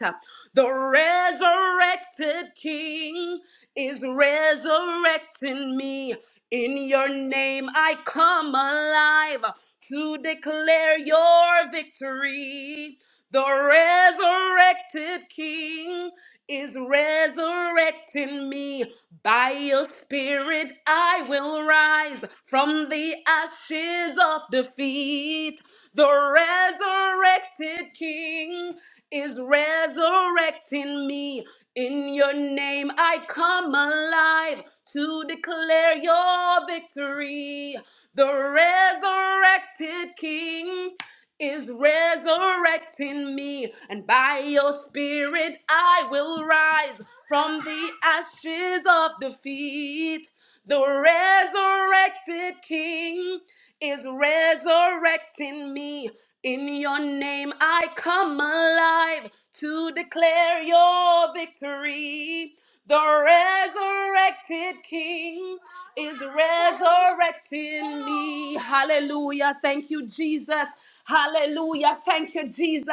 The resurrected King is resurrecting me. In your name, I come alive to declare your victory. The resurrected King is resurrecting me. By your spirit, I will rise from the ashes of defeat. The resurrected King is resurrecting me. In your name, I come alive to declare your victory. The resurrected King is resurrecting me, and by your spirit I will rise from the ashes of defeat. The resurrected King is resurrecting me. In your name I come alive to declare your victory. The resurrected King is resurrecting me. Hallelujah. Thank you, Jesus. Hallelujah. Thank you, Jesus.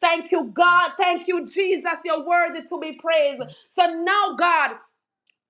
Thank you, God. Thank you, Jesus. You're worthy to be praised. So now, God.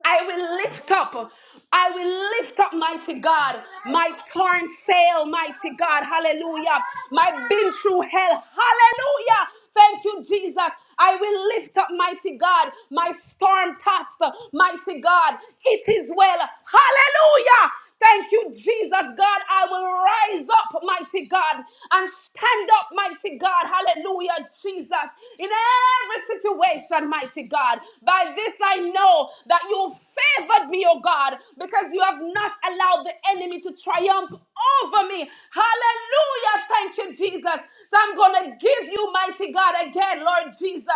I will lift up. I will lift up, mighty God, my torn sail, mighty God. Hallelujah. My been through hell. Hallelujah. Thank you, Jesus. I will lift up, mighty God, my storm tossed, mighty God. It is well. Hallelujah. Thank you, Jesus, God. I will rise up, mighty God, and stand up, mighty God. Hallelujah, Jesus. In every situation, mighty God. By this I know that you favored me, oh God, because you have not allowed the enemy to triumph over me. Hallelujah. Thank you, Jesus. So I'm going to give you, mighty God, again, Lord Jesus,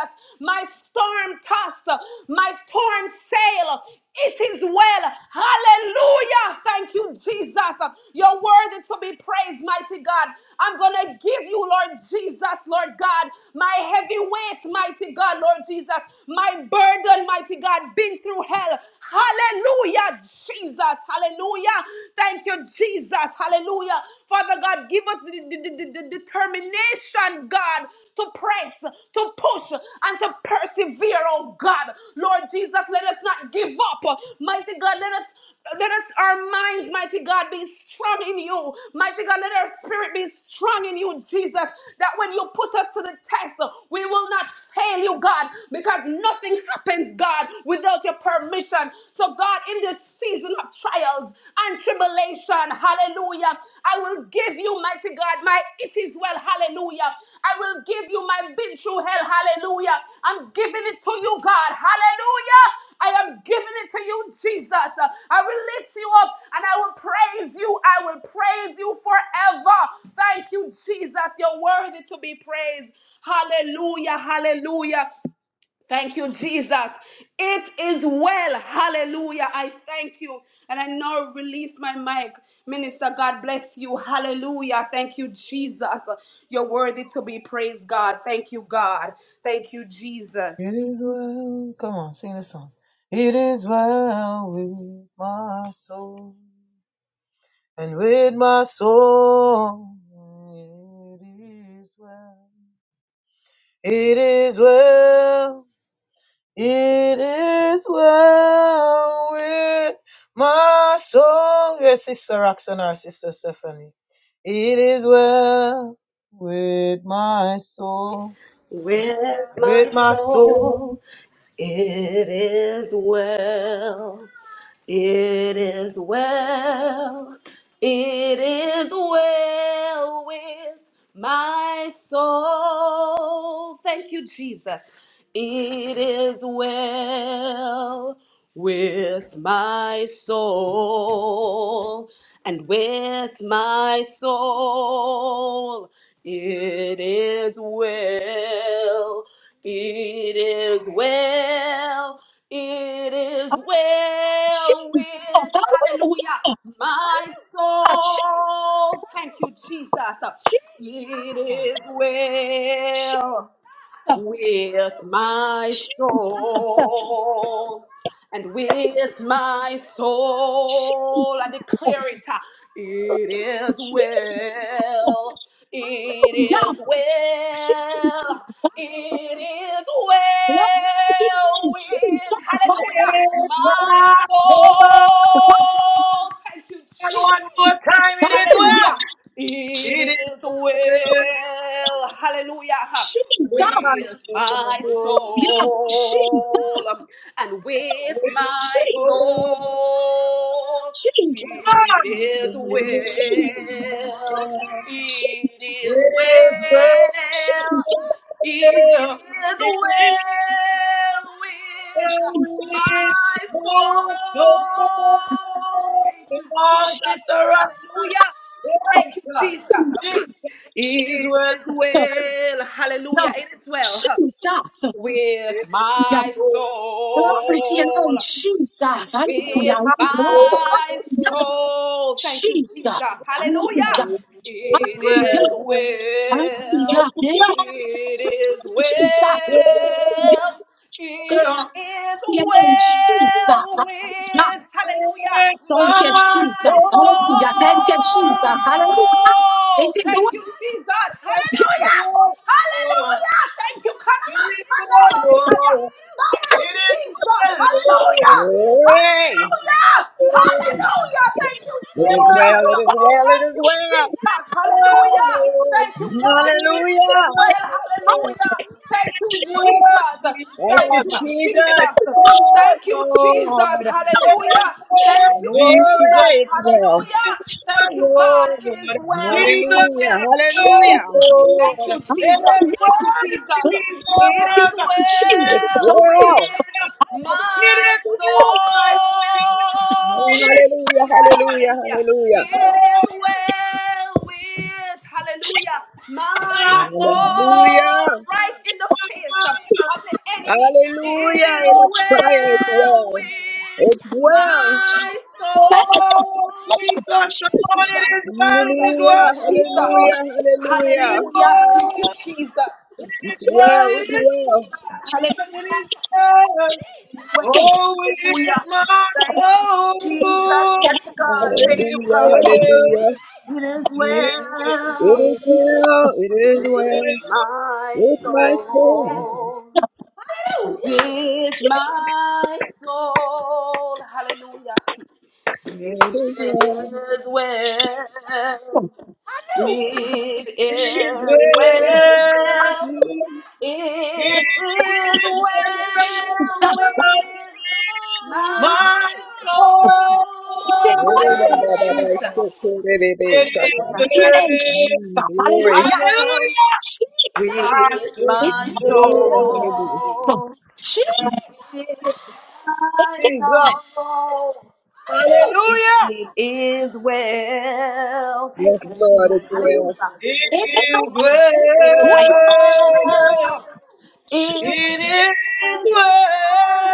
my storm tossed, my torn sail. It is well. Hallelujah. Thank you, Jesus. You're worthy to be praised, mighty God. I'm going to give you, Lord Jesus, Lord God, my heavy weight, mighty God, Lord Jesus, my burden, mighty God, been through hell. Hallelujah, Jesus. Hallelujah. Thank you, Jesus. Jesus. Hallelujah. Father God, give us the, the- the- the- the determination, God, to press, to push, and to persevere, oh God. Lord Jesus, let us not give up. Mighty God, let us let us our minds, mighty God, be strong in you. Mighty God, let our spirit be strong in you, Jesus. That when you put us to the test, we will not fail you, God, because nothing happens, God, without your permission. So, God, in this season of trials and tribulation, hallelujah, I will give you, mighty God, my it is well, hallelujah. I will give you my been through hell, hallelujah. I'm giving it to you, God, hallelujah. I am giving it to you, Jesus. I will lift you up and I will praise you. I will praise you forever. Thank you, Jesus. You're worthy to be praised. Hallelujah, hallelujah. Thank you, Jesus. It is well. Hallelujah. I thank you. And I now release my mic. Minister, God bless you. Hallelujah. Thank you, Jesus. You're worthy to be praised, God. Thank you, God. Thank you, Jesus.
It is well. Come on, sing the song. It is well with my soul. and with my soul it is well. It is well. It is well with my soul. Yes, Sister Roxanne our Sister Stephanie. It is well with my soul.
With
and With
my
my soul.
soul, it is well. It is well, it is well with my soul. Thank you, Jesus. It is well with my soul and with my soul. It is well, it is well. It is well with, hallelujah, my soul. Thank you, Jesus. It is well with my soul and with my
She,
soul I declare it uh, it is
she,
well it is
she,
well it is
Lord, she, she,
well
she, she,
with hallelujah
With
my
my soul.
soul thank you
And
she,
Jesus
she,
one more it is
she, she,
well.
Hallelujah.
Jesus.
It
It
is
is
well.
Yeah.
Hallelujah.
Jesus. Jesus. Jesus.
well with
With
my
my
soul.
Jesus. Jesus.
soul and with my soul.
Jesus.
It is well. It
Jesus.
is well. It is well with my soul.
Jesus.
Thank you, Jesus. Hallelujah. Thank you, Jesus. It is well. Hallelujah.
No.
It is well huh,
Jesus.
with my
Glory to your name,
soul and
Jesus. Hallelujah.
with
It is well.
my
Hallelujah.
soul. Thank you, Jesus.
Jesus. Hallelujah.
Hallelujah. It is
Hallelujah. Hallelujah.
well.
Amen.
It is well.
Jesus. Hallelujah. Glory
It
to
is
your name, Jesus.
well
Hallelujah.
with, hallelujah,
Thank you,
my
Jesus. Hallelujah. Thank you, Jesus.
soul.
Hallelujah. It
Oh,
is well.
thank you, Jesus.
Yeah.
Hallelujah. Hallelujah. Thank you. Kanamashandarabasaya. Thank you, Jesus. Hallelujah. Hallelujah. Hallelujah. Thank you,
It is well,
Jesus.
it is
Hallelujah.
Yeah.
well, it
Thank
is
you,
well.
Jesus.
Jesus.
It
Hallelujah.
is
Thank
well.
you, God.
It
It is
Hallelujah.
well. Hallelujah.
Hallelujah!
Thank you,
Jesus!
Jesus.
Thank
Thank
you,
you,
Hallelujah!
Jesus.
Jesus.
Hallelujah!
Thank you,
Hallelujah!
Jesus.
Hallelujah!
Hallelujah. Thank you,
Jesus!
Glory,
Jesus.
it's
Hallelujah!
well.
Hallelujah. Thank you,
Jesus!
God. It is well. It is
Hallelujah!
Hallelujah,
well.
hallelujah.
Jesus!
Thank you, Jesus. Thank
Hallelujah!
you, Jesus.
Glory
It
to
is
your name,
It's
Jesus!
well
well.
Hallelujah!
with
Hallelujah!
my soul. Thank
Jesus!
you,
Hallelujah,
Jesus.
hallelujah,
Hallelujah.
hallelujah.
It is well with, hallelujah, my soul
Hallelujah.
right in the face of the enemy. It
Hallelujah.
is
It is fire. It's
well
well.
with
It's well.
my
Jesus!
soul,
Hallelujah! Hallelujah!
thank you,
Jesus!
Jesus. Thank
Hallelujah.
you, Jesus.
Hallelujah. Hallelujah.
Hallelujah. Thank you, Jesus.
It's
Jesus!
well. It's well.
Jesus! Jesus!
Hallelujah. You Well, hallelujah. Thank you, Jesus. Yes, God. Thank you,
Hallelujah.
Jesus!
God.
Jesus!
Hallelujah.
It is
It
well
is well. It is
with
well.
my
With my soul.
soul. And with
She,
my soul, hallelujah,
It is well.
it is
she, I
well.
knew.
It
She knew.
is well.
Yeah.
It is well
Jesus.
with
is
Hallelujah.
My
our
God,
It's a
soul. Thank
good
you, Jesus.
it is
glory to your
good.
name, Jesus.
It
Glory.
is
Hallelujah.
well
Hallelujah.
Jesus.
with
It
my
is
Hallelujah. Hallelujah.
a
soul.
Jesus. It
My
is
soul. It is well. Thank you,
Yes, Lord,
Jesus.
it's well.
Hallelujah.
It
It is
is
the way
It
good.
is
Wait, my soul.
well. It is
Jesus,
It is good.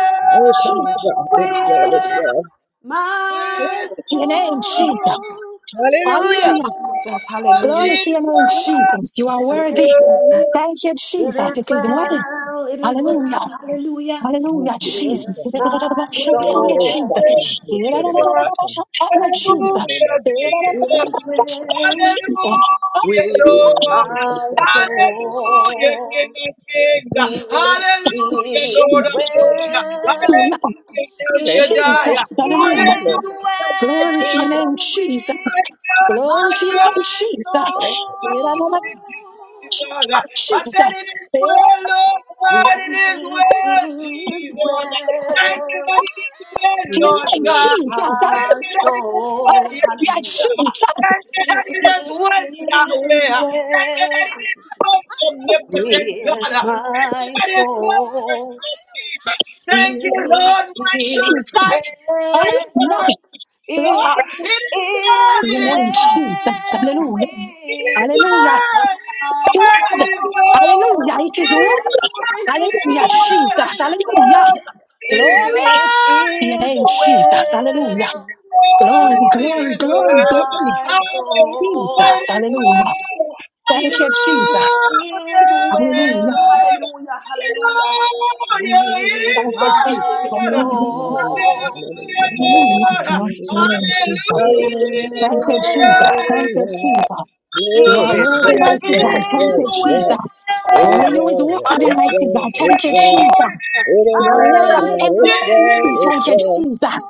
well.
Oh, come on,
Jesus.
God. It's well, it's well.
My
With
Glory to your name,
soul
Jesus.
Hallelujah.
Hallelujah.
says
all
Glory
hallelujah.
to your
Jesus.
name, Jesus. You are
It's
Thank you,
worthy.
Jesus.
good.
Thank you,
It
Jesus.
is
It is well.
well, it is well,
Hallelujah.
hallelujah.
Thank
Hallelujah,
you,
Jesus.
Jesus.
Hallelujah,
Oh,
Oh,
It's
Jesus. Hallelujah,
God,
good,
thank
Jesus.
you for the best of
Jesus.
times.
Hallelujah,
You know
Jesus.
Hallelujah,
that it's so
It
Jesus.
good.
is
It's so
well,
Hallelujah,
good.
Lord.
It's
my
so good. It's so
Hallelujah,
soul.
King of
good.
Kings.
It
Hallelujah,
is
Lord
Yeah, you
of Lords.
Hallelujah.
well,
Hallelujah, El
can play.
Shaddai.
it
Jesus.
You
Hallelujah.
can play.
is
Hallelujah, my
Glory to your name,
God.
well
Jesus.
My
with
God,
Glory
my
to your
God,
name,
my
Jesus.
All Right?
my God.
soul.
Jesus. I
Jesus.
said it is well, Lord
It
God, it is well,
is
Jesus. Thank you
well
that it is well,
To your name,
with
Jesus.
my
that
Hallelujah.
I
soul.
Hallelujah,
Hallelujah.
Jesus.
It is
can
well
help
with my
this
soul. It is
Jesus.
my
well.
Hallelujah.
shepherd.
Glory
It
It
is
to
is
your name,
well,
Jesus.
It
Hallelujah.
is
well
Hallelujah.
God.
Spirit
God, it
word.
is God.
Hallelujah. It
It
is
Oh,
is
word.
thank you,
Hallelujah,
Jesus.
God.
Jesus.
Hallelujah.
Hallelujah. Glory
It
to your
is
name, Jesus. Hallelujah.
well with
Glory,
It
glory,
is
glory,
God.
glory.
my soul.
Jesus. Hallelujah. Thank
It
you, Jesus.
is
Hallelujah.
well, hallelujah, hallelujah, with
Thank you, Jesus.
my
Hallelujah.
Hallelujah,
soul.
hallelujah, hallelujah,
Hallelujah.
Hallelujah.
Glory to your
hallelujah.
It
name, Jesus.
is
Hallelujah,
Thank you,
hallelujah,
Jesus.
well.
Thank you,
hallelujah.
Jesus. You
Oh,
are
It
it's
worthy,
well, it's
mighty
well,
God.
it's
Thank
is
well,
you,
it's well.
Jesus.
It is
Only you is
well, Lord.
worthy,
it's
well
mighty
well,
God. Thank
it's
you,
well.
Jesus.
It is
Your
well,
word is
Lord.
amen,
it's well,
amen.
it's
Thank you,
well.
Jesus.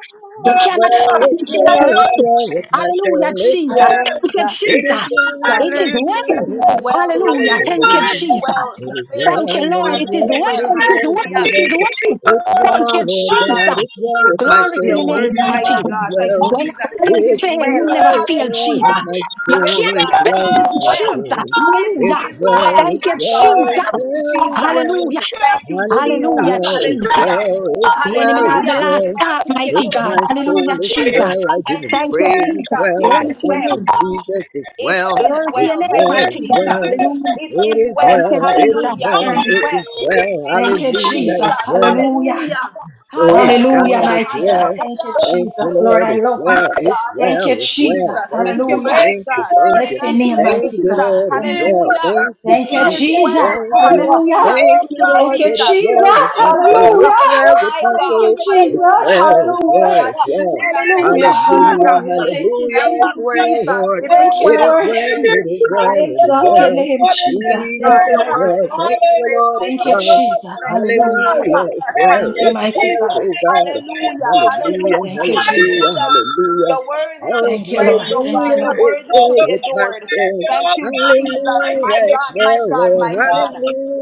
You
It's
cannot
well,
fail.
it's
You cannot
Hallelujah.
well,
Thank
it's
lie.
you,
well with
Jesus.
my
Hallelujah,
soul, it's
Jesus.
well.
Hallelujah.
Thank you,
Thank
It
you,
is
Jesus.
well,
It
it
Jesus.
is
is well
It
well.
with
is
my
well.
Hallelujah.
Hallelujah.
Thank you,
It
soul.
is
Jesus.
well. In
It
the
is
face
well,
of
Thank
the
you,
it
Lord.
is
storm, it
It
is
is
well,
well.
it's
well. It is
well,
well.
Hallelujah.
It is
Jesus.
well.
It's
Thank
Thank
well,
you,
you,
Lord God,
Jesus.
Jesus.
it's well with my
Glory to
You're
your
soul,
name,
it's
worthy,
mighty
well,
mighty
God.
it's
God. Thank you,
well.
When
Jesus.
all
It
else
is
It's
fail, you
well.
well,
never
it's
fail,
well with
Jesus.
my
Hallelujah.
You
Yes,
soul, it's
God.
well
It
can't
is
with my
well.
Jesus.
soul.
It
Hallelujah.
It's
is
well,
well,
Thank
it's
you,
my God.
well, it's
Thank
Jesus.
you,
well,
Jesus.
it's well.
Hallelujah.
Thank you,
Hallelujah,
Jesus.
Hallelujah, it's
Hallelujah.
Jesus.
well, it's
The enemy
well,
of
it's
the
Hallelujah.
last
well.
Reba
stop,
sheke
With
mighty God.
torobo
my
shana
soul,
mama
Hallelujah,
it's
saya.
well.
Jesus.
I give
Thank
him
you,
Thank you,
praise, it's
Jesus.
Jesus. It
well. I
is
Glory to your
thank you,
well.
name.
Jesus, it's
It
well.
is
Glory to your
It's
well.
name,
Thank
well,
you,
mighty
it's
God.
well.
Jesus.
Hallelujah.
It
It is
is
well.
Thank you,
well, it
Jesus.
is
Hallelujah. It
well,
is
Worthy.
it
well.
is well,
Thank
Thank
you,
you,
Jesus.
hallelujah,
Jesus.
it's well,
Hallelujah.
Hallelujah.
Praise
Hallelujah,
God,
Hallelujah.
it's
mighty God.
well.
Thank you,
Hallelujah.
Thank you,
The
Jesus. Lord,
Lord,
I
it's
word,
love you.
well.
mighty
It's
God.
Thank
Thank
well,
you,
you,
it's
Jesus.
well.
Jesus.
Thank
Thank you,
you,
Hallelujah.
mighty
Thank
thank
you,
you,
God.
thank you.
Bless your
Thank you,
name,
Thank
Lord.
mighty
you,
God.
Jesus.
Lord,
Hallelujah,
it's
Thank you.
well.
Hallelujah.
Thank you,
Thank you,
It is
Jesus.
Jesus.
well.
Thank you.
Hallelujah.
Hallelujah.
Thank
Lord,
Thank
you,
you,
Lord,
Thank you,
Jesus.
that it's
It
well
Jesus.
with my
is
soul.
well.
Hallelujah.
It's well with
My
my
Thank
God.
you,
soul. It's
Jesus.
Hallelujah.
well, it's
Hallelujah.
well, it's well.
Hallelujah. Thank you,
Hallelujah.
Hallelujah,
Hallelujah.
Jesus.
Thank you,
hallelujah,
Thank
it's
you,
Jesus.
well,
Jesus.
Lord.
It is
Thank you,
It is
well.
Lord.
well, it is
I
well,
Thank you,
it is
Jesus,
exalt your
well.
name, Jesus. Thank
Jesus,
God.
you,
Your
it's
mighty
word
well.
is
God.
to be
Thank you,
praised,
Lord,
oh
it's
Thank you,
God.
well.
Jesus.
Thank
my
you,
Hallelujah.
God.
Hallelujah.
Jesus.
It's
Thank
well.
Thank
you,
you,
It's
Hallelujah.
mighty
well,
God.
Jesus,
oh
in
God.
Hallelujah.
heaven, Lord.
Hallelujah.
Hallelujah.
Thank you,
Hallelujah.
Hallelujah.
Jesus.
Hallelujah.
You're worthy to
Oh,
be
Thank you,
praised,
Lord.
oh
Thank you,
God.
hallelujah.
You're
Hallelujah.
Lord.
Hallelujah,
It's
worthy to
well
be
with my
Jesus.
adored.
soul.
Thank you, Jesus. My
Hallelujah. It's
God, my
well,
God,
Lord.
my God.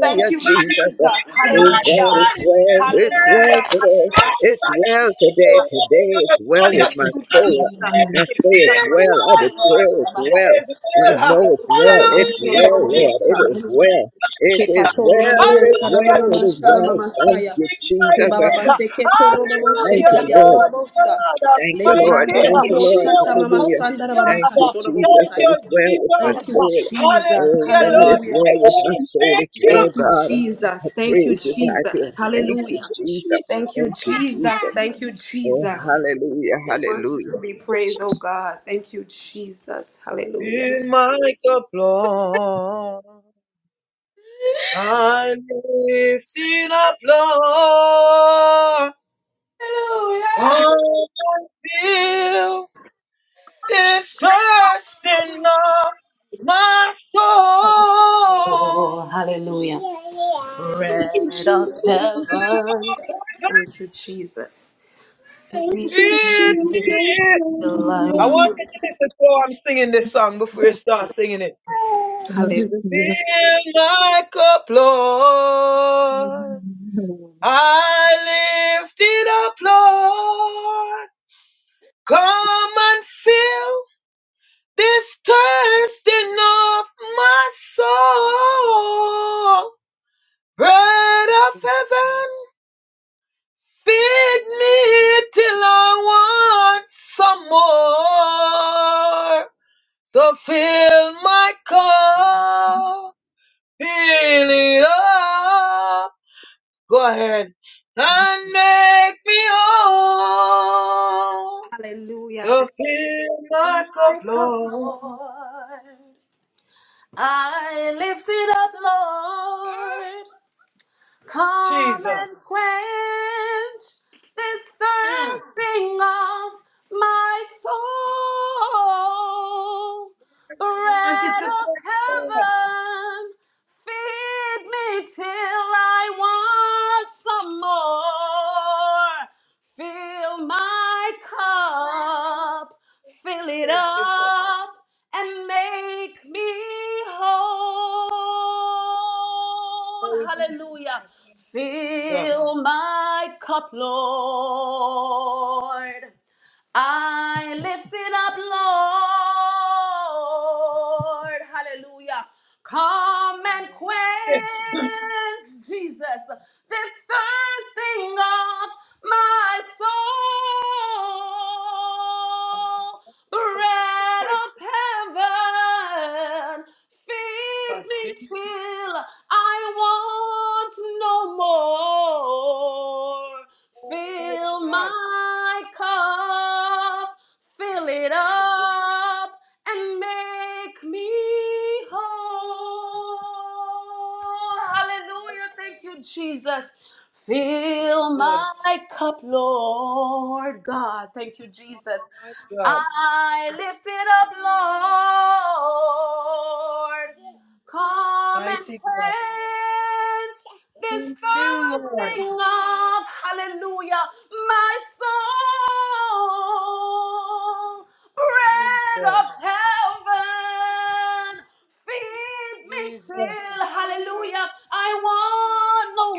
Thank you,
Jesus.
Jesus.
Thank
Oh
you,
God,
Hallelujah.
it's
Jesus.
well. It's
Hallelujah.
well
Hallelujah.
today. It's
Thank you,
well today.
Jesus.
Today it's well
Thank
with
you,
my
Jesus.
soul.
Jesus.
Hallelujah.
I say it's well. I declare it's
Kepishanamasakarababasharabahai.
well. I know it's well. It's
Thank you,
Hallelujah,
well, Lord.
Jesus.
Lembralkuchikalamasiondorobobosa.
It
Jesus.
is
Hallelujah.
well.
Thank you,
It is
Jesus.
well, it is well,
you,
it is
Jesus. Thank
well. Thank
Kepatorobobosaramamashanamamasaya.
you, Jesus. Uh,
you,
Thank
Hallelujah,
you,
Jesus.
Lord.
Lord
Kebababaseketoroboboshetebayandorobosa.
God
Thank you, Lord.
Thank
Thank
you,
you, Lord.
Jesus.
Hallelujah.
Hallelujah.
Thank you,
Almighty.
Jesus,
Thank
that
you,
Lebrandoroboboshatamamasandarababakashorobobosaya.
it's well
Jesus.
with my
Thank you,
soul.
Jesus.
Oh,
Hallelujah,
God,
Lord.
it's
Hallelujah.
My
well with my
God,
Jesus.
soul.
thank
It's
you.
well,
Thank you,
God.
Jesus.
I
Thank you,
praise you, God. You.
Jesus.
Thank
Thank
you,
Hallelujah.
you,
Jesus.
Thank
Jesus.
you,
Thank you,
Jesus.
Jesus.
Thank you,
Oh,
Jesus.
hallelujah,
Your word to
hallelujah.
be praised, oh God. Thank you, Jesus. Hallelujah.
In my cup, Lord, I lift
Jesus.
it up, Lord.
Hallelujah.
Come and fill this thirst in my
Oh,
soul.
hallelujah. Bread
Thank you,
of
Jesus.
heaven, thank
Thank you,
you,
I
Lord.
want you to listen before I'm singing this song, before you start singing it.
Jesus.
Fill my cup, Lord. I lift it up, Lord. Come and fill this thirsting of my soul. Bread of heaven, feed me till I want some more. So fill my cup, fill it up. Go ahead. And make me whole. So fill my cup,
My cup,
Lord.
Lord, I lift it up, Lord. Come
Jesus.
and quench this
Mm.
thirsting of my soul. Bread of heaven, feed me till I want some more. Fill my cup, fill it up, and make me whole. Hallelujah. Fill my cup, Lord. I lift it up, Lord. Hallelujah. Come and quench, Jesus, this thirsting of my soul. Bread of heaven, feed me till I want want no more. Fill
God,
my cup, fill it
Jesus,
up, and make me whole. Hallelujah. Thank you, Jesus. Fill
Jesus.
my cup, Lord God. Thank you, Jesus.
My God,
I lift it up, Lord. Come and
mighty God.
quench this
You, Lord.
thirsting of hallelujah, my soul. Bread of
Jesus.
heaven, feed me
Jesus.
till hallelujah, I want no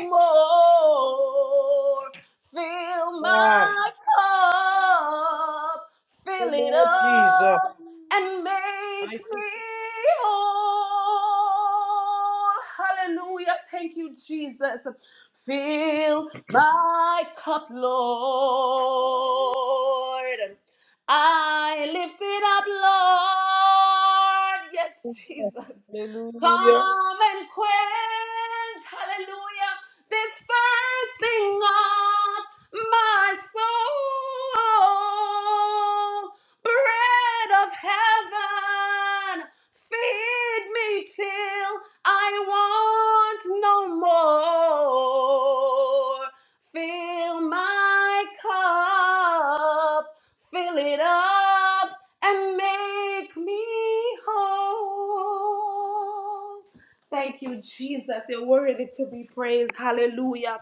more. Fill
God.
my cup,
Oh,
fill it
Lord
up
Jesus.
love and make
Mighty
me whole. Hallelujah. Thank you, Jesus. Fill my cup, Lord. I lift it up, Lord. Yes, Jesus.
Hallelujah.
Come and quench, hallelujah, this thirsting of my soul. Bread of heaven, feed me till I want no more. Fill my cup up, fill it up, and make me whole. Thank you, Jesus. You're worthy to be praised. Hallelujah.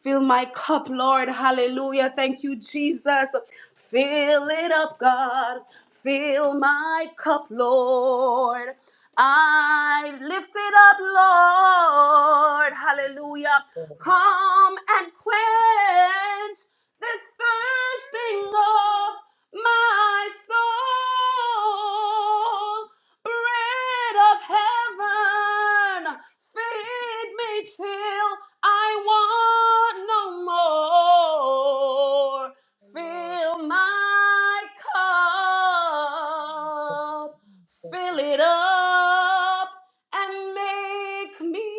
Fill my cup, Lord. Hallelujah. Thank you, Jesus. Fill it up, God. Fill my cup, Lord. I lift it up, Lord. Hallelujah. Come and quench this thirsting of my soul. Bread of heaven, feed me till I want no more.
Oh, Lord
Fill my cup, fill it up, and make me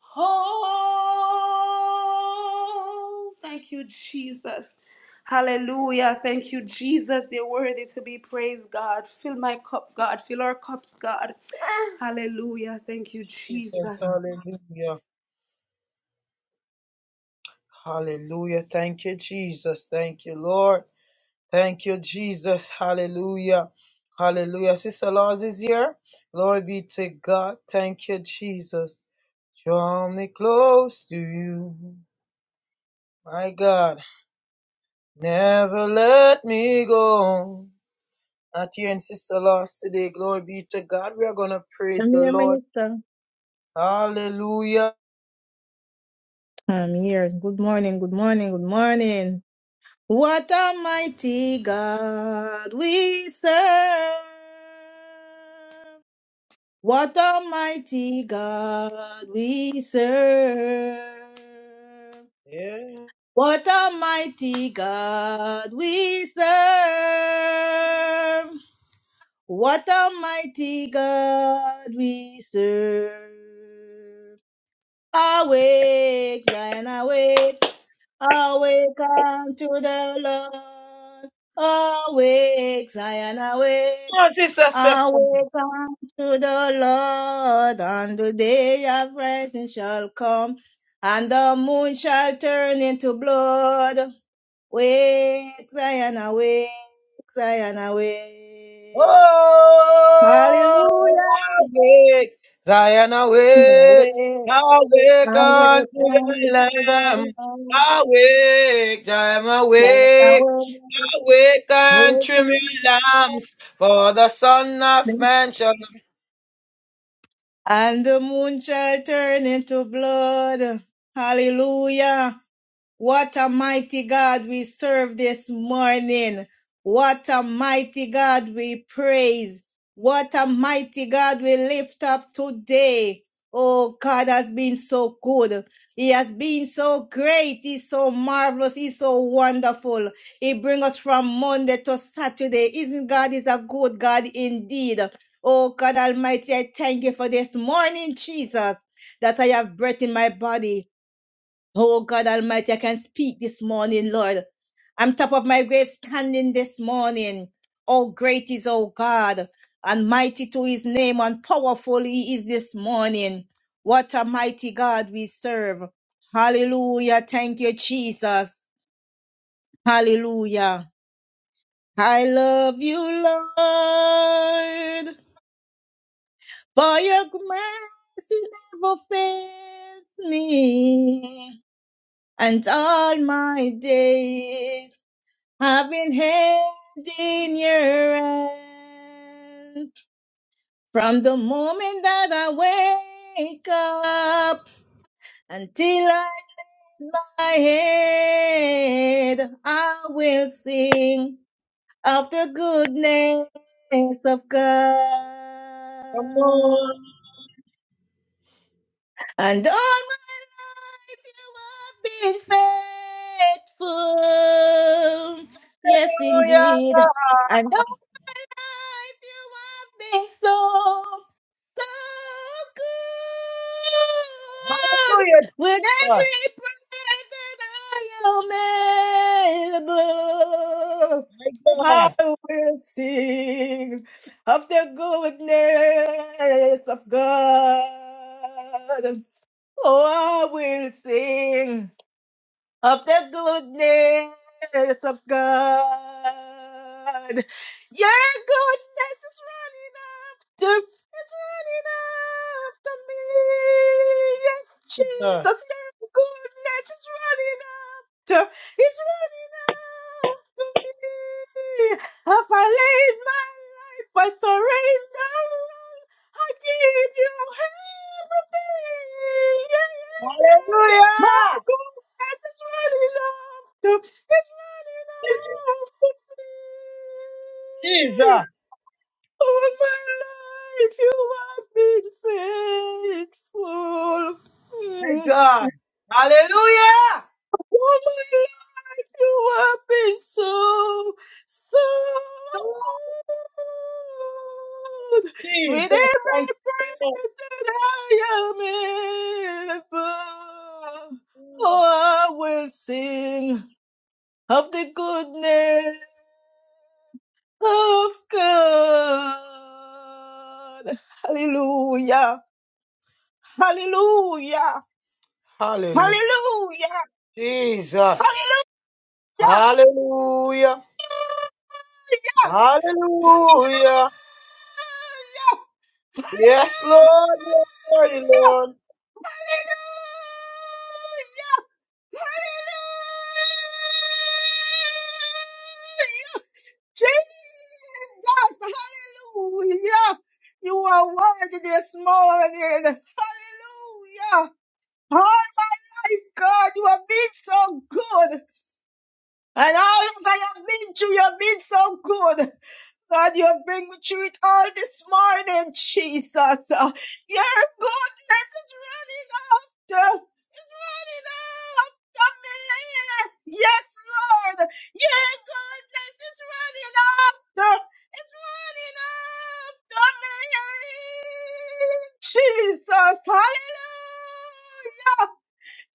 whole. Thank you, Jesus. Hallelujah. Thank you, Jesus. You're worthy to be praised, God. Fill my cup, God. Fill our cups, God. Hallelujah. Thank you,
Jesus.
Jesus.
Hallelujah. Hallelujah. Thank you, Jesus. Thank you, Lord. Thank you, Jesus. Hallelujah. Hallelujah. Sister Laws is here. Glory be to God. Thank you, Jesus. Draw me close to you. My God. Never let me go. Not here in Sister Laws today. Glory be to God. We are going to praise
I'm
the
here,
Lord.
Minister.
Hallelujah.
I'm here. Good morning, good morning, good morning. What a mighty God we serve. What a mighty God we serve. What a mighty God we serve. What a mighty God we serve. Awake, Zion, awake. Awaken to the Lord. Awake, Zion,
Come
awake.
on, Sister Stephanie.
Awaken to the Lord. And the day of rising shall come. And the moon shall turn into blood. Wake, Zion, awake. Zion, awake.
Oh,
Hallelujah.
awake, Zion awake,
Awake,
awake unto
awake
the
unto
Lamb.
the Lord.
Awake, Zion
Zion,
awake,
awake.
awake and
Wake
trim your
up.
lamps, for the Son of Man shall come.
And the moon shall turn into blood. Hallelujah. What a mighty God we serve this morning. What a mighty God we praise. What a mighty God we lift up today. Oh, God has been so good. He has been so great. He's so marvelous. He's so wonderful. He brings us from Monday to Saturday. Isn't God is a good God indeed? Oh, God Almighty, I thank you for this morning, Jesus, that I have breath in my body. Oh God Almighty, I can speak this morning, Lord. I'm top of my grave standing this morning. Oh great is oh God, and mighty to his name, and powerful he is this morning. What a mighty God we serve. Hallelujah. Thank you, Jesus. Hallelujah. I love you, Lord, for your mercy never fails me, and all my days I've been held in your hands from the moment that I wake up until I lay my head. I will sing of the goodness of God.
Hallelujah,
And all my life you have been faithful. Yes, indeed. And If you want me so, so good,
hallelujah,
with every
Jesus,
breath that I am able,
my
I
God,
will sing of the goodness of God. Oh, I will sing of the goodness of God. Your goodness is running after, is running after me. Yes, Jesus, your goodness is running after, is running after me. Have I laid my life, I surrender. all. I give you everything. Yeah, yeah, yeah.
hallelujah,
My Yes, it's running out. It's really love for me.
Jesus,
All my life you have been faithful.
my
Mm.
God, hallelujah,
All my life you have been so, so good. With
Jesus,
every breath that I am able, oh, I will sing. of the goodness of God. Hallelujah. Hallelujah. Hallelujah.
hallelujah,
Hallelujah.
Jesus.
Hallelujah.
Hallelujah. Hallelujah.
Hallelujah.
Yes, Lord. Yes, mighty
hallelujah.
Lord.
Hallelujah! Hallelujah! Jesus! Hallelujah! You are worthy this morning. Hallelujah! All my life, God, you have been so good. And all that I have been through, you have been so good. God, you bring me through it all this morning, Jesus. Uh, Your goodness is running after, is running after me. Yes, Lord. Your goodness is running after, it's running after me. Jesus, hallelujah.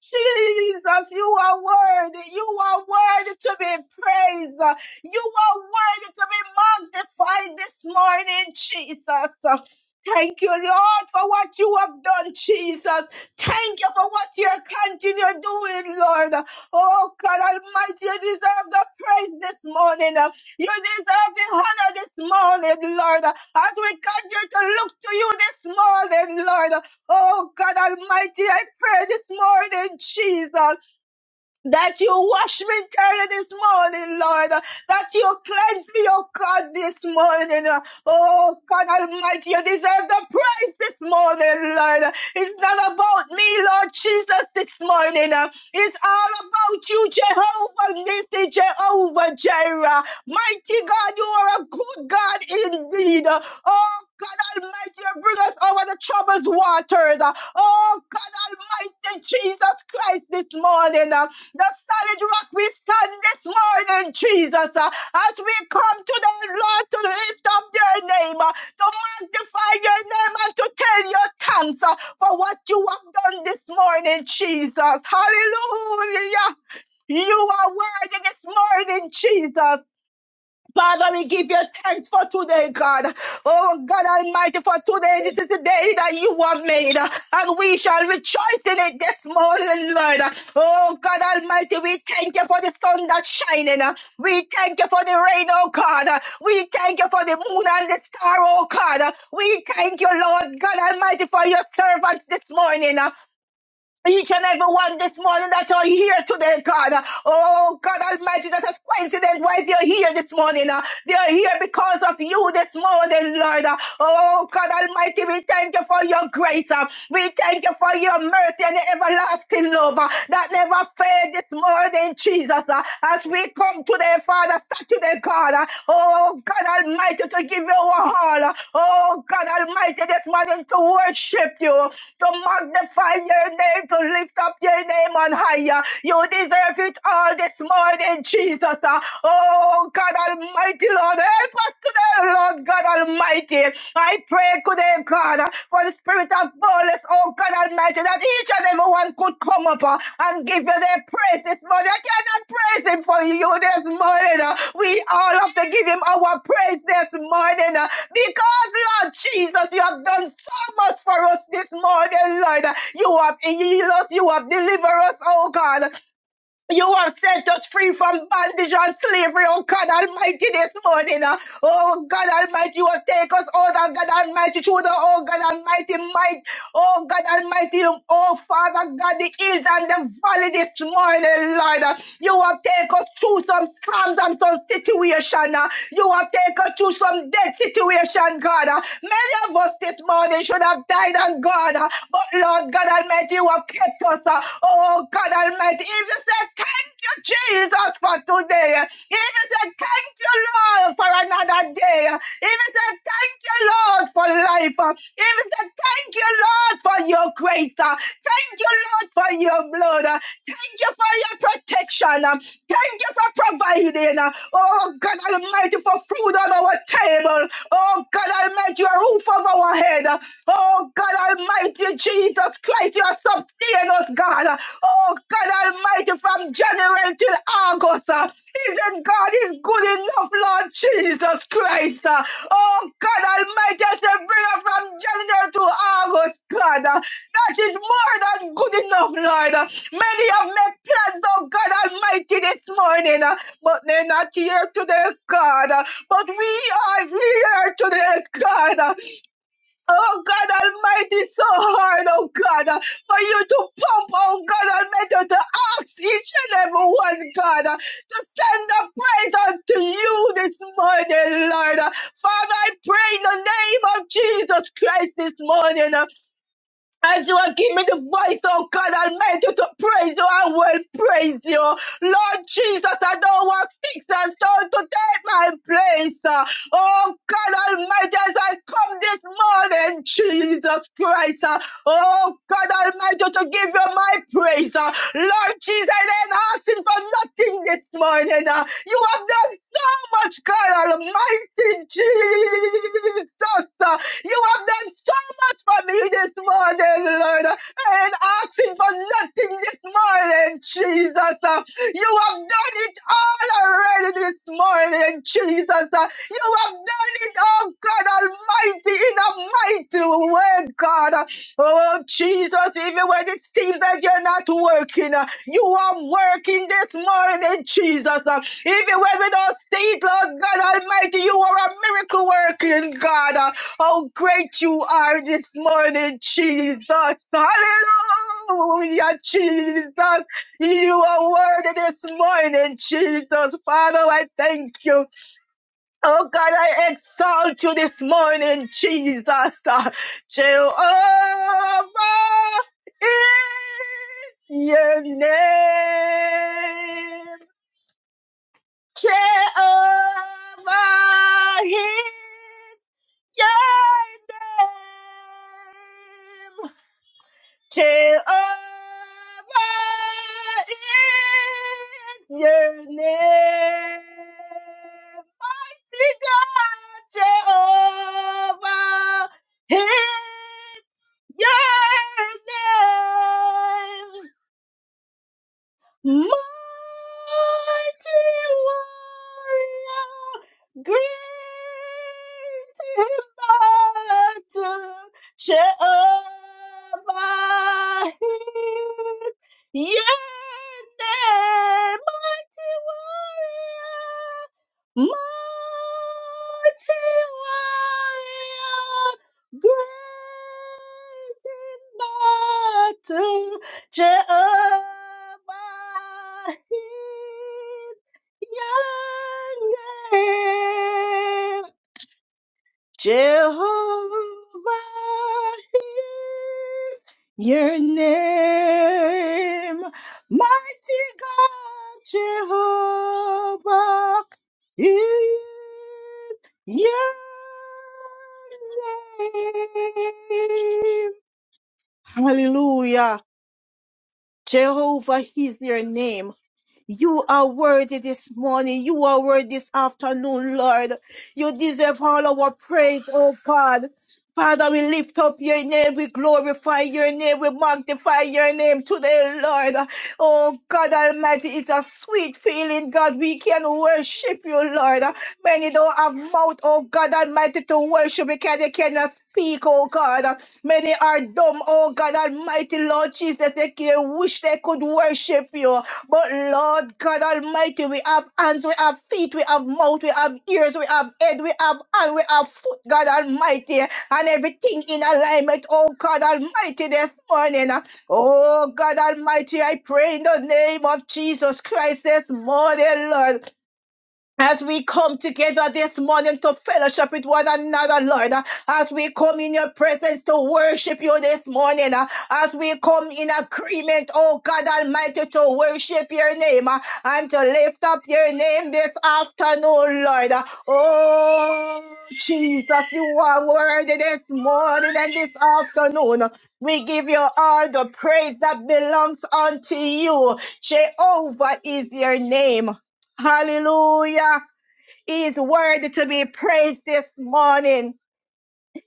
Jesus, you are worthy. You are worthy to be praised. You are worthy to be magnified this morning, Jesus. Thank you, Lord, for what you have done, Jesus. Thank you for what you're continue doing, Lord. Oh, God Almighty, you deserve the praise this morning. You deserve the honor this morning, Lord. As we continue to look to you this morning, Lord. Oh God Almighty, I pray this morning, Jesus. That you wash me dirty this morning, Lord. That you cleanse me, oh God, this morning. Oh God Almighty, you deserve the praise this morning, Lord. It's not about me, Lord Jesus, this morning. It's all about you, Jehovah Nissi, Jehovah Jireh. Mighty God, you are a good God indeed. Oh God Almighty, you bring us over the troubled waters. Oh God Almighty, Jesus Christ, this morning. The solid rock we stand this morning, Jesus, uh, as we come to the Lord to lift up your name, uh, to magnify your name and to tell your thanks uh, for what you have done this morning, Jesus. Hallelujah. You are worthy this morning, Jesus. Father, we give you thanks for today, God. Oh, God Almighty, for today. This is the day that you have made, and we shall rejoice in it this morning, Lord. Oh, God Almighty, we thank you for the sun that's shining. We thank you for the rain, oh God. We thank you for the moon and the star, oh God. We thank you, Lord God Almighty, for your servants this morning. Each and every one this morning that are here today, God. Oh, God Almighty, that is coincidence why they are here this morning. uh. They are here because of you this morning, Lord. uh. Oh, God Almighty, we thank you for your grace. uh. We thank you for your mercy and your everlasting love uh, that never failed this morning, Jesus. uh. As we come today, Father, Saturday, God. uh, Oh, God Almighty, to give you our all. Oh, God Almighty, this morning to worship you, to magnify your name, to lift up your name on higher. You deserve it all this morning, Jesus. uh. Oh, God Almighty, Lord, help us today, Lord God Almighty. I pray today, God. Father, for the spirit of boldness, oh God Almighty, that each and every one could come up uh, and give you their praise this morning. I cannot praise him for you this morning. uh. We all have to give him our praise this morning uh, because, Lord Jesus, you have done so much for us this morning, Lord. You have healed us, you have delivered us, oh God. You have set us free from bondage and slavery, oh God Almighty, this morning. uh. Oh God Almighty, you have taken us out, oh God Almighty, through the, oh God Almighty, might, oh God Almighty, oh Father God, the hills and the valley this morning, Lord. uh. You have taken us through some storms and some situation. uh. You have taken us through some dead situation, God. uh. Many of us this morning should have died and gone, uh, but Lord God Almighty, you have kept us. uh, Oh God Almighty, if you say thank you, Jesus, for today, if you say thank you, Lord, for another day, if you say thank you, Lord, for life, uh, if you say thank you, Lord, for your grace, uh, thank you, Lord, for your blood, uh, thank you for your protection, uh, thank you for providing, uh, oh God Almighty, for food on our table, oh God Almighty, a roof over our head, uh, Oh God Almighty. Almighty Jesus Christ, you have sustained us, God. Oh, God Almighty, from January till August. uh, Isn't God is good enough, Lord Jesus Christ? uh? Oh, God Almighty, I say bring us from January to August, God. uh, That is more than good enough, Lord. uh. Many have made plans, oh God Almighty, this morning, uh, but they're not here today, God. uh, But we are here today, God. uh, Oh God Almighty, it's so hard, oh God, uh, for you to pump, oh God Almighty, to ask each and every one, God, uh, to send the praise unto you this morning, Lord. Uh, Father, I pray in the name of Jesus Christ this morning. uh, as you have given me the voice, oh God Almighty, to praise you, I will praise you. Lord Jesus, I don't want fix and stone to take my place. Oh God Almighty, as I come this morning, Jesus Christ. Oh God Almighty, to give you my praise. Lord Jesus, I ain't asking for nothing this morning. You have done so much, God Almighty Jesus. You have done so much for me this morning, Lord. I ain't asking for nothing this morning, Jesus. Uh, You have done it all already this morning, Jesus. Uh, You have done it, oh God Almighty, in a mighty way, God. Uh, Oh, Jesus, even when it seems that you're not working, uh, you are working this morning, Jesus. Uh, Even when we don't see it, Lord God Almighty, you are a miracle working God. Uh, how great you are this morning, Jesus. Hallelujah, Jesus. You are worthy this morning, Jesus. Father, I thank you. Oh God, I exalt you this morning, Jesus. Jehovah is your name. Jehovah is your name, Jehovah, is your name. Mighty God, Jehovah, is your name. Mighty warrior, great in battle, Jehovah Hir. Yea, mighty warrior, mighty warrior, great in battle. Jehovah is your name. Jehovah is your name. Mighty God, Jehovah is your name. Hallelujah. Jehovah is your name. You are worthy this morning. You are worthy this afternoon, Lord. You deserve all our praise, oh God. Father, we lift up your name, we glorify your name, we magnify your name today, Lord. Oh God Almighty, it's a sweet feeling, God. We can worship you, Lord. Many don't have mouth, oh God Almighty, to worship because they cannot speak, oh God. Many are dumb, oh God Almighty, Lord Jesus. They can wish they could worship you. But Lord God Almighty, we have hands, we have feet, we have mouth, we have ears, we have head, we have hand, we have foot, God Almighty, and everything in alignment. Oh God Almighty, this morning. Oh God Almighty, I pray in the name of Jesus Christ this morning, Lord. As we come together this morning to fellowship with one another, Lord, uh, as we come in your presence to worship you this morning, uh, as we come in agreement, oh God Almighty, to worship your name uh, and to lift up your name this afternoon, Lord. uh, Oh, Jesus, you are worthy this morning and this afternoon. We give you all the praise that belongs unto you. Jehovah is your name. Hallelujah. He is worthy to be praised this morning.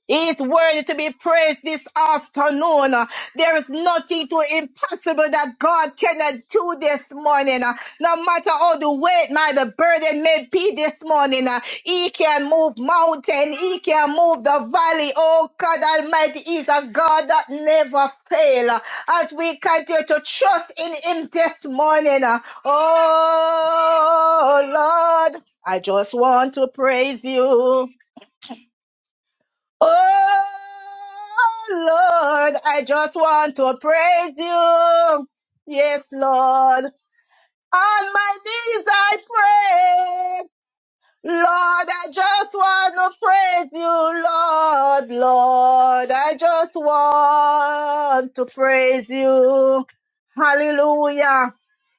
He is worthy to be praised this afternoon. There is nothing too impossible that God cannot do this morning. No matter how the weight, my the burden may be this morning, He can move mountain. He can move the valley. Oh God Almighty is a God that never fail. As we continue to trust in Him this morning, oh Lord, I just want to praise You. Oh Lord, I just want to praise you. Yes, Lord. On my knees I pray. Lord, I just want to praise you, Lord, Lord. I just want to praise you. Hallelujah.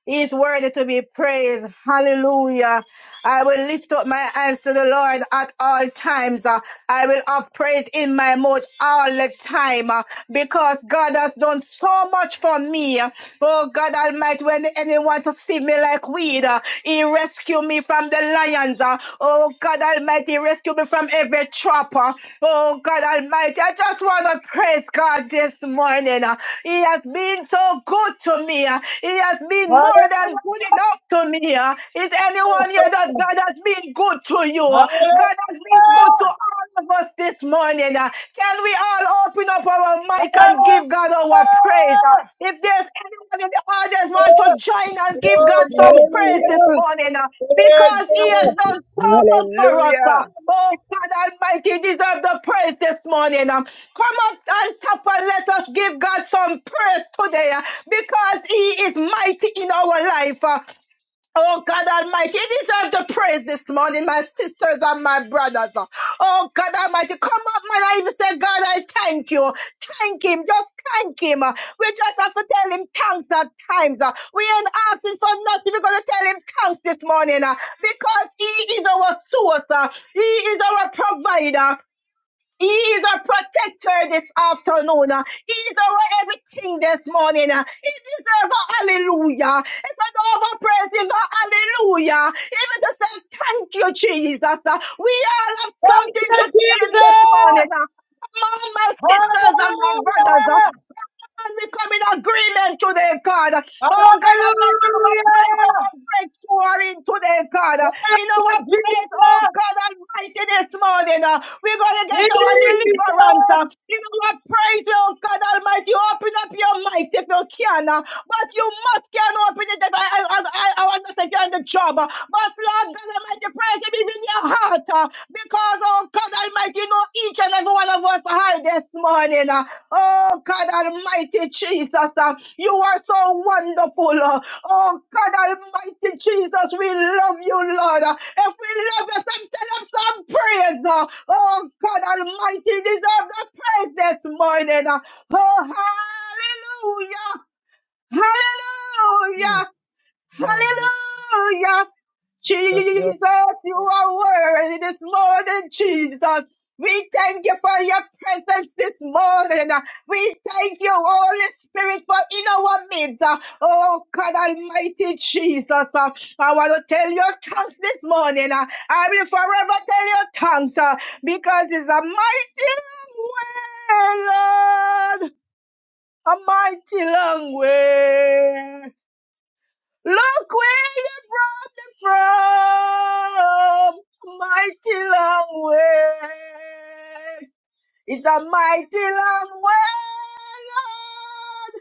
He is worthy to be praised. Hallelujah. I will lift up my hands to the Lord at all times. Uh, I will have praise in my mouth all the time uh, because God has done so much for me. uh, Oh God Almighty, when the enemy want to see me like weed, uh, he rescue me from the lions. uh. Oh God Almighty, he rescue me from every trapper. Oh God Almighty, I just want to praise God this morning. uh. He has been so good to me. uh. He has been more than
Hallelujah.
good enough to me. uh. Is
Come
anyone here that
on.
God has been good to you? uh? God has been good to
Hallelujah.
all of us this morning. uh. Can we all open up our mic and
Hallelujah.
give God our praise? uh? If there's anyone in the audience want to join and give God some
Hallelujah.
praise this
Hallelujah,
morning, uh,
Praise
because He has
God.
done so much for us. uh,
hallelujah.
oh God Almighty, you deserve the praise this morning. um. come up on top and let us give God some praise today, uh, because He is mighty in our life. uh. Oh God Almighty, you deserve the praise this morning, my sisters and my brothers. Oh God Almighty, come up, man. I even say, God, I thank you. Thank Him. Just thank Him. We just have to tell Him thanks at times. We ain't asking for nothing. We're going to tell Him thanks this morning uh, because He is our source. uh, He is our provider. He is our protector this afternoon. Uh, He is our everything this morning. Uh, He deserves a hallelujah. If I don't have a praise, him, a hallelujah. Even to say thank you, Jesus. Uh, We all have something
Yes,
to tell him this morning.
Jesus.
uh. Among my sisters and my
Hallelujah.
brothers. uh, and we come in agreement today, God. Oh, God, I thank you in our praise,
Hallelujah.
our breakthrough are in today, God. In
Yes,
our praise, oh,
Jesus.
God Almighty, this morning, uh, we're going to get our
Jesus.
deliverance. uh. In our praise, oh, God Almighty, open up your mics if you can. uh, But you must can open it up. I, I, I, I want to say you're on the job. uh, But Lord God Almighty, praise Him even in your heart. uh, Because, oh, God Almighty, you know each and every one of us are here this morning. uh. Oh God Almighty Jesus, uh, you are so wonderful. uh, Oh God Almighty Jesus, we love you, Lord. Uh, If we love you, some send up some praise. uh, Oh God Almighty, you deserve the praise this morning. uh, Oh hallelujah.
Mm,
Hallelujah.
Come on, yes, Jesus.
Hallelujah.
Yes.
Jesus, you are worthy this morning, Jesus. We thank you for your presence this morning. We thank you, Holy Spirit, for in our midst. Oh, God Almighty Jesus. I want to tell you thanks this morning. I will forever tell you thanks uh, because it's a mighty long way, Lord. A mighty long way. Look where you brought me from. Mighty long way. It's a mighty long way, Lord.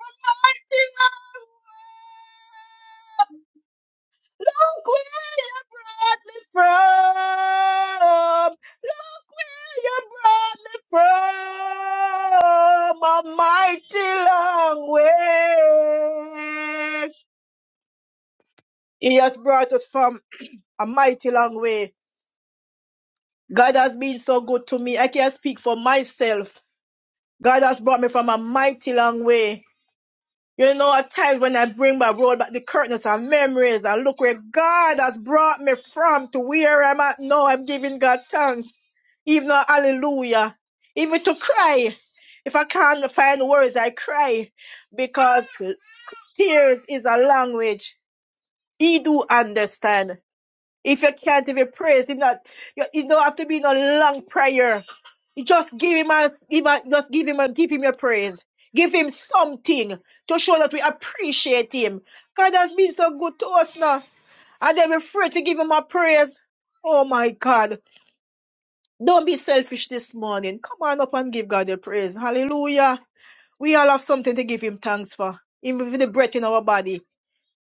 A mighty long way. Look where you brought me from. Look where you brought me from. A mighty long way. He has brought us from a mighty long way. God has been so good to me. I can't speak for myself. God has brought me from a mighty long way. You know, at times when I bring my road back the curtains and memories and look where God has brought me from to where I'm at now, I'm giving God thanks. Even though hallelujah. Even to cry. If I can't find words, I cry because tears is a language. He do understand. If you can't if you praise, if not, you, you don't have to be in a long prayer. You Just give him a, give a- just give him a, give him your praise. Give him something to show that we appreciate him. God has been so good to us now. And then we're afraid to give him a praise. Oh my God. Don't be selfish this morning. Come on up and give God a praise. Hallelujah. We all have something to give him thanks for. Even with the breath in our body.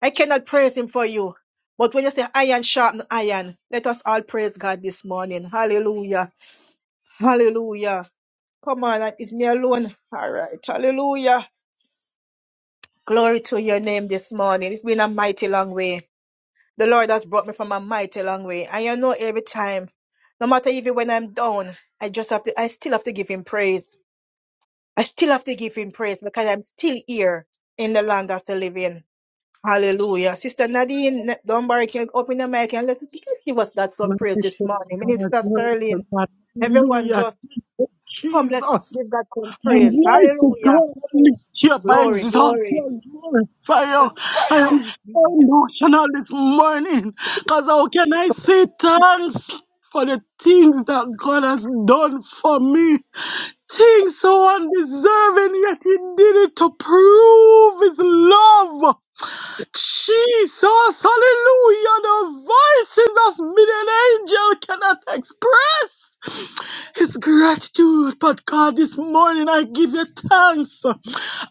I cannot praise him for you. But when you say iron sharpen iron, let us all praise God this morning. Hallelujah. Hallelujah. Come on, it's me alone. All right. Hallelujah. Glory to your name this morning. It's been a mighty long way. The Lord has brought me from a mighty long way. And you know every time, no matter even when I'm down, I just have to I still have to give him praise. I still have to give him praise because I'm still here in the land of the living. Hallelujah. Sister Nadine Dunbar, can you open the mic and let's please give us that some
Glory
praise
to
this morning.
God,
Minister
glory to
Sterling,
God,
everyone
hallelujah,
just
thank you,
come, let's
Jesus,
give that some praise.
Almighty
Hallelujah.
God, I lift you up, I
Glory,
exalt you,
glory.
I glorify you. I am so emotional this morning, because how can I say thanks for the things that God has done for me? Things so undeserving, yet He did it to prove His love. Jesus, hallelujah, the voices of million angels cannot express his gratitude. But God, this morning I give you thanks.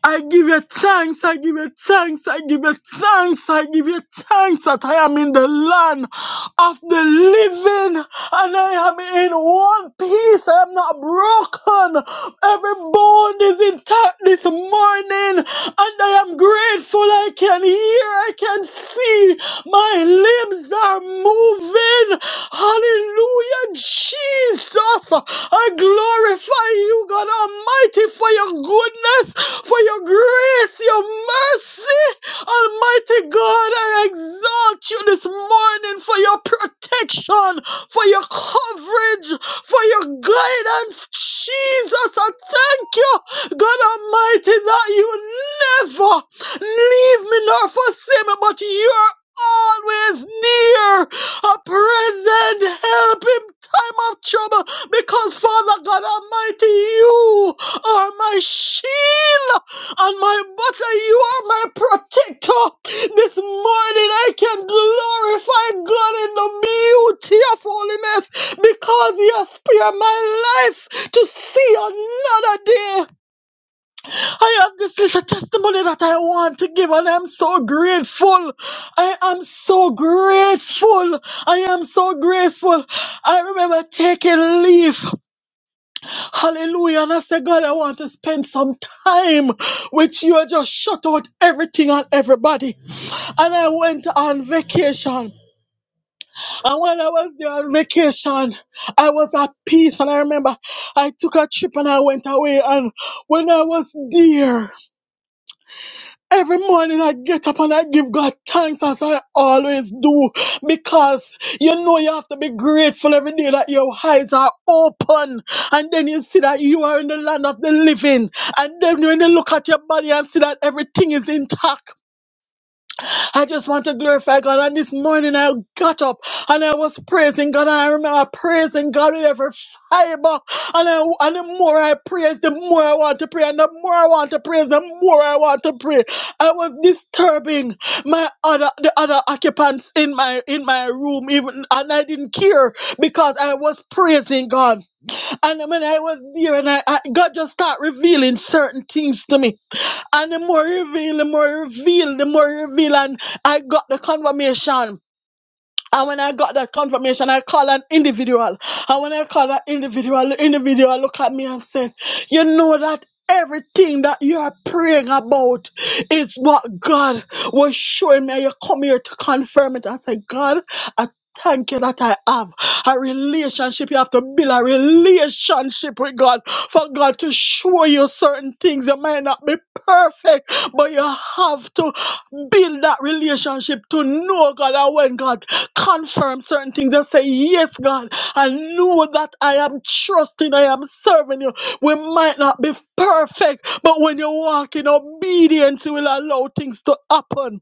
I give you thanks, I give you thanks, I give you thanks, I give you thanks that I am in the land of the living and I am in one piece. I am not broken. Every bone is in him talk this morning, and I am grateful I can hear, I can see, my limbs are moving. Hallelujah, Jesus. I glorify you, God Almighty, for your goodness, for your grace, your mercy. Almighty God, I exalt you this morning for your protection, for your coverage, for your guidance. Jesus, I thank you. God Almighty, that you never leave me nor forsake me, but you're always near, a present help in time of trouble, because Father God Almighty, you are my shield and my butter, you are my protector. This morning I can glorify God in the beauty of holiness because He has spared my life to see another day. I have this little testimony that I want to give, and I'm so grateful. I am so grateful. I am so grateful. I remember taking leave. Hallelujah. And I said, God, I want to spend some time with you. I just shut out everything and everybody. And I went on vacation. And when I was there on vacation, I was at peace. And I remember I took a trip and I went away. And when I was there, Every morning I get up and I give God thanks as I always do because you know you have to be grateful every day that your eyes are open and then you see that you are in the land of the living and then when you look at your body and see that everything is intact I just want to glorify God. And this morning I got up and I was praising God. And I remember praising God with every fiber. And, I, and the more I praise, the more I want to pray. And the more I want to praise, the more I want to pray. I was disturbing my other the other occupants in my in my room, even and I didn't care because I was praising God. And when I was there, and I, I God just start revealing certain things to me. And the more he reveal, the more he reveal, the more he reveal, and I got the confirmation. And when I got that confirmation, I called an individual. And when I called that individual, the individual looked at me and said, You know that everything that you are praying about is what God was showing me. And You come here to confirm it. I said, God, I Thank you that I have a relationship. You have to build a relationship with God for God to show you certain things. You might not be perfect, but you have to build that relationship to know God. And when God confirm certain things and say, Yes, God, I know that I am trusting, I am serving you. We might not be perfect, but when you walk in obedience, you will allow things to happen.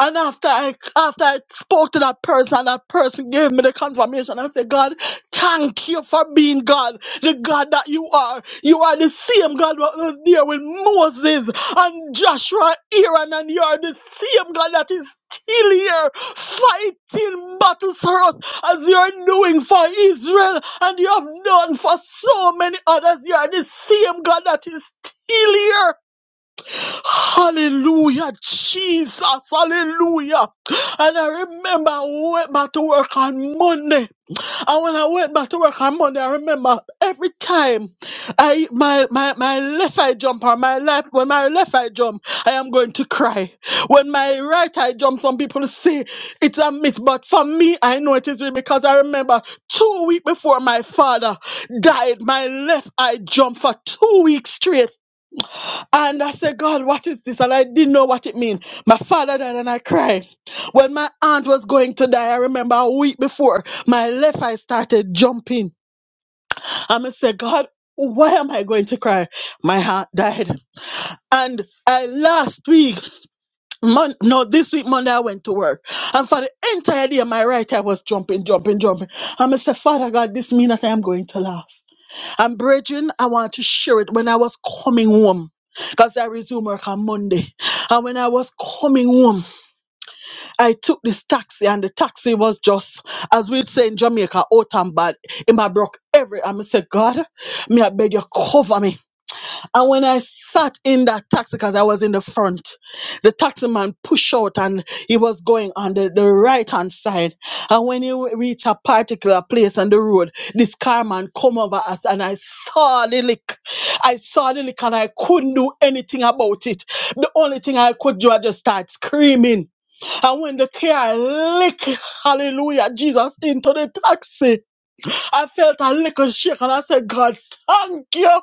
And after I after I spoke to that person, and that person gave me the confirmation. I said, God, thank you for being God, the God that you are. You are the same God that was there with Moses and Joshua, Aaron, and you are the same God that is still here fighting battles for us as you are doing for Israel and you have done for so many others. You are the same God that is still here Hallelujah, Jesus, hallelujah. And I remember I went back to work on Monday. And when I went back to work on Monday, I remember every time I my my, my left eye jump or my left when my left eye jump, I am going to cry. When my right eye jump, some people say it's a myth, but for me, I know it is real because I remember two weeks before my father died, my left eye jumped for two weeks straight. And I said, God, what is this? And I didn't know what it means. My father died and I cried. When my aunt was going to die, I remember a week before, my left eye started jumping. And I said, God, why am I going to cry? My aunt died. And I last week, mon- no, this week, Monday, I went to work. And for the entire day, my right eye was jumping, jumping, jumping. And I said, Father God, this means that I am going to laugh. And brethren, I want to share it when I was coming home. Because I resumed work on Monday. And when I was coming home, I took this taxi, and the taxi was just, as we would say in Jamaica, out and bad. In my broke every. And I said, God, may I beg you cover me. And when I sat in that taxi, because I was in the front, the taxi man pushed out and he was going on the, the right hand side. And when he w- reached a particular place on the road, this car man come over us and I saw the lick. I saw the lick and I couldn't do anything about it. The only thing I could do, I just start screaming. And when the car lick, hallelujah, Jesus, into the taxi. I felt a little shake and I said, God, thank you.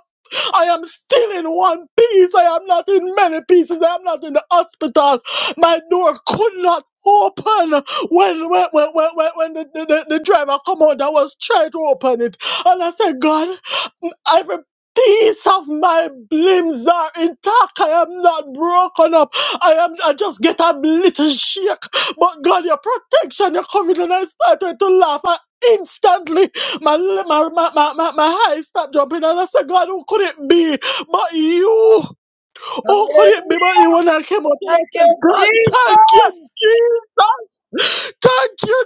I am still in one piece. I am not in many pieces. I am not in the hospital. My door could not open when when when when, when when the, the, the driver come out and was trying to open it. And I said, God, every piece of my limbs are intact. I am not broken up. I am I just get a little shake. But God, your protection, your covering, and I started to laugh. And instantly, my, my, my, my, my, my heart stopped jumping. And I said, God, who could it be but you? Who could it
Hallelujah.
be but you? When I came out and I
Thank you,
said, God, thank
Jesus.
you, Jesus. Thank you,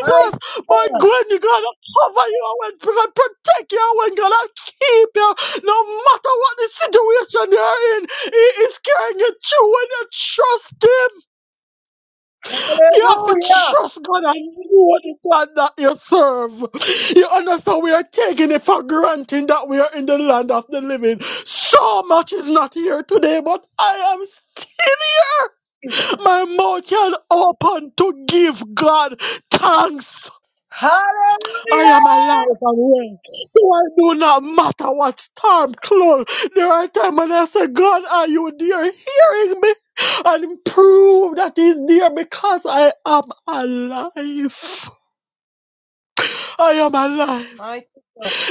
Mighty
My
God.
God, you gotta cover you and God protect you and God I keep you. No matter what the situation you're in, He is carrying you through when you trust Him. You have to
Hallelujah.
trust God and know the God that you serve. You understand we are taking it for granted that we are in the land of the living. So much is not here today, but I am st- my mouth can open to give God thanks.
Hallelujah.
I am alive and well. So I do not matter what storm close. There are times when I say, God, are you there hearing me? and prove that he's there because I am alive. I am alive.
Mighty,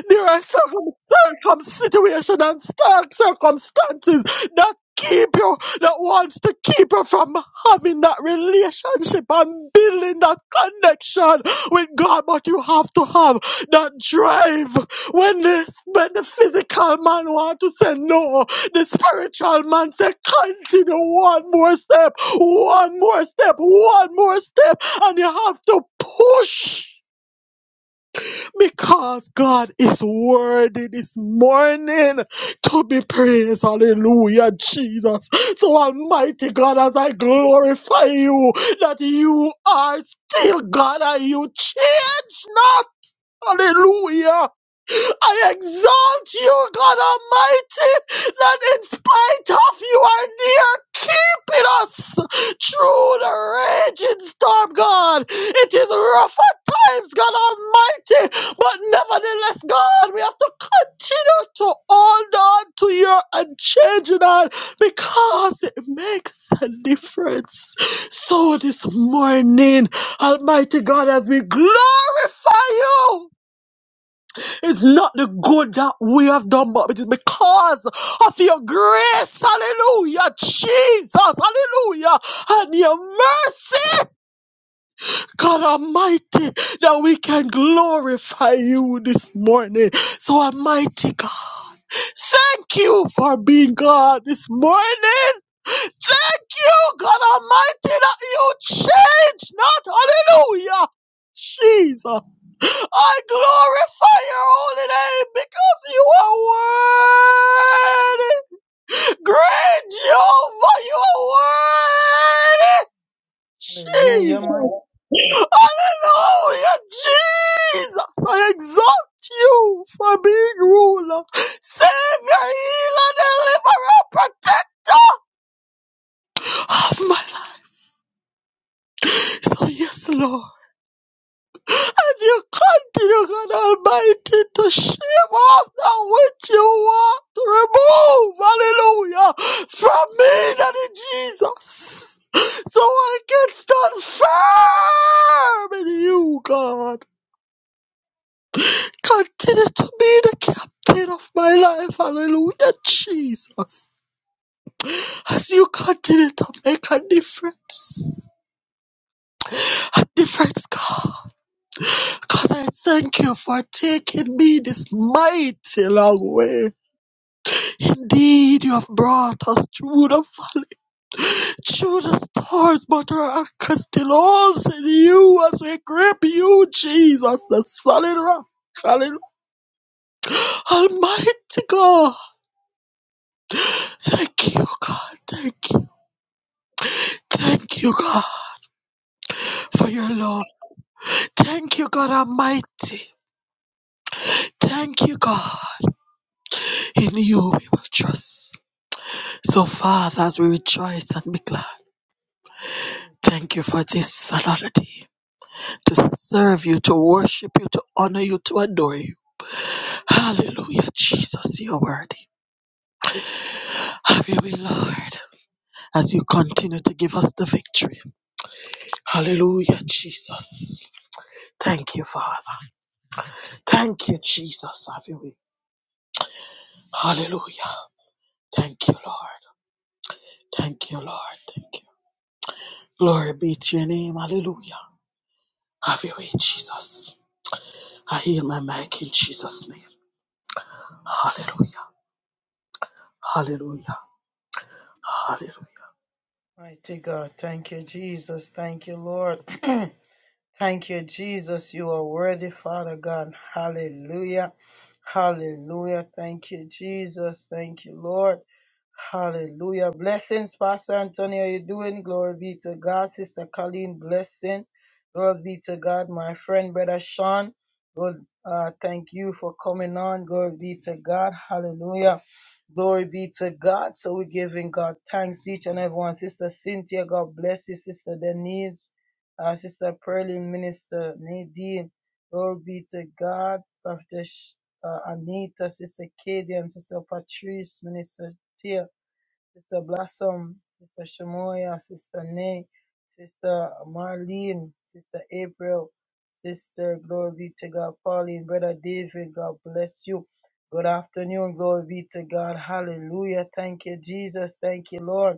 There are circum, circum situation and stark circumstances that keep you, that wants to keep you from having that relationship and building that connection with God. But you have to have that drive. When the, when the physical man want to say no, the spiritual man say continue one more step, one more step, one more step, and you have to push because God is worthy this morning to be praised. Hallelujah, Jesus. So, Almighty God, as I glorify you, that you are still God and you change not. Hallelujah. I exalt you, God Almighty, that in spite of you are near keeping us through the raging storm, God. It is rough at times, God Almighty, but nevertheless, God, we have to continue to hold on to your unchanging hand because it makes a difference. So this morning, Almighty God, as we glorify you. It's not the good that we have done, but it is because of your grace. Hallelujah. Jesus. Hallelujah. And your mercy, God Almighty, that we can glorify you this morning. So, Almighty God, thank you for being God this morning. Thank you, God Almighty, that you change not. Hallelujah. Jesus. I glorify your holy name because you are worthy. Great Jehovah, you are worthy.
hallelujah,
Jesus.
mighty,
Hallelujah. Jesus. I exalt you for being ruler, savior, healer, deliverer, protector of my life. So yes, Lord, as you continue, God Almighty, to shave off that which you want to remove, hallelujah, from me, Daddy Jesus, so I can stand firm in you, God. Continue to be the captain of my life, hallelujah, Jesus. As you continue to make a difference, a difference, God. Because I thank you for taking me this mighty long way. Indeed, you have brought us through the valley, through the stars, but our anchor still holds in you as we grip you, Jesus, the solid rock. Hallelujah. Almighty God, thank you, God, thank you, thank you, God, for your love. Thank you, God Almighty. Thank you, God. In you we will trust. So, Father, as we rejoice and be glad. Thank you for this solemnity to serve you, to worship you, to honor you, to adore you. Hallelujah, Jesus, you're worthy. Have your way, Lord, as you continue to give us the victory. Hallelujah, Jesus. Thank you, Father. Thank you, Jesus. Have your way. Hallelujah. Thank you, Lord. Thank you, Lord. Thank you. Glory be to your name. Hallelujah. Have your way, Jesus. I hear my mic in Jesus' name. Hallelujah. Hallelujah. Hallelujah.
mighty God. Thank you, Jesus. Thank you, Lord. Thank you, Jesus. You are worthy, Father God. Hallelujah. Hallelujah. Thank you, Jesus. Thank you, Lord. Hallelujah. Blessings, Pastor Anthony. How you doing? Glory be to God. Sister Colleen, blessing. Glory be to God. My friend, Brother Sean. Lord, uh, thank you for coming on. Glory be to God. Hallelujah. Glory be to God. So we're giving God thanks each and everyone. Sister Cynthia, God bless you. Sister Denise, uh, Sister Pearlie, Minister Nadine. Glory be to God. Prophetess uh, Anita, Sister Katie, Sister Patrice, Minister Tia, Sister Blum, Sister Shamoya, Sister Nay, Sister Bin, Sister April, Sister, glory be to God, Pauline, Brother David, God bless you. Good afternoon. Glory be to God. Hallelujah. Thank you, Jesus. Thank you, Lord.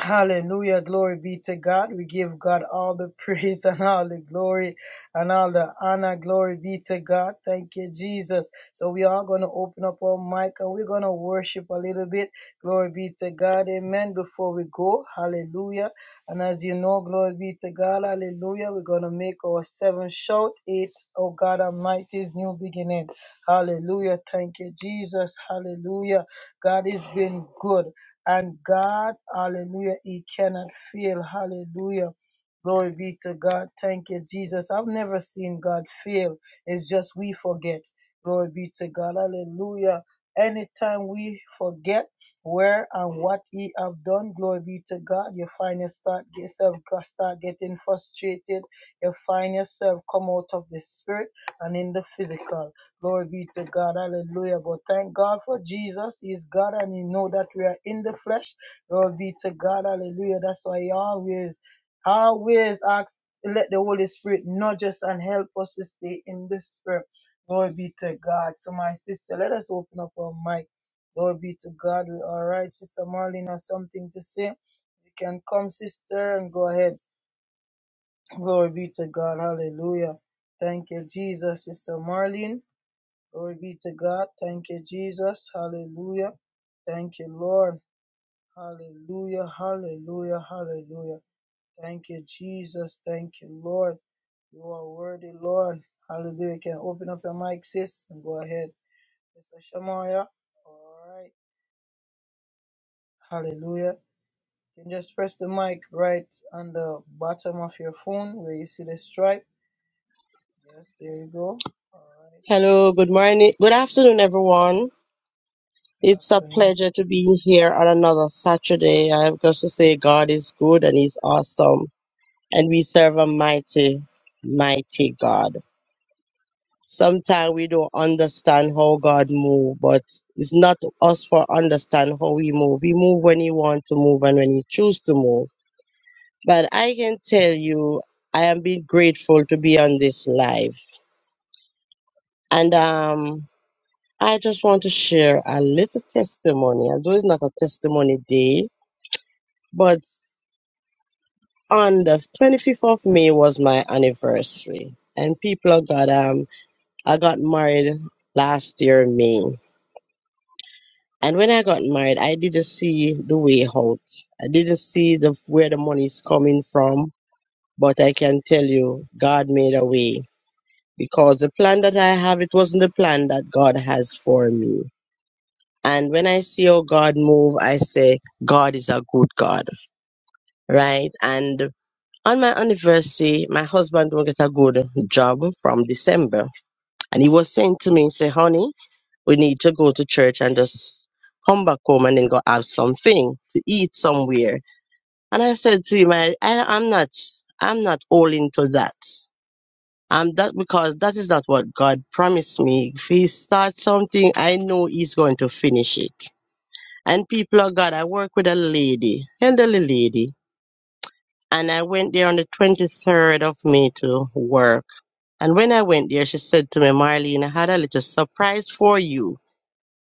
Hallelujah. Glory be to God. We give God all the praise and all the glory and all the honor. Glory be to God. Thank you, Jesus. So we are going to open up our mic and we're going to worship a little bit. Glory be to God. Amen. Before we go, hallelujah. And as you know, glory be to God. Hallelujah. We're going to make our seven shout. Eight, oh God Almighty's new beginning. Hallelujah. Thank you, Jesus. Hallelujah. God has been good. And God, hallelujah, He cannot fail. Hallelujah. Glory be to God. Thank you, Jesus. I've never seen God fail. It's just we forget. Glory be to God. Hallelujah. Anytime we forget where and what He have done, glory be to God. You find yourself start yourself start getting frustrated. You find yourself come out of the spirit and in the physical. Glory be to God. Hallelujah. But thank God for Jesus. He is God and He know that we are in the flesh. Glory be to God. Hallelujah. That's why He always, always asks, let the Holy Spirit nudge us and help us to stay in the Spirit. Glory be to God. So, my sister, let us open up our mic. Glory be to God. We're right. Sister Marlene has something to say. You can come, sister, and go ahead. Glory be to God. Hallelujah. Thank you, Jesus. Sister Marlene. Glory be to God. Thank you, Jesus. Hallelujah. Lord, hallelujah. Hallelujah. Hallelujah. Thank you, Jesus. Thank you, Lord. You are worthy, Lord. Hallelujah. You Can open up your mic, sis, and go ahead. Mr. Shamaya. All right. Hallelujah. You can just press the mic right on the bottom of your phone where you see the stripe. Yes, there you go. All right.
Hello, good morning, good afternoon, everyone.
Good
It's a
afternoon.
pleasure to be here on another Saturday. I have got to say, God is good and He's awesome, and we serve a mighty, mighty God. Sometimes we don't understand how God move, but it's not us for understand how He move. He move when He want to move and when He choose to move. But I can tell you, I am being grateful to be on this live, and um. I just want to share a little testimony, although it's not a testimony day, but on the 25th of May was my anniversary. And people got, um, I got married last year, May. And when I got married, I didn't see the way out. I didn't see the where the money is coming from, but I can tell you, God made a way because the plan that I have, it wasn't the plan that God has for me And when I see how God move, I say, God is a good God, right? And on my anniversary, my husband will get a good job from December. And he was saying to me, say, honey, we need to go to church and just come back home and then go have something to eat somewhere. And I said to him, I, I I'm not, I'm not all into that. Um, that because that is not what God promised me. If He starts something, I know He's going to finish it. And people of God, I work with a lady, elderly lady, and I went there on the 23rd of May to work. And when I went there, she said to me, Marlene, I had a little surprise for you,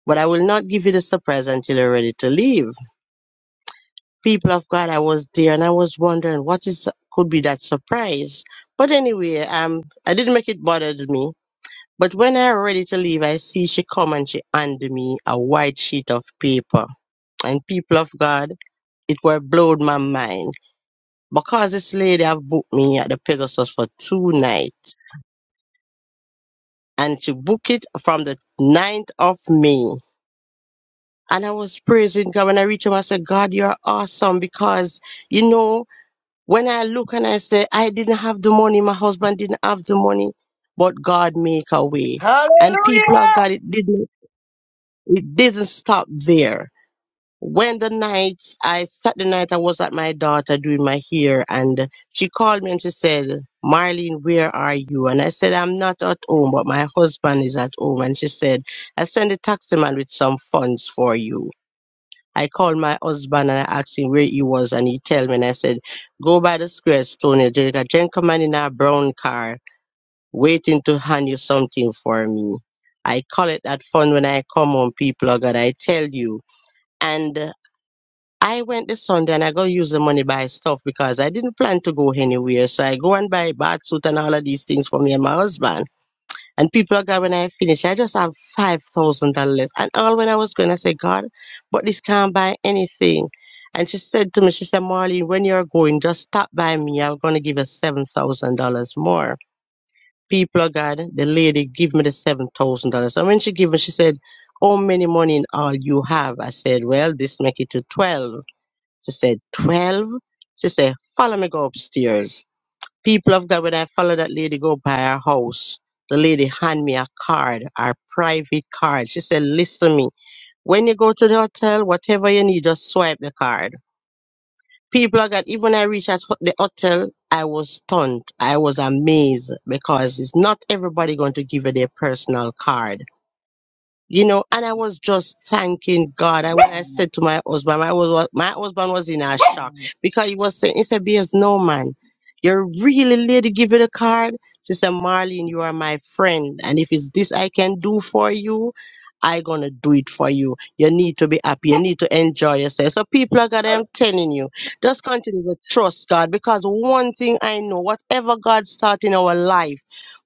but I will not give you the surprise until you're ready to leave. People of God, I was there and I was wondering what is could be that surprise. But anyway, um, I didn't make it bothered me. But when I was ready to leave, I see she come and she handed me a white sheet of paper. And people of God. It were blowed my mind because this lady have booked me at the Pegasus for two nights, and she booked it from the ninth of May. And I was praising God when I reached him. I said, "God, you're awesome because you know." When I look and I say, I didn't have the money, my husband didn't have the money, but God make a way. And people of God, it didn't, it didn't stop there when the night I sat the night I was at my daughter doing my hair and she called me and she said, Marlene, where are you? And I said, I'm not at home, but my husband is at home. And she said, I sent a taxi man with some funds for you. I called my husband and I asked him where he was and he tell me and I said, Go by the square stone, there's a gentleman in a brown car waiting to hand you something for me. I call it that fun when I come home, people of God, I tell you. And I went this Sunday and I go use the money buy stuff because I didn't plan to go anywhere. So I go and buy a bath suit and all of these things for me and my husband. And people are going, when I finish, I just have $5,000 And all when I was going, I said, God, but this can't buy anything. And she said to me, she said, Marlene, when you're going, just stop by me. I'm going to give you $7,000 more. People are God, the lady give me the $7,000. And when she gave me, she said, how many money in all you have? I said, well, this make it to 12. She said, 12? She said, follow me go upstairs. People of God, when I follow that lady go by her house, the lady hand me a card, her private card. She said, listen me, when you go to the hotel, whatever you need, just swipe the card. People of God, even when I reached at ho- the hotel, I was stunned. I was amazed because it's not everybody going to give you their personal card you know, and I was just thanking God. And when I said to my husband, my was my husband was in a shock because he was saying, he said, BS, no man, you're really lady, give you the card. She said, Marlene, you are my friend. And if it's this I can do for you, I gonna do it for you. You need to be happy. You need to enjoy yourself. So people are God, I'm telling you, just continue to trust God because one thing I know, whatever God start in our life,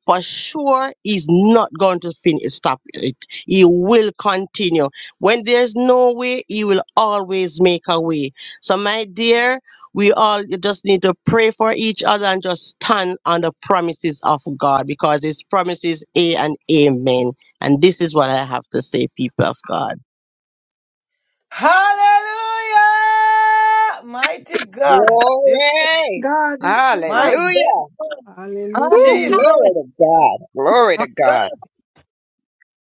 for sure, He's not going to finish stop it he will continue. When there's no way, He will always make a way. So, my dear, we all just need to pray for each other and just stand on the promises of God because His promises, A and Amen. And this is what I have to say, people of God.
Hallelujah! Mighty God. This is
Glory,
God is here.
my
hallelujah.
God.
Woo,
Hallelujah.
Jesus,
glory to God. Glory to God.
God,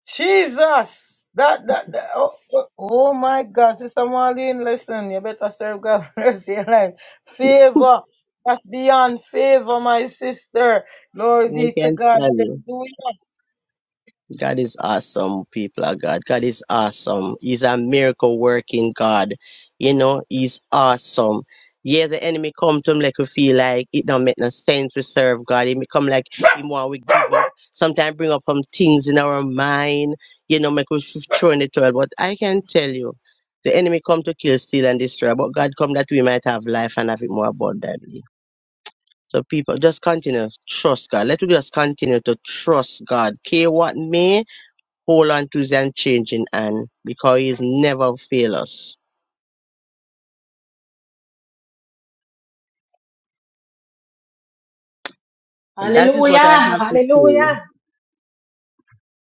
Jesus. That, that, that oh, oh oh my God, Sister Marlene, listen, you better serve God mercy your life. Favor, that's beyond favor, my sister. Glory
I
be to
can
God.
tell you.
Do it.
God is awesome, people of God. God is awesome. He's a miracle working God. You know, he's awesome. Yeah, the enemy come to him like we feel like it don't make no sense. We serve God. He may come like him want we give up. Sometimes bring up some things in our mind, you know, make us throw in the toilet. But I can tell you, the enemy come to kill, steal, and destroy. But God come that we might have life and have it more abundantly. So people, just continue to trust God. Let us just continue to trust God. Care what may hold on to his unchanging hand because he's never fail us. And that is what I
Hallelujah. Hallelujah.
have to say.
Hallelujah.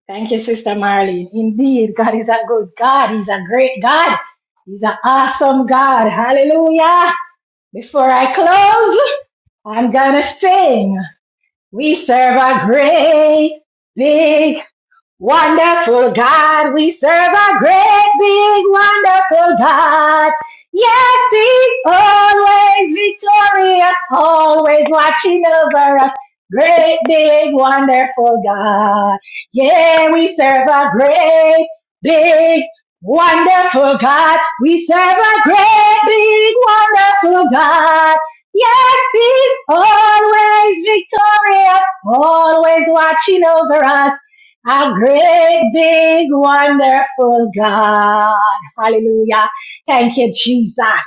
Thank you, Sister Marlene. Indeed, God is a good God. He's a great God. He's an awesome God. Hallelujah. Before I close, I'm gonna sing. We serve a great big Wonderful God, we serve a great big wonderful God. Yes, He's always victorious, always watching over us. Great big wonderful God. Yeah, we serve a great big wonderful God. We serve a great big wonderful God. Yes, He's always victorious, always watching over us. Our great, big, wonderful God. Hallelujah. Thank you, Jesus.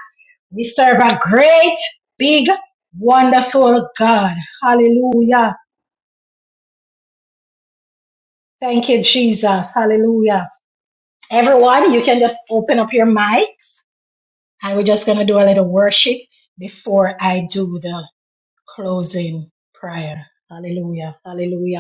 We serve a great, big, wonderful God. Hallelujah. Thank you, Jesus. Hallelujah. Everyone, you can just open up your mics and we're just going to do a little worship before I do the closing prayer. Hallelujah. Hallelujah.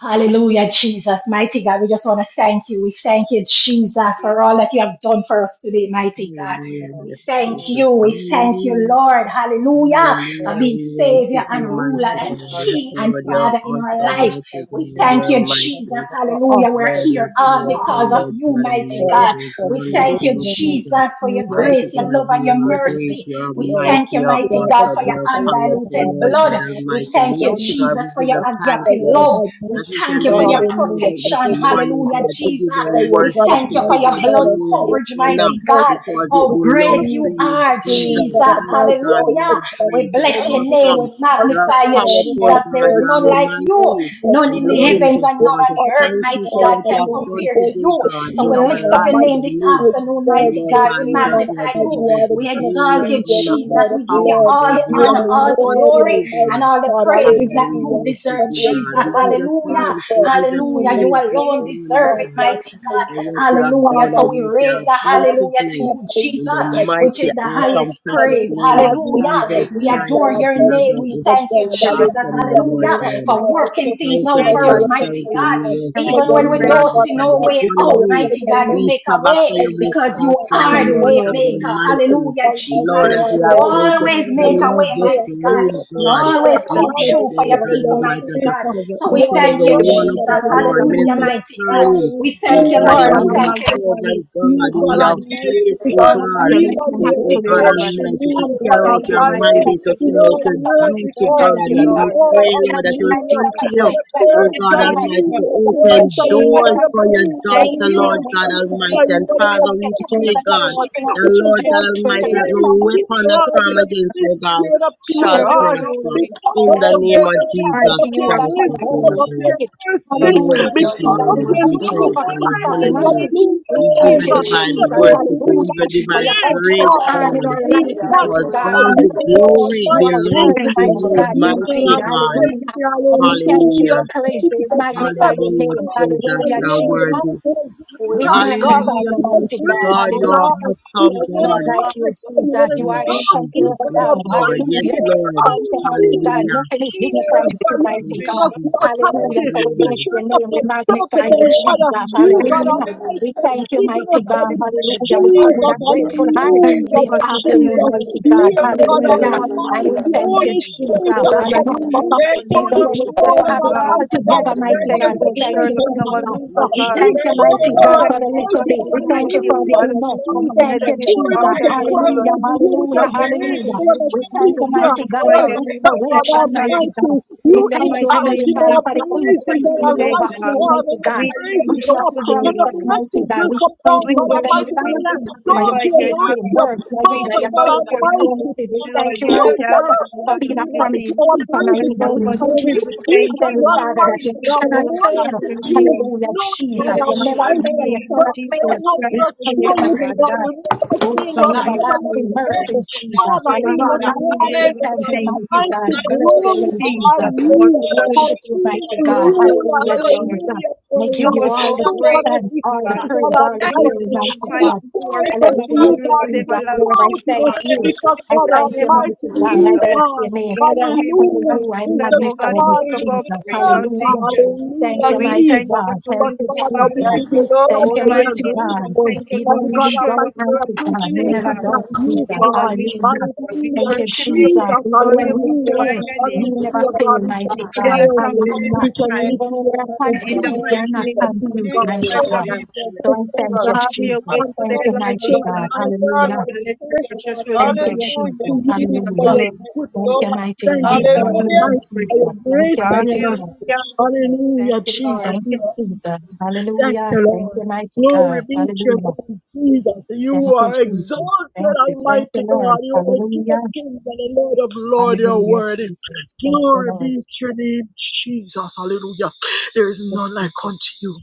Hallelujah, Jesus. Mighty God, we just want to thank you. We thank you, Jesus, for all that you have done for us today, mighty God. We
Hallelujah.
thank you.
Jesus,
We thank you,
hallelujah.
Lord. Hallelujah.
Oh,
For
Hallelujah.
being
We
Your
Savior
worship
and
life
you,
is
ruler
mighty
hard.
and
God.
God,
Yes,
Your
King and
Lord,
life
you're
Father in our
awesome,
is
lives.
hard
mighty
We
God.
thank
thank
You're
you,
you,
us,
mighty.
Jesus.
uh, us
Hallelujah. We're
that
Lord, you
here
are
we
all
are
powerful,
because of
new
Lord
to
you,
God and
mighty
mighty.
God,
God.
There is
that
no
We
we
like
are
thank you,
you,
zero to
Jesus.
Jesus, for
you,
your
we are
God,
the
Mighty
grace,
we
your
church,
God,
love, and
you
your
we
are
are the
great,
mercy.
you
Lord,
are
the
We
Lord,
thank you,
mighty, you are
we
mighty
are the
God,
awesome,
for your
you
great
are
I am, and I
powerful,
undiluted
am
Lord
the
God
blood.
Lord,
We
Almighty.
we
thank you,
are
Mighty
you,
God,
Jesus,
we
for
give
your
us
Jesus,
thanks,
for
agape
your
Lord,
love.
God, mighty
We
that we
thank
can
you
God,
for
be in
thank
your
your
you,
hallelujah,
presence
for
this
protection.
the good
morning,
Hallelujah,
God, to
COVID,
give
Jesus.
for
thank
you
your
We
God,
worship,
thank
to
you for
give
almighty
your
you
God,
blood
and
glory
for
and
your
coverage,
sin
honor,
mighty
and
God.
mercy,
because
How
it
which is
great
belongs
you
to
doing, which is
you,
are,
doing,
Jesus.
Jesus.
God,
Mighty
almighty,
God,
all
you
Hallelujah.
are
excellence,
We
great, you
God,
bless your
are
name.
living,
awesome,
We
you are
almighty
magnify
you,
you,
Lord.
God, in
powerful,
Jesus.
our
There
God,
is
you
Lord,
are
none like
we
you.
mighty.
exalt
None
And
you,
in
we
the
adore
Lord,
you,
we
heavens and
just
we
none
want
on
to
the
honor
earth,
thank
you,
you
mighty
God
for
God,
what you
Almighty.
can
have
We
done
compare to
today,
you.
worship
God, in
So we
you,
our
God
lift up your
lives, in
Almighty.
name
the
this
We
midst.
afternoon,
And
exalt
mighty
Lord
your
God.
God,
We
we
name
just
on
magnify
want to
high.
give
you.
You
you
are the
We
the
King of
glory,
exalt you,
Kings. You are
honor,
the
Jesus.
and
Lord of
We give you
power.
Lords.
all the
There's
You
honor,
none
are
all
like
the
unto
worthy,
glory
you,
and
God.
Almighty
all the
God.
praises
Father,
that
we
you
Hallelujah.
worship
deserve,
And
you,
we
God.
Jesus.
We give
exalt
you
Hallelujah.
you
thanks. We
for
give you
being
Hallelujah. You
the
praise this
alone
great
morning,
deserve it,
God
God,
that
mighty
you
for
are.
what you have
Hallelujah.
done and
So
Father,
we
what
you
you
raise
are
have
the
going
awesome.
to
hallelujah to
do.
you,
In the
Jesus,
Hallelujah,
which
mighty,
is the
Jesus.
awesome,
highest
And
precious
praise.
we
name of
Hallelujah.
magnify
Jesus
We
you,
Christ
adore
God,
of
your
for
name.
Nazareth,
We
being
this
the
thank you,
God.
Yes, I
We
Jesus.
thank you
Hallelujah.
afternoon, Lord
Today,
Hallelujah.
That
Lord,
God.
you
For
thank you
are.
for
for
the
working
gift,
things
Thank
Thank you,
out
you,
Lord,
thank
for
you.
for
us,
God,
Lord.
your
thank you
Thank
mighty
for
you.
the
God.
We
protection,
worship, thank
worship
you
for
Even
you.
for
your
the
when
We
we
love,
don't
God
praise.
see
magnify
no
you. We
way
Almighty,
We thank
honor
for
out,
your
you
you.
Lord,
mighty
tender
today.
God, you
We
make
mercy.
a
shabbat
way
you this
Almighty
because you
Father,
are
afternoon,
Thank
to
the
you,
Lord
way
Lord,
God
the
for
maker.
Spirit,
Almighty.
Hallelujah,
And
Jesus.
Almighty
Lord, as
God,
worship
we
You
are
this
your
about to
always
morning.
for
We
make a
your
praise
way,
this
mighty God.
room,
miracle,
You
God,
always
your
we
come
thank
ask,
problem,
true
you,
for your
Lord
Lord, for
God
people,
your
Almighty,
mighty
that you
God.
creator.
cover
So
You
each
we
and
are
thank
the
every
you,
I
the
one
am
of
that
Jesus.
ministry
I
us,
am,
today,
Lord.
God.
Hallelujah,
Minister
hallelujah.
mighty God.
You
Sterling,
are
We
oh
thank you,
God,
Redeemer,
Lord.
your
God
I
We
will
woman
thank you.
magnify
servant,
you,
Almighty.
God,
You,
oh
who
God
you have
God,
We
Almighty,
placed,
we
thank
oh
you,
God,
for
God, for
God,
lean
telling
the
on
to,
things to
the
oh
captain of
God
our
exalt
everyone.
ship.
your
Almighty, to
name,
Hallelujah.
God
carry out
Thank you,
your
We
mighty
Almighty.
thank
mandate, to
you,
King.
You
carry
know,
out
all
Jesus,
the
your
for
earth
putting
duty,
food on
because
Thank
the
God.
you,
And
table.
you
we
Lord.
are,
pray,
We
Lord,
thank
that
you,
you
Thank
will
mighty
hallelujah.
God, for
continue.
you,
putting death in
Oh
the
Excellent,
God
card.
Almighty, to
We
hallelujah, in
thank
Lord
you,
open
Jesus.
Jesus.
doors
hallelujah,
for your
praise
Hallelujah.
and
We
Thank
we
daughter,
thank
you,
be
Lord
you,
God
Jesus.
Almighty.
magnified
And
when
We
you
Father,
thank you,
we
God.
pray,
Jesus, for
God,
God.
keeping our
that
We
We
just
Lord
children,
God
want
for
to
Almighty,
keeping
praise,
our
that no
praise you,
families.
weapon that
we
God,
form
with a
against your God
sincere and a pure
shall
serve the
heart,
prosper.
glory.
because
In
of
All
the
right.
your
name of
We
goodness,
thank the
because
Mighty,
of
Jesus
mighty
you
for
your
are
God
Christ
for
grace,
the
of
the Holy
because
powerful.
of your
Nazareth,
Spirit.
mercy,
we
Lord
offer,
Hallelujah,
man.
worship
Jesus,
you,
we
because
Jesus.
of
We
Lord.
thank
your
You
thank
We
you.
you
are
love
thank
for
you.
worthy.
We
peace of
honor
kindness,
you.
mind.
hallelujah,
We
We give
thank
you
you,
Jesus,
divine
that
Jesus.
is
worship. We
renewed
give
Hallelujah.
each
you
For your
divine
day,
outstretched
praise,
arm
Father.
in
God,
our
We
life, mighty
because
God.
magnify
all
you,
the
Hallelujah.
God
glory
You are
Almighty,
worthy,
belongs
Thank
to
you,
mighty
because
you,
God,
Lord.
you, God
indeed.
mighty God.
Almighty,
Hallelujah. And we thank you,
Hallelujah.
we
hallelujah,
praise you, we
Jesus,
magnify
never
your
Hallelujah,
name.
fail.
Jesus,
And
Hallelujah,
you are
Lord,
Jesus.
we
worthy.
just want to give you
We
thanks, God,
Thank
magnify
Hallelujah,
your
with a
mighty
mighty
God.
God, you
grateful
are
Hallelujah.
heart. We
awesome
There
just
is
want to
none
God.
like you,
magnify you
Jesus.
and
You
Lord
are the
exalt you,
Jesus,
incomparable
God
yes,
God.
Lord,
Almighty.
Hallelujah.
yes, Lord.
From the mighty God.
Hallelujah,
Hallelujah.
Nothing is hidden
Jesus,
from
by
you,
your
Oh,
mighty
giving
God.
of the
Jesus, thank
Hallelujah.
authority
So
you,
we
to
bless
turn
your
up
name. We
and serpent
magnify you,
and
Jesus.
Father, you
you.
God
Hallelujah.
Almighty
We
has
thank you,
given
mighty
us that
God.
in
Hallelujah. We come with
Jesus,
a grateful heart
Thank you
hallelujah,
this
for today,
afternoon,
Jesus,
Lord.
mighty
Thank
God.
you
you
for each
God
and every
Hallelujah.
one. of
And
you.
we
Almighty,
thank you,
Holy
Jesus.
Spirit, a
Almighty, we
Hallelujah.
comforter.
thank you for
So
being a
Even
this
when we
miracle
go
morning,
working
have it
God.
all
Almighty God,
together,
as we
mighty
come
Thank
God,
in
you
the
we
for
thank you,
sharing us
presence,
in our
Jesus.
midst,
hallelujah,
oh
We
God.
we
thank you,
come,
mighty
Every
God
God, for
time thank,
the
oh
little
God,
Almighty,
bit. We
tonight,
thank you for
you,
the
hallelujah,
Father, as
enough.
come
Jesus,
Thank
together
you,
this
pouring
Jesus.
out and
afternoon,
crying
Hallelujah,
Lord,
out to you with a
as
hallelujah,
we come to
hallelujah.
grateful and a
We
worship
Lord.
you,
thank
to
you,
sincere
mighty God,
magnify
for
Lord,
your name, to
but
thank
God
the
restoration, mighty
thanks
God.
Almighty, you
We
in the
thank you,
mighty
inhabit
Heavenly
in
name of
Father,
our
for the
Jesus
praises,
Christ
O
increase in the
today,
Almighty
God.
overflow,
God,
mighty
and the
God,
We thank
praises
you
which
go
you
for
have
up,
today,
and
promised
the
us,
Lord.
mighty
blessings
God.
will
We
come
thank
down,
We
you,
God
Heavenly
Almighty,
worship
when
you.
we
Father,
We
for your
exalt
magnify
you and
your
lift
faithful
name.
you up,
words, mighty
We
Father
God, your
God
about your
faithful
name
Almighty.
to
promises. We
the
thank
Lord,
you,
your
You,
mighty
God
God,
Yahweh,
for
Lord
Almighty,
being a
inhabit in
promise
Almighty.
our
keeper,
praises
mighty God.
this
We
Jehovah,
thank you,
morning.
we
We
thank
can,
Heavenly
you.
Father, that
Almighty
you
We
God,
cannot
glorify
fail.
worship
your
you,
name
Hallelujah,
knowing
in
God
Jesus.
the
You'll never
mighty
fail.
Almighty,
You
name of
we're
cannot fail.
crying
Jesus
out to
We
Christ,
the
thank
the
you,
true
mighty
living
God.
God,
God
we never
Oh
fail,
for
God,
your
we
we
never left
pray.
everlasting
the battle.
mercies, Jesus.
Father, we just
Hallelujah.
want
Hallelujah,
We
to
we
thank
God
you,
thank
mighty
you.
God. I
Almighty
Tonight,
Bless
oh,
your name,
Jesus,
glorify
Jesus.
you are
you
We
good.
for
worship you,
being
mighty
You are
God.
so
ruler,
Hallelujah,
good,
God,
Lord.
Jesus.
hallelujah, for
And I
You
give
it's all about you, God. It's
you
are
life.
all
all the
so
So
about you, God.
God,
It's
as
grateful,
thanks,
we
all the
thank
God.
God
praise,
all
all the
about
You
you,
are
God.
glory,
Almighty,
so
mighty
and we
God.
mighty.
God.
pour
You are
Make
out
us
unto
Hallelujah,
powerful,
you,
something.
God,
Lord,
you
Jesus.
will pour
Lord, I
out
everlasting
in
thank
us,
Father.
you.
because
Hallelujah.
I
God
That
thank you,
never
Almighty,
mighty God.
fail.
I
you
God,
bless your
are.
name.
that
I
we've been
honor
Hallelujah.
you. I
Is
consistent,
the
oh God,
magnify
to
you,
God
keep up
who
our
Jesus.
praise
never,
unto
Hallelujah.
you.
Thank you,
hallelujah,
We
mighty
leave
thank you for
God.
us.
Thank
But
doing
you,
so,
Father,
God.
Jesus.
we
Thank
give
you,
you
Lord
Thank
thanks.
Oh
you,
We
Lord
are
mighty
Jesus.
Jesus, we
God.
And
grateful.
thank you,
Even
Lord,
And
for
when
God
we
showing
don't,
up
Almighty, we
for
mighty
us
God, you
today,
appreciate
never
it
God.
that
don't, Jesus.
you,
In our
God.
midst,
Hallelujah.
Lord, we
Thank
Hallelujah.
you,
worship
Jesus.
you, we
Jesus,
Even
exalt
when
you,
thank
we
we
you for your
hallelujah.
magnify
fail,
your
you
name.
never
Hallelujah,
love.
fail,
God. We can
mighty
We give
God.
cry
you
Thank
out to
thanks
you,
for
you.
Jesus.
Hallelujah.
our
We can
Even
Thank
time.
lift
you,
when
you up
we're
Lord
and
In
God.
the
confused,
exalt
mighty
you're
Thank
not
you
you,
for
name of
being
confused,
Jesus
God of
mighty
Jesus,
Christ,
our
God.
life.
Jesus,
amen.
So
So,
Jesus.
I thank you,
Father,
Have
we
your
Jesus.
way
thank
Thank
today,
you,
you.
Lord
Hallelujah,
mighty
Lord.
God.
Jesus.
My
So,
God,
God,
Hallelujah.
And let your
hallelujah.
express
precious
God,
will be
Thank you,
hallelujah,
done.
to
Hallelujah,
In
Jesus.
Jesus.
you
Jesus'
for
Hallelujah.
your
name.
Thank you,
goodness.
Thank
Lord.
you, mighty
In
Thank
God.
you,
You
God
are
Jesus'
Hallelujah,
name,
Wonderful
we
Almighty,
Jesus.
for
pray.
your
Thank you,
grace and your
mighty
mercy.
God.
Hallelujah.
Hallelujah,
Thank you,
Jesus.
Lord.
Thank you,
you are-
Jesus.
Thank
Hallelujah.
you,
Thank
Lord.
you, mighty
Glory
God.
be to your
Hallelujah.
name, Jesus.
Thank
You
you,
are
Jesus.
exalted,
Thank you. Thank you,
Almighty
Lord.
God. You are the King
Hallelujah.
of Kings and the Lord of Lords. You are
Hallelujah,
worthy.
Jesus. Thank you,
Glory
Lord.
be to your name, Jesus. Hallelujah. There is
Thank
none like
you,
unto you.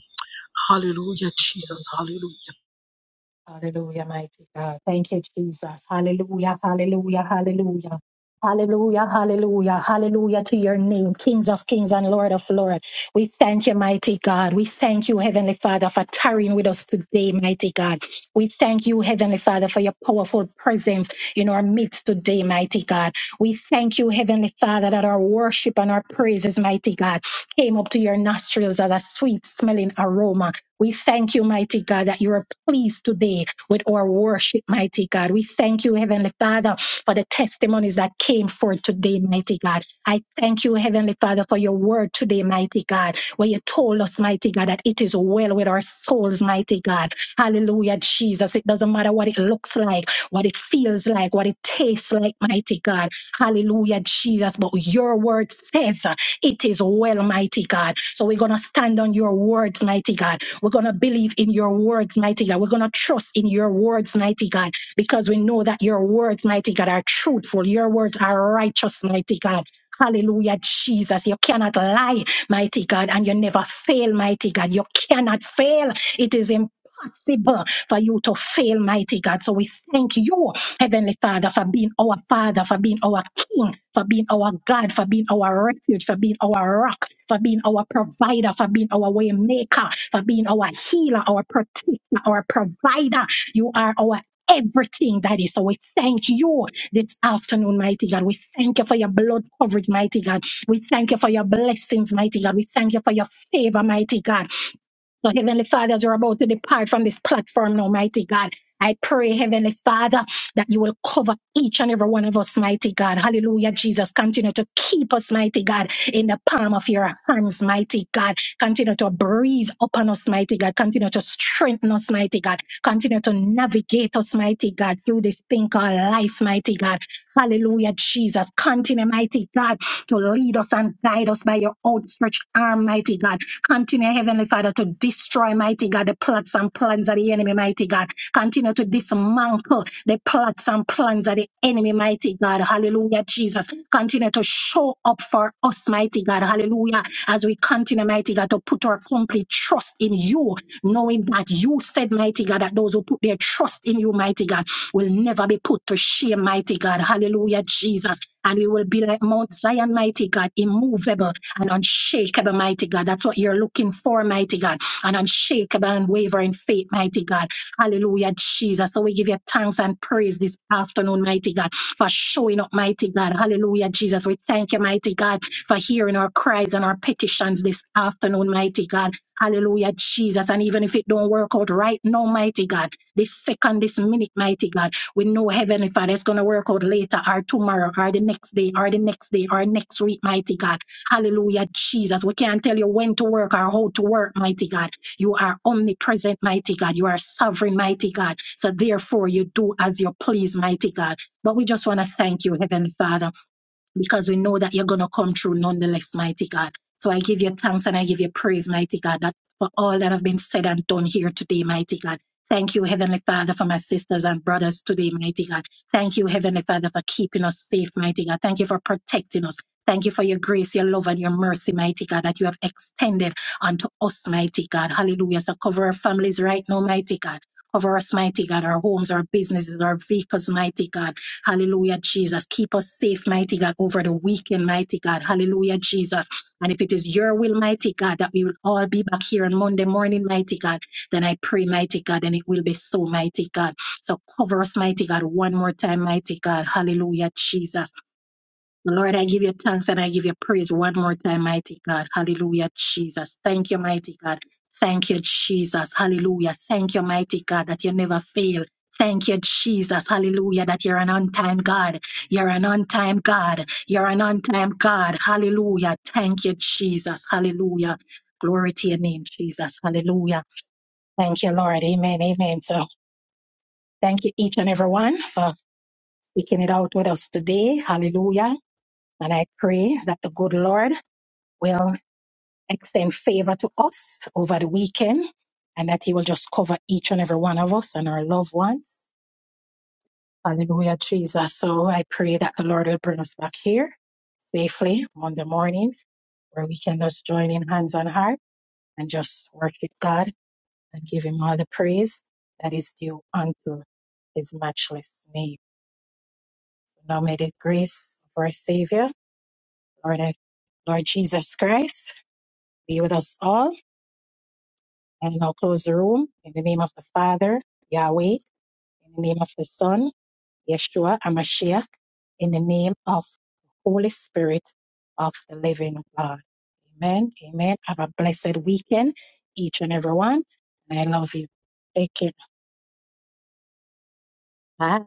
Hallelujah,
Jesus.
Jesus. Hallelujah.
Hallelujah, mighty God. Thank you, Jesus. Hallelujah, hallelujah, hallelujah. Hallelujah, hallelujah, hallelujah to your name, Kings of Kings and Lord of Lords. We thank you, mighty God. We thank you, Heavenly Father, for tarrying with us today, mighty God. We thank you, Heavenly Father, for your powerful presence in our midst today, mighty God. We thank you, Heavenly Father, that our worship and our praises, mighty God, came up to your nostrils as a sweet smelling aroma. We thank you, mighty God, that you are pleased today with our worship, mighty God. We thank you, Heavenly Father, for the testimonies that came forth today, mighty God. I thank you, Heavenly Father, for your word today, mighty God, where you told us, mighty God, that it is well with our souls, mighty God. Hallelujah, Jesus. It doesn't matter what it looks like, what it feels like, what it tastes like, mighty God. Hallelujah, Jesus. But your word says uh, it is well, mighty God. So we're going to stand on your words, mighty God. We're going to believe in your words, mighty God. We're going to trust in your words, mighty God, because we know that your words, mighty God, are truthful. Your words are righteous, mighty God. Hallelujah, Jesus. You cannot lie, mighty God, and you never fail, mighty God. You cannot fail. It is impossible for you to fail, mighty God. So we thank you Heavenly Father, for being our Father, for being our King, for being our God, for being our refuge, for being our rock, for being our provider, for being our way maker, for being our healer, our protector, our provider. You are our everything that is. So we thank you this afternoon, mighty God. We thank you for your blood coverage, mighty God. We thank you for your blessings, mighty God. We thank you for your favor, mighty God. So, Heavenly Father, as we're about to depart from this platform now, mighty God, I pray, Heavenly Father, that you will cover each and every one of us, mighty God. Hallelujah, Jesus. Continue to keep us, mighty God, in the palm of your hands, mighty God. Continue to breathe upon us, mighty God. Continue to strengthen us, mighty God. Continue to navigate us, mighty God, through this thing called life, mighty God. Hallelujah, Jesus. Continue, mighty God to lead us and guide us by your outstretched arm, mighty God. Continue, Heavenly Father, to destroy, mighty God, the plots and plans of the enemy, mighty God. Continue to dismantle the plots and plans of the enemy, mighty God. Hallelujah, Jesus. Continue to show up for us, mighty God. Hallelujah. As we continue, mighty God, to put our complete trust in you, knowing that you said, mighty God, that those who put their trust in you, mighty God, will never be put to shame, mighty God. Hallelujah, Jesus. And we will be like Mount Zion, mighty God, immovable and unshakable, mighty God. That's what you're looking for, mighty God. An unshakable and wavering faith, mighty God. Hallelujah, Jesus. So we give you thanks and praise this afternoon, mighty God, for showing up, mighty God. Hallelujah, Jesus. We thank you, mighty God, for hearing our cries and our petitions this afternoon, mighty God. Hallelujah, Jesus. And even if it don't work out right now, mighty God this second, this minute, mighty God. We know Heavenly Father it's going to work out later or tomorrow or the next day or the next day or next week, mighty God. Hallelujah, Jesus. We can't tell you when to work or how to work, mighty God. You are omnipresent, mighty God. You are sovereign, mighty God. So therefore, you do as you please, mighty God. But we just want to thank you, Heavenly Father because we know that you're going to come through nonetheless, mighty God. So I give you thanks and I give you praise, mighty God, that for all that have been said and done here today, mighty God. Thank you, Heavenly Father, for my sisters and brothers today, mighty God. Thank you, Heavenly Father, for keeping us safe, mighty God. Thank you for protecting us. Thank you for your grace, your love, and your mercy, mighty God, that you have extended unto us, mighty God. Hallelujah. So cover our families right now, mighty God. Cover us, mighty God, our homes, our businesses, our vehicles, mighty God. Hallelujah, Jesus. Keep us safe, mighty God, over the weekend, mighty God. Hallelujah, Jesus. And if it is your will, mighty God, that we will all be back here on Monday morning, mighty God, then I pray, mighty God, and it will be so, mighty God. So cover us, mighty God, one more time, mighty God. Hallelujah, Jesus. Lord, I give you thanks and I give you praise one more time, mighty God. Hallelujah, Jesus. Thank you, mighty God. Thank you, Jesus. Hallelujah. Thank you, mighty God, that you never fail. Thank you, Jesus. Hallelujah, that you're an on time God. You're an on time God. You're an on time God. Hallelujah. Thank you, Jesus. Hallelujah. Glory to your name, Jesus. Hallelujah. Thank you, Lord. Amen. Amen. So thank you, each and every one, for speaking it out with us today. Hallelujah. And I pray that the good Lord will extend favor to us over the weekend and that He will just cover each and every one of us and our loved ones. Hallelujah, Jesus. So I pray that the Lord will bring us back here safely Monday morning where we can just join in hands on heart and just worship God and give Him all the praise that is due unto His matchless name. So now may the grace of our Savior, Lord, Lord Jesus Christ, be with us all And I'll close the room in the name of the Father, Yahweh, in the name of the Son, Yeshua, Amashiach, in the name of the Holy Spirit of the living God. Amen. Amen. Have a blessed weekend, each and every one. And I love you. Take care. Bye.